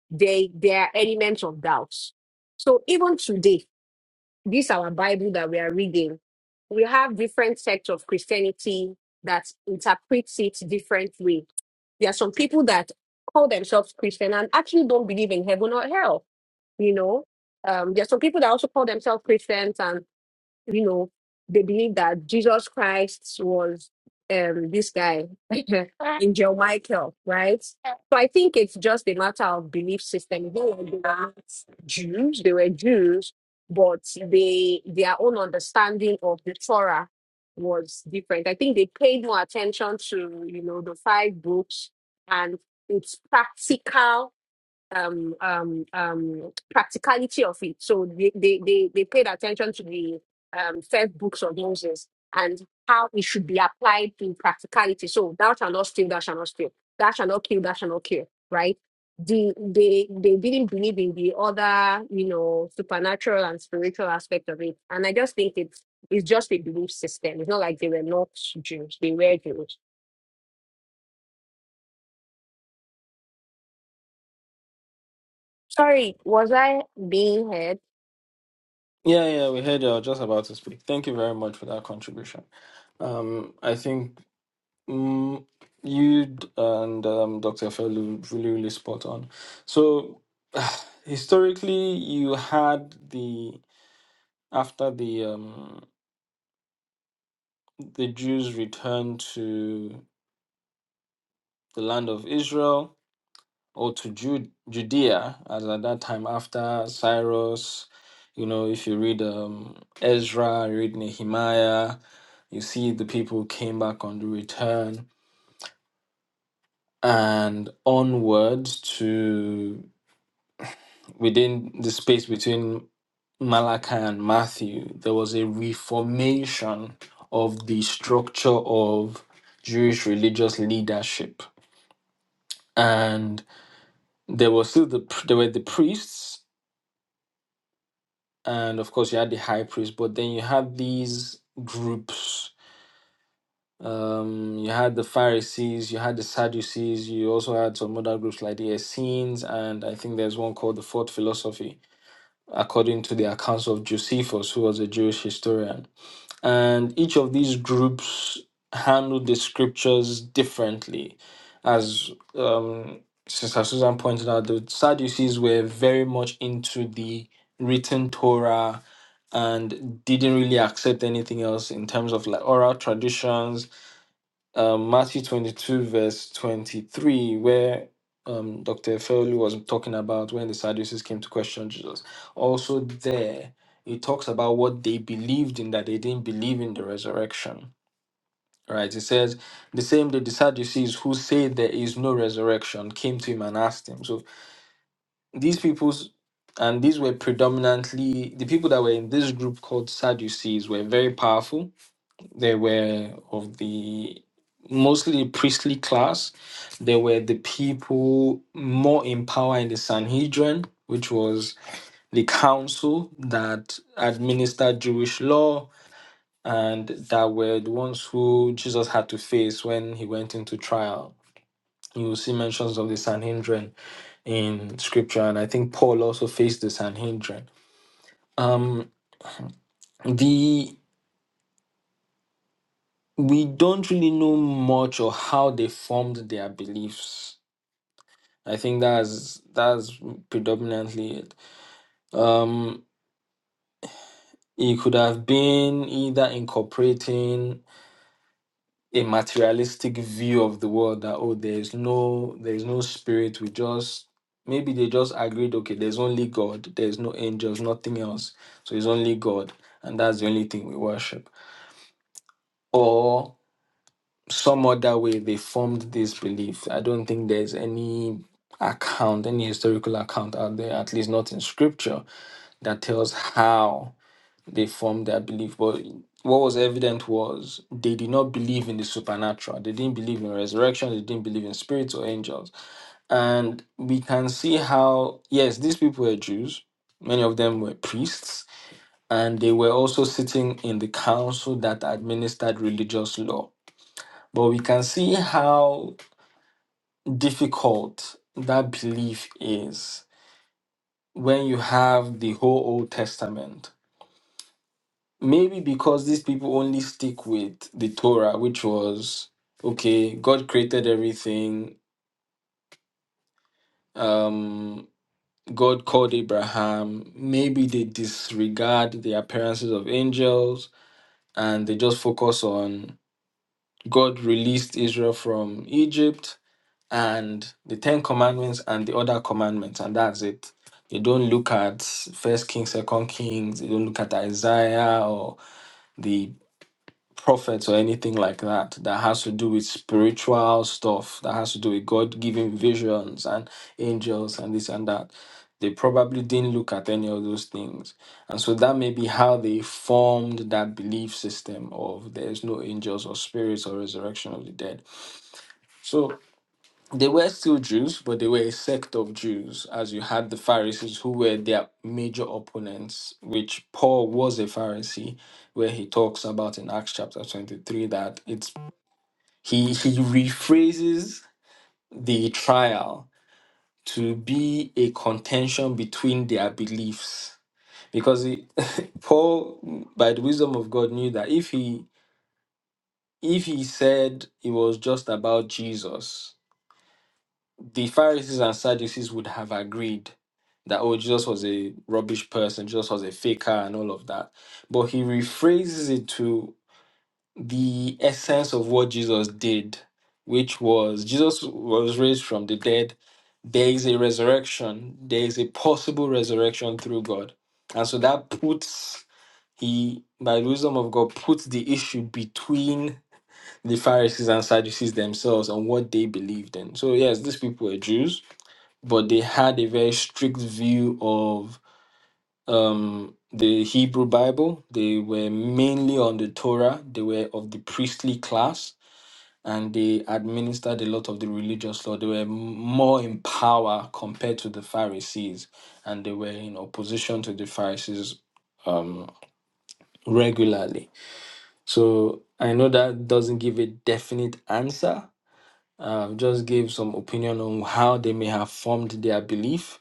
Speaker 4: they there are elements of doubts. So even today, this our Bible that we are reading, we have different sects of Christianity that interprets it differently. There are some people that call themselves Christian and actually don't believe in heaven or hell. You know, um, there are some people that also call themselves Christians and you know, they believe that Jesus Christ was um, this guy, Angel Michael, right? So I think it's just a matter of belief system. They were they were not Jews, they were Jews, but they their own understanding of the Torah was different. I think they paid more attention to, you know, the five books and its practical um um um practicality of it. So they they they, they paid attention to the um first books of Moses and how it should be applied in practicality. So thou shalt not steal, thou shalt not steal, thou shalt not kill, thou shalt not kill, right? The, they they didn't believe in the other, you know, supernatural and spiritual aspect of it. And I just think it's it's just a belief system. It's not like they were not Jews, they were Jews. Sorry, was I being heard?
Speaker 1: Yeah, yeah, we heard you. I was just about to speak. Thank you very much for that contribution. Um, I think mm, you d- and um, Dr. Felu really, really spot on. So historically, you had the after the um, the Jews returned to the land of Israel. or to Ju- Judea, as at that time after Cyrus. You know, if you read um, Ezra, you read Nehemiah, you see the people came back on the return and onward to within the space between Malachi and Matthew, there was a reformation of the structure of Jewish religious leadership. And there was still the pr- there were the priests and of course you had the high priest but then you had these groups um you had the pharisees you had the sadducees you also had some other groups like the essenes and i think there's one called the fourth philosophy according to the accounts of josephus who was a jewish historian and each of these groups handled the scriptures differently. As um, Sister Susan pointed out, the Sadducees were very much into the written Torah and didn't really accept anything else in terms of like oral traditions um, Matthew 22, verse 23, where um, Dr. Efeolu was talking about when the Sadducees came to question Jesus. Also, there, it talks about what they believed in, that they didn't believe in the resurrection. Right? It says, the same day the Sadducees who say there is no resurrection came to him and asked him. So these people's and these were predominantly the people that were in this group called Sadducees were very powerful they were of the mostly priestly class. They were the people more in power in the Sanhedrin, which was the council that administered Jewish law and that were the ones who Jesus had to face when he went into trial. You will see mentions of the Sanhedrin in scripture, and I think Paul also faced the Sanhedrin. Um, the we don't really know much of how they formed their beliefs I think that's that's predominantly it. Um, it could have been either incorporating a materialistic view of the world that oh, there's no there's no spirit. We just maybe they just agreed okay, there's only God, there's no angels, nothing else. So it's only God, and that's the only thing we worship. Or some other way they formed this belief. I don't think there's any account, any historical account out there, at least not in scripture that tells how they formed their belief. But what was evident was they did not believe in the supernatural. They didn't believe in resurrection. They didn't believe in spirits or angels. And we can see how, yes, these people were Jews. Many of them were priests. And they were also sitting in the council that administered religious law. But we can see how difficult that belief is when you have the whole Old Testament Maybe because these people only stick with the Torah, which was okay, God created everything, um, God called Abraham. Maybe they disregard the appearances of angels and they just focus on God released Israel from Egypt and the Ten Commandments and the other commandments, and that's it. They don't look at First Kings, Second Kings. They don't look at Isaiah or the prophets or anything like that that has to do with spiritual stuff that has to do with God giving visions and angels and this and that. They probably didn't look at any of those things. And so that may be how they formed that belief system of there's no angels or spirits or resurrection of the dead. So they were still Jews, but they were a sect of Jews, as you had the Pharisees who were their major opponents, which Paul was a Pharisee, where he talks about in Acts chapter 23 that it's he he rephrases the trial to be a contention between their beliefs. Because he, Paul, by the wisdom of God, knew that if he if he said it was just about Jesus, the Pharisees and Sadducees would have agreed that oh Jesus was a rubbish person, Jesus was a faker and all of that. But he rephrases it to the essence of what Jesus did, which was Jesus was raised from the dead. There is a resurrection, there is a possible resurrection through God. And so that puts he by the wisdom of God puts the issue between the Pharisees and Sadducees themselves on what they believed in. So yes, these people were Jews but they had a very strict view of um, the Hebrew Bible. They were mainly on the Torah, they were of the priestly class, and they administered a lot of the religious law. They were m- more in power compared to the Pharisees, and they were in opposition to the Pharisees um, regularly. So I know that doesn't give a definite answer. Uh, just gave some opinion on how they may have formed their belief,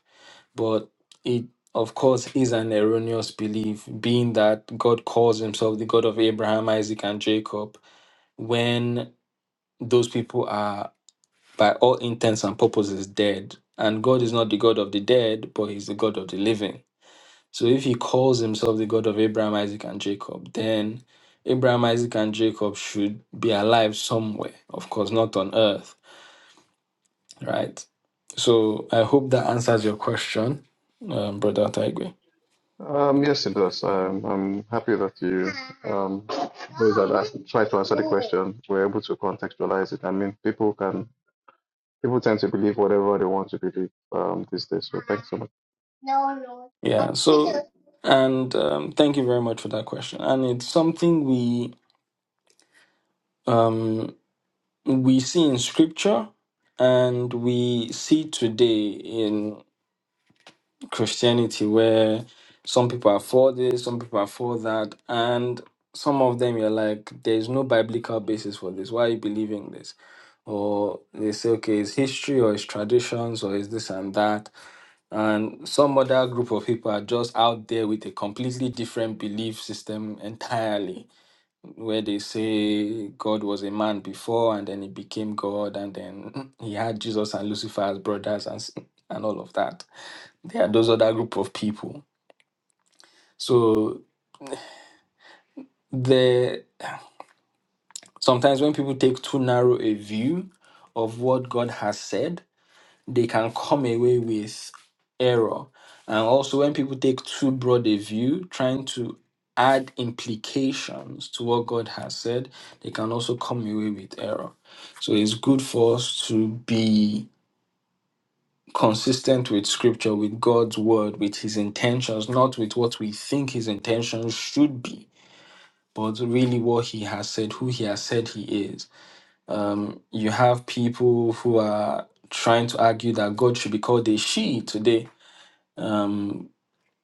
Speaker 1: but it of course is an erroneous belief being that god calls himself the god of abraham isaac and jacob when those people are by all intents and purposes dead and god is not the god of the dead but he's the god of the living so if he calls himself the god of abraham isaac and jacob then abraham isaac and jacob should be alive somewhere of course not on earth right so i hope that answers your question um, brother Taigwe.
Speaker 7: Um, yes, it does. I'm I'm happy that you um, those that asked, tried to answer the question were able to contextualize it. I mean, people can People tend to believe whatever they want to believe um, these days. So thanks so much.
Speaker 1: Yeah, so and um, thank you very much for that question. And it's something we um, we see in scripture and we see today in Christianity where some people are for this, some people are for that, and some of them you're like, there's no biblical basis for this. Why are you believing this? Or they say, okay, it's history or it's traditions or it's this and that and some other group of people are just out there with a completely different belief system entirely where they say god was a man before and then he became god and then he had jesus and lucifer as brothers and s- and all of that there are those other group of people so there sometimes when people take too narrow a view of what god has said they can come away with error. And also, when people take too broad a view, trying to add implications to what God has said, they can also come away with error. So, it's good for us to be consistent with scripture, with God's word, with his intentions, not with what we think his intentions should be. But really, what he has said, who he has said he is. Um, you have people who are trying to argue that God should be called a she today um,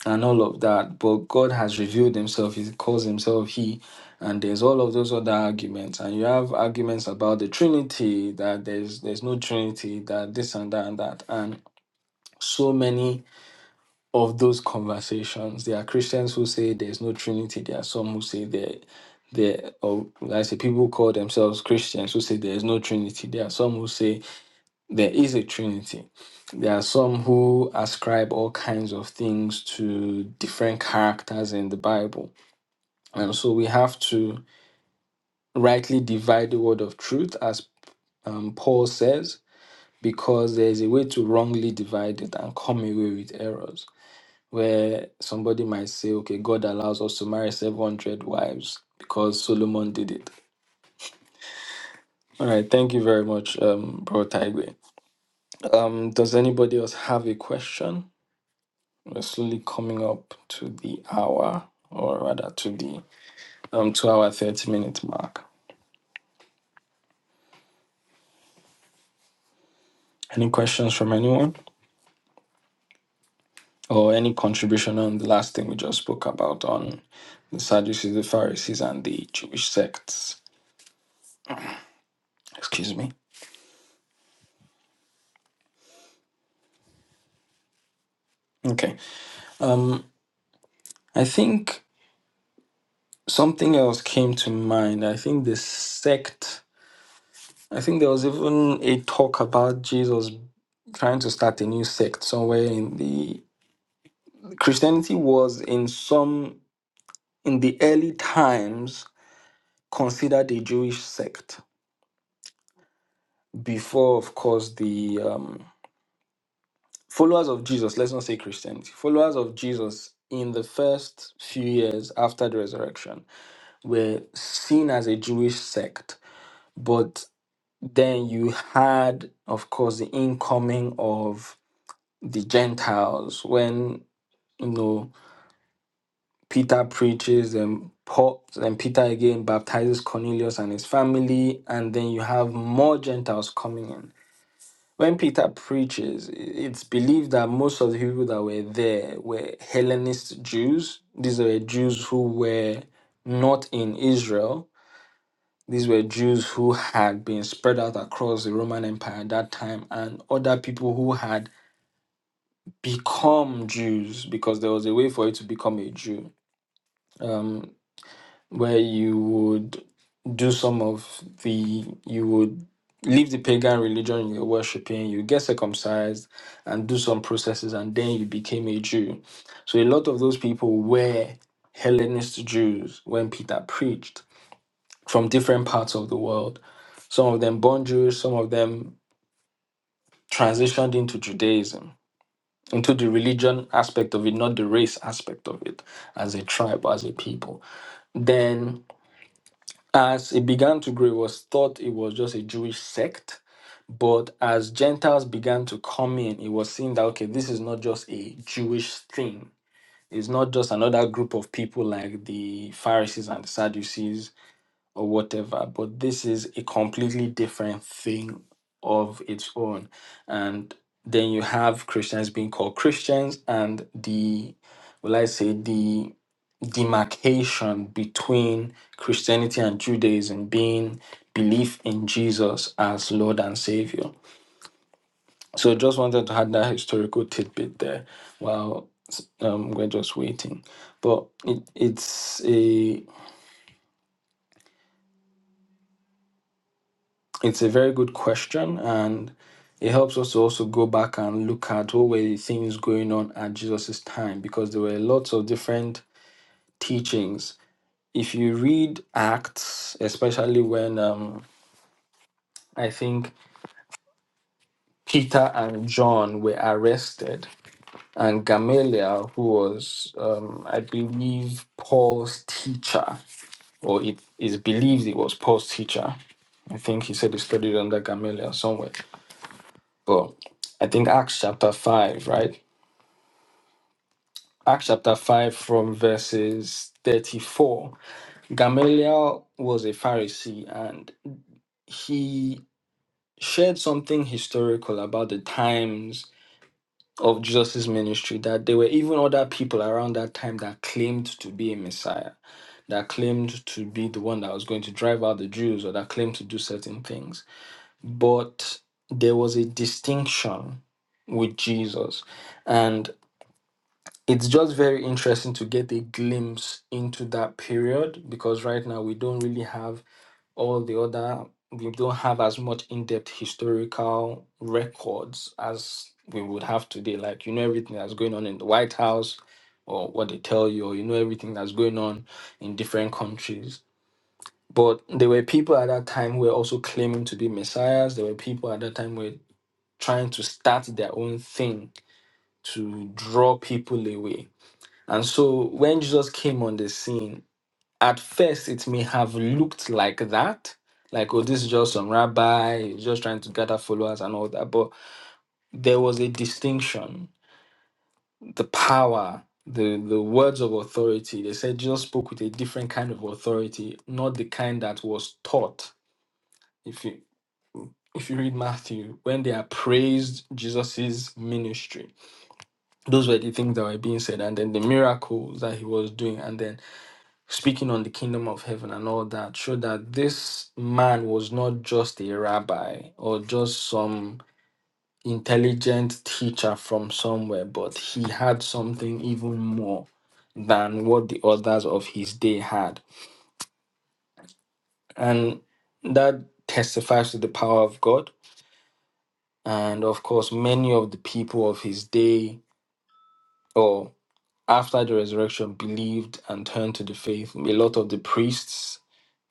Speaker 1: and all of that. But God has revealed Himself, He calls Himself He, and there's all of those other arguments. And you have arguments about the Trinity, that there's there's no Trinity, that this and that and that. And so many of those conversations. There are Christians who say there's no Trinity, there are some who say there there or like I say people who call themselves Christians who say there's no Trinity. There are some who say there is a trinity. There are some who ascribe all kinds of things to different characters in the Bible. And so we have to rightly divide the word of truth, as um, Paul says, because there is a way to wrongly divide it and come away with errors. Where somebody might say, okay, God allows us to marry 700 wives because Solomon did it. All right, thank you very much, um, Bro Tigre. Um, does anybody else have a question? We're slowly coming up to the hour, or rather to the um two hour thirty minute mark. Any questions from anyone, or any contribution on the last thing we just spoke about on the Sadducees, the Pharisees, and the Jewish sects? Excuse me. Okay. Um, I think something else came to mind. I think the sect. I think there was even a talk about Jesus trying to start a new sect somewhere in the Christianity was in some in the early times considered a Jewish sect before, of course, the um, followers of Jesus, let's not say Christians, followers of Jesus in the first few years after the resurrection were seen as a Jewish sect. But then you had, of course, the incoming of the Gentiles when, you know, Peter preaches, and Paul and Peter again baptizes Cornelius and his family, and then you have more Gentiles coming in. When Peter preaches, it's believed that most of the people that were there were Hellenist Jews. These were Jews who were not in Israel. These were Jews who had been spread out across the Roman Empire at that time, and other people who had become Jews because there was a way for you to become a Jew Um, where you would do some of the you would leave the pagan religion you're worshiping you get circumcised and do some processes and then you became a jew so a lot of those people were hellenist jews when peter preached from different parts of the world some of them born Jewish, some of them transitioned into judaism into the religion aspect of it not the race aspect of it as a tribe as a people Then. As it began to grow, it was thought it was just a Jewish sect. But as Gentiles began to come in, it was seen that, okay, this is not just a Jewish thing. It's not just another group of people like the Pharisees and the Sadducees or whatever, but this is a completely different thing of its own. And then you have Christians being called Christians and the, will I say, the demarcation between Christianity and Judaism being belief in Jesus as Lord and Savior. So just wanted to add that historical tidbit there while um, we're just waiting. But it, it's a it's a very good question and it helps us to also go back and look at what were the things going on at Jesus' time because there were lots of different teachings. If you read Acts, especially when um, I think Peter and John were arrested, and Gamaliel, who was, um, I believe, Paul's teacher, or it is believed it was Paul's teacher. I think he said he studied under Gamaliel somewhere. But I think Acts chapter 5, right? Acts chapter 5 from verses 34. Gamaliel was a Pharisee and he shared something historical about the times of Jesus' ministry that there were even other people around that time that claimed to be a Messiah, that claimed to be the one that was going to drive out the Jews or that claimed to do certain things. But there was a distinction with Jesus. And it's just very interesting to get a glimpse into that period because right now we don't really have all the other we don't have as much in-depth historical records as we would have today like you know everything that's going on in the white house or what they tell you or you know everything that's going on in different countries but there were people at that time who were also claiming to be messiahs there were people at that time who were trying to start their own thing to draw people away and so when jesus came on the scene at first it may have looked like that like oh this is just some rabbi he's just trying to gather followers and all that but there was a distinction the power the the words of authority they said jesus spoke with a different kind of authority not the kind that was taught if you if you read matthew when they appraised jesus's ministry those were the things that were being said and then the miracles that he was doing and then speaking on the kingdom of heaven and all that, showed that this man was not just a rabbi or just some intelligent teacher from somewhere, but he had something even more than what the others of his day had. And that testifies to the power of God. And of course, many of the people of his day or after the resurrection believed and turned to the faith. A lot of the priests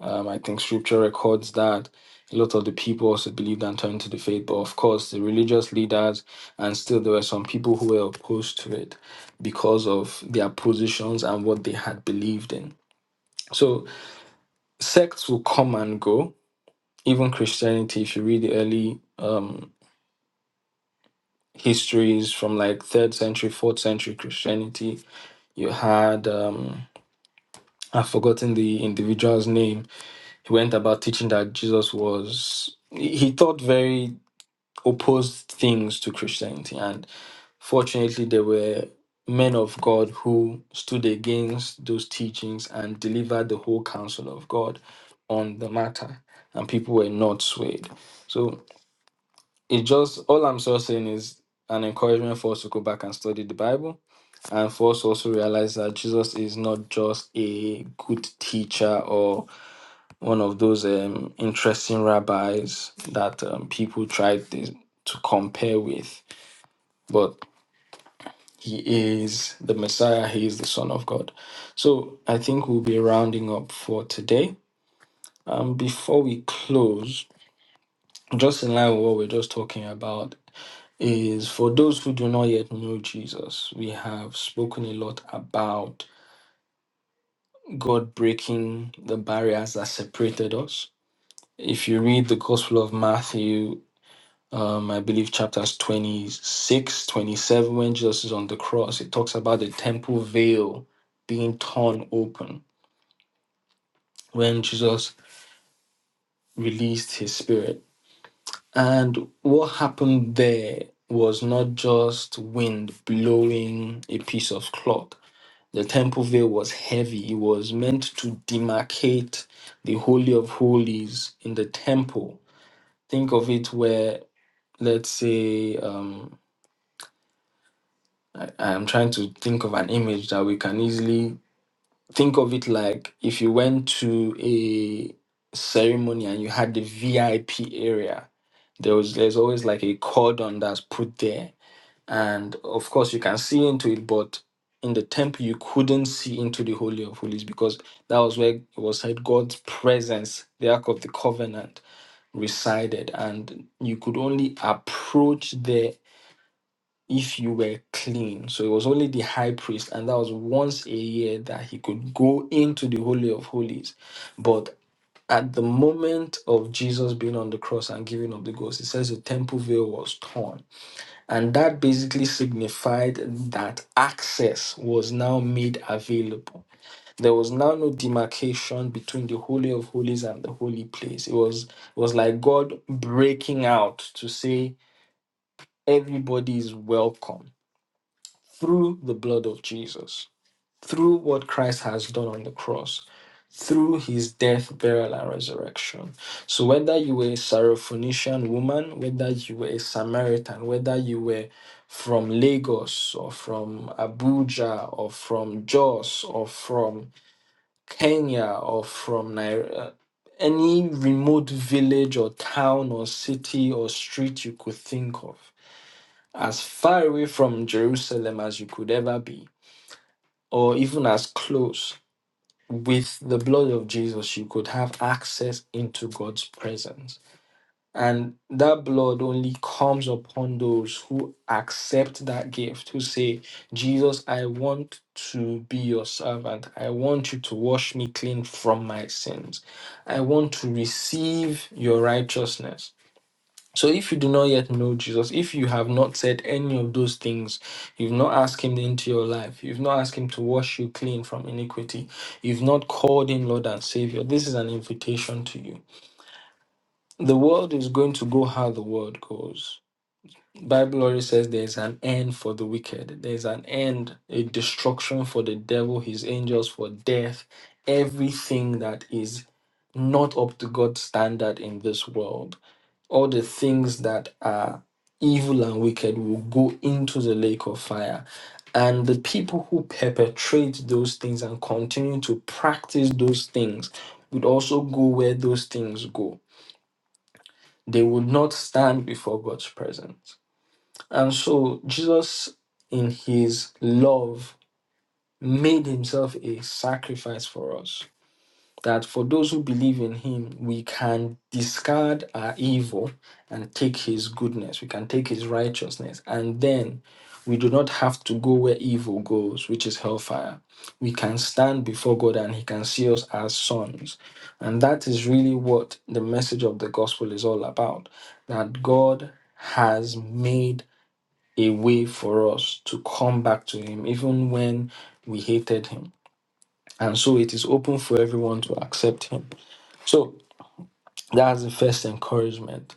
Speaker 1: Um, I think scripture records that a lot of the people also believed and turned to the faith, but of course, the religious leaders, and still there were some people who were opposed to it because of their positions and what they had believed in. So sects will come and go. Even Christianity, if you read the early um, histories from like third century, fourth century Christianity, you had um, I've forgotten the individual's name. He went about teaching that Jesus was. He he taught very opposed things to Christianity. And fortunately, there were men of God who stood against those teachings and delivered the whole counsel of God on the matter. And people were not swayed. So it just, all I'm so saying is an encouragement for us to go back and study the Bible and for us to also realize that Jesus is not just a good teacher or one of those um, interesting rabbis that um, people try to to compare with but he is the Messiah, he is the Son of God. So I think we'll be rounding up for today. Um, before we close, just in line with what we're just talking about, is for those who do not yet know Jesus, we have spoken a lot about God breaking the barriers that separated us. If you read the Gospel of Matthew, um, I believe chapters 26, 27, when Jesus is on the cross, it talks about the temple veil being torn open when Jesus released his spirit. And what happened there was not just wind blowing a piece of cloth. The temple veil was heavy. It was meant to demarcate the Holy of Holies in the temple. Think of it where, let's say, um, I, I'm trying to think of an image that we can easily think of it like if you went to a ceremony and you had the VIP area, there was there's always like a cordon that's put there. And of course you can see into it, but in the temple you couldn't see into the Holy of Holies because that was where it was said God's presence, the Ark of the Covenant, resided, and you could only approach there if you were clean. So it was only the high priest, and that was once a year that he could go into the Holy of Holies. But at the moment of Jesus being on the cross and giving up the ghost, it says the temple veil was torn. And that basically signified that access was now made available. There was now no demarcation between the Holy of Holies and the holy place. It was it was like God breaking out to say everybody is welcome through the blood of Jesus, through what Christ has done on the cross, through his death, burial, and resurrection. So, whether you were a Syrophoenician woman, whether you were a Samaritan, whether you were from Lagos or from Abuja or from Jos or from Kenya or from Nigeria, any remote village or town or city or street you could think of, as far away from Jerusalem as you could ever be, or even as close with the blood of Jesus, you could have access into God's presence. And that blood only comes upon those who accept that gift, who say, Jesus, I want to be your servant. I want you to wash me clean from my sins. I want to receive your righteousness. So if you do not yet know Jesus, if you have not said any of those things, you've not asked him into your life, you've not asked him to wash you clean from iniquity, you've not called him Lord and Savior, this is an invitation to you. The world is going to go how the world goes. Bible already says there's an end for the wicked. There's an end, a destruction for the devil, his angels for death, everything that is not up to God's standard in this world all the things that are evil and wicked will go into the lake of fire. And the people who perpetrate those things and continue to practice those things would also go where those things go. They would not stand before God's presence. And so Jesus, in his love, made himself a sacrifice for us that for those who believe in him, we can discard our evil and take his goodness, we can take his righteousness, and then we do not have to go where evil goes, which is hellfire. We can stand before God and he can see us as sons. And that is really what the message of the gospel is all about that God has made a way for us to come back to him, even when we hated him. And so it is open for everyone to accept him. So that's the first encouragement.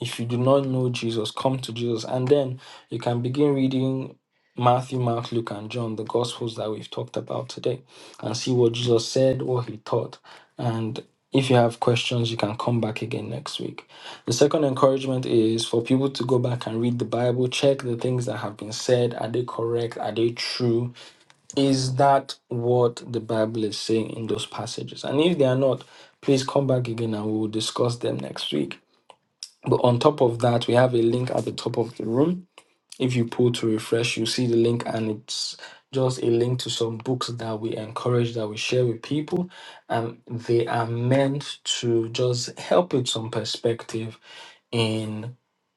Speaker 1: If you do not know Jesus, come to Jesus. And then you can begin reading Matthew, Mark, Luke, and John, the Gospels that we've talked about today, and see what Jesus said, what he taught. And if you have questions, you can come back again next week. The second encouragement is for people to go back and read the Bible, check the things that have been said. Are they correct? Are they true? Is that what the Bible is saying in those passages? And if they are not, please come back again and we will discuss them next week. But on top of that, we have a link at the top of the room. If you pull to refresh, you see the link, and it's just a link to some books that we encourage that we share with people. And they are meant to just help with some perspective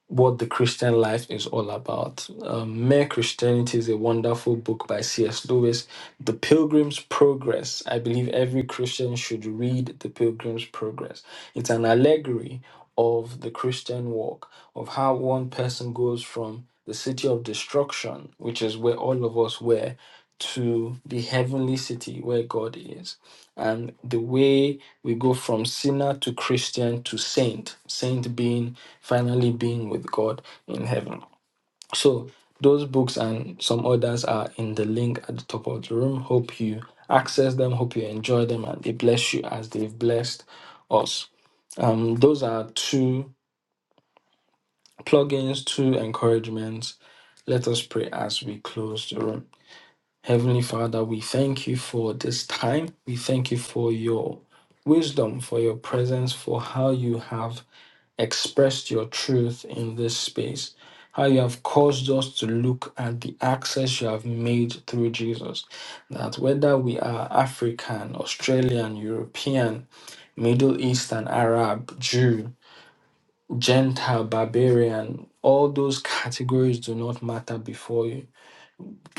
Speaker 1: what the Christian life is all about. Um, Mere Christianity is a wonderful book by C.S. Lewis. The Pilgrim's Progress. I believe every Christian should read The Pilgrim's Progress. It's an allegory of the Christian walk, of how one person goes from the city of destruction, which is where all of us were, to the heavenly city where God is and the way we go from sinner to Christian to saint, saint being finally being with God in heaven. So those books and some others are in the link at the top of the room. Hope you access them. Hope you enjoy them and they bless you as they've blessed us. Um, those are two plugins, two encouragements. Let us pray as we close the room. Heavenly Father, we thank you for this time. We thank you for your wisdom, for your presence, for how you have expressed your truth in this space, how you have caused us to look at the access you have made through Jesus. That whether we are African, Australian, European, Middle Eastern, Arab, Jew, Gentile, barbarian, all those categories do not matter before you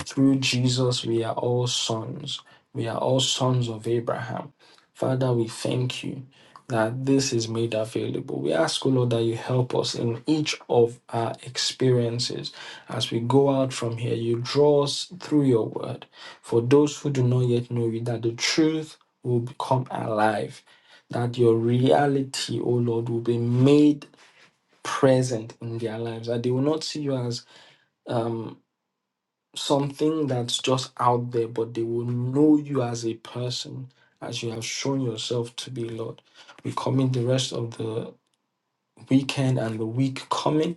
Speaker 1: through Jesus, we are all sons. We are all sons of Abraham. Father, we thank you that this is made available. We ask, O Lord, that you help us in each of our experiences. As we go out from here, you draw us through your word. For those who do not yet know you, that the truth will become alive, that your reality, O Lord, will be made present in their lives, that they will not see you as. um something that's just out there, but they will know you as a person, as you have shown yourself to be, Lord. We commit the rest of the weekend and the week coming,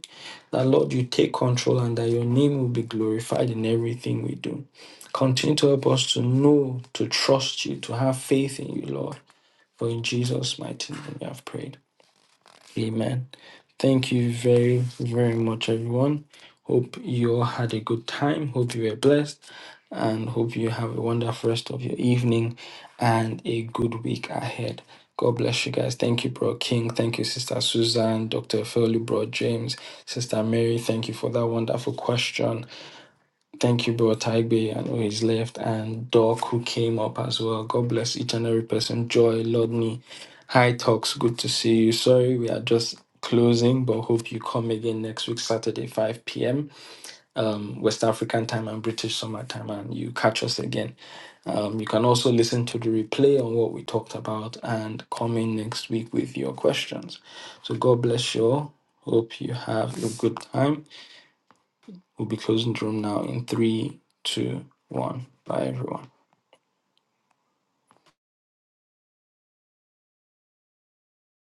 Speaker 1: that Lord, you take control and that your name will be glorified in everything we do. Continue to help us to know, to trust you, to have faith in you, Lord. For in Jesus' mighty name we have prayed. Amen. Thank you very, very much, everyone. Hope you all had a good time. Hope you were blessed. And hope you have a wonderful rest of your evening and a good week ahead. God bless you guys. Thank you, Bro King. Thank you, Sister Susan, Dr. Philly, Bro James, Sister Mary. Thank you for that wonderful question. Thank you, bro. Taigbe, I know he's left, and Doc, who came up as well. God bless each and every person. Joy, Lodney, Hi, Talks, good to see you. Sorry, we are just closing, but hope you come again next week, Saturday, 5 p.m. Um, West African time and British summer time, and you catch us again. Um, you can also listen to the replay on what we talked about and come in next week with your questions. So, God bless you all. Hope you have a good time We'll be closing the room now in three, two, one. Bye, everyone.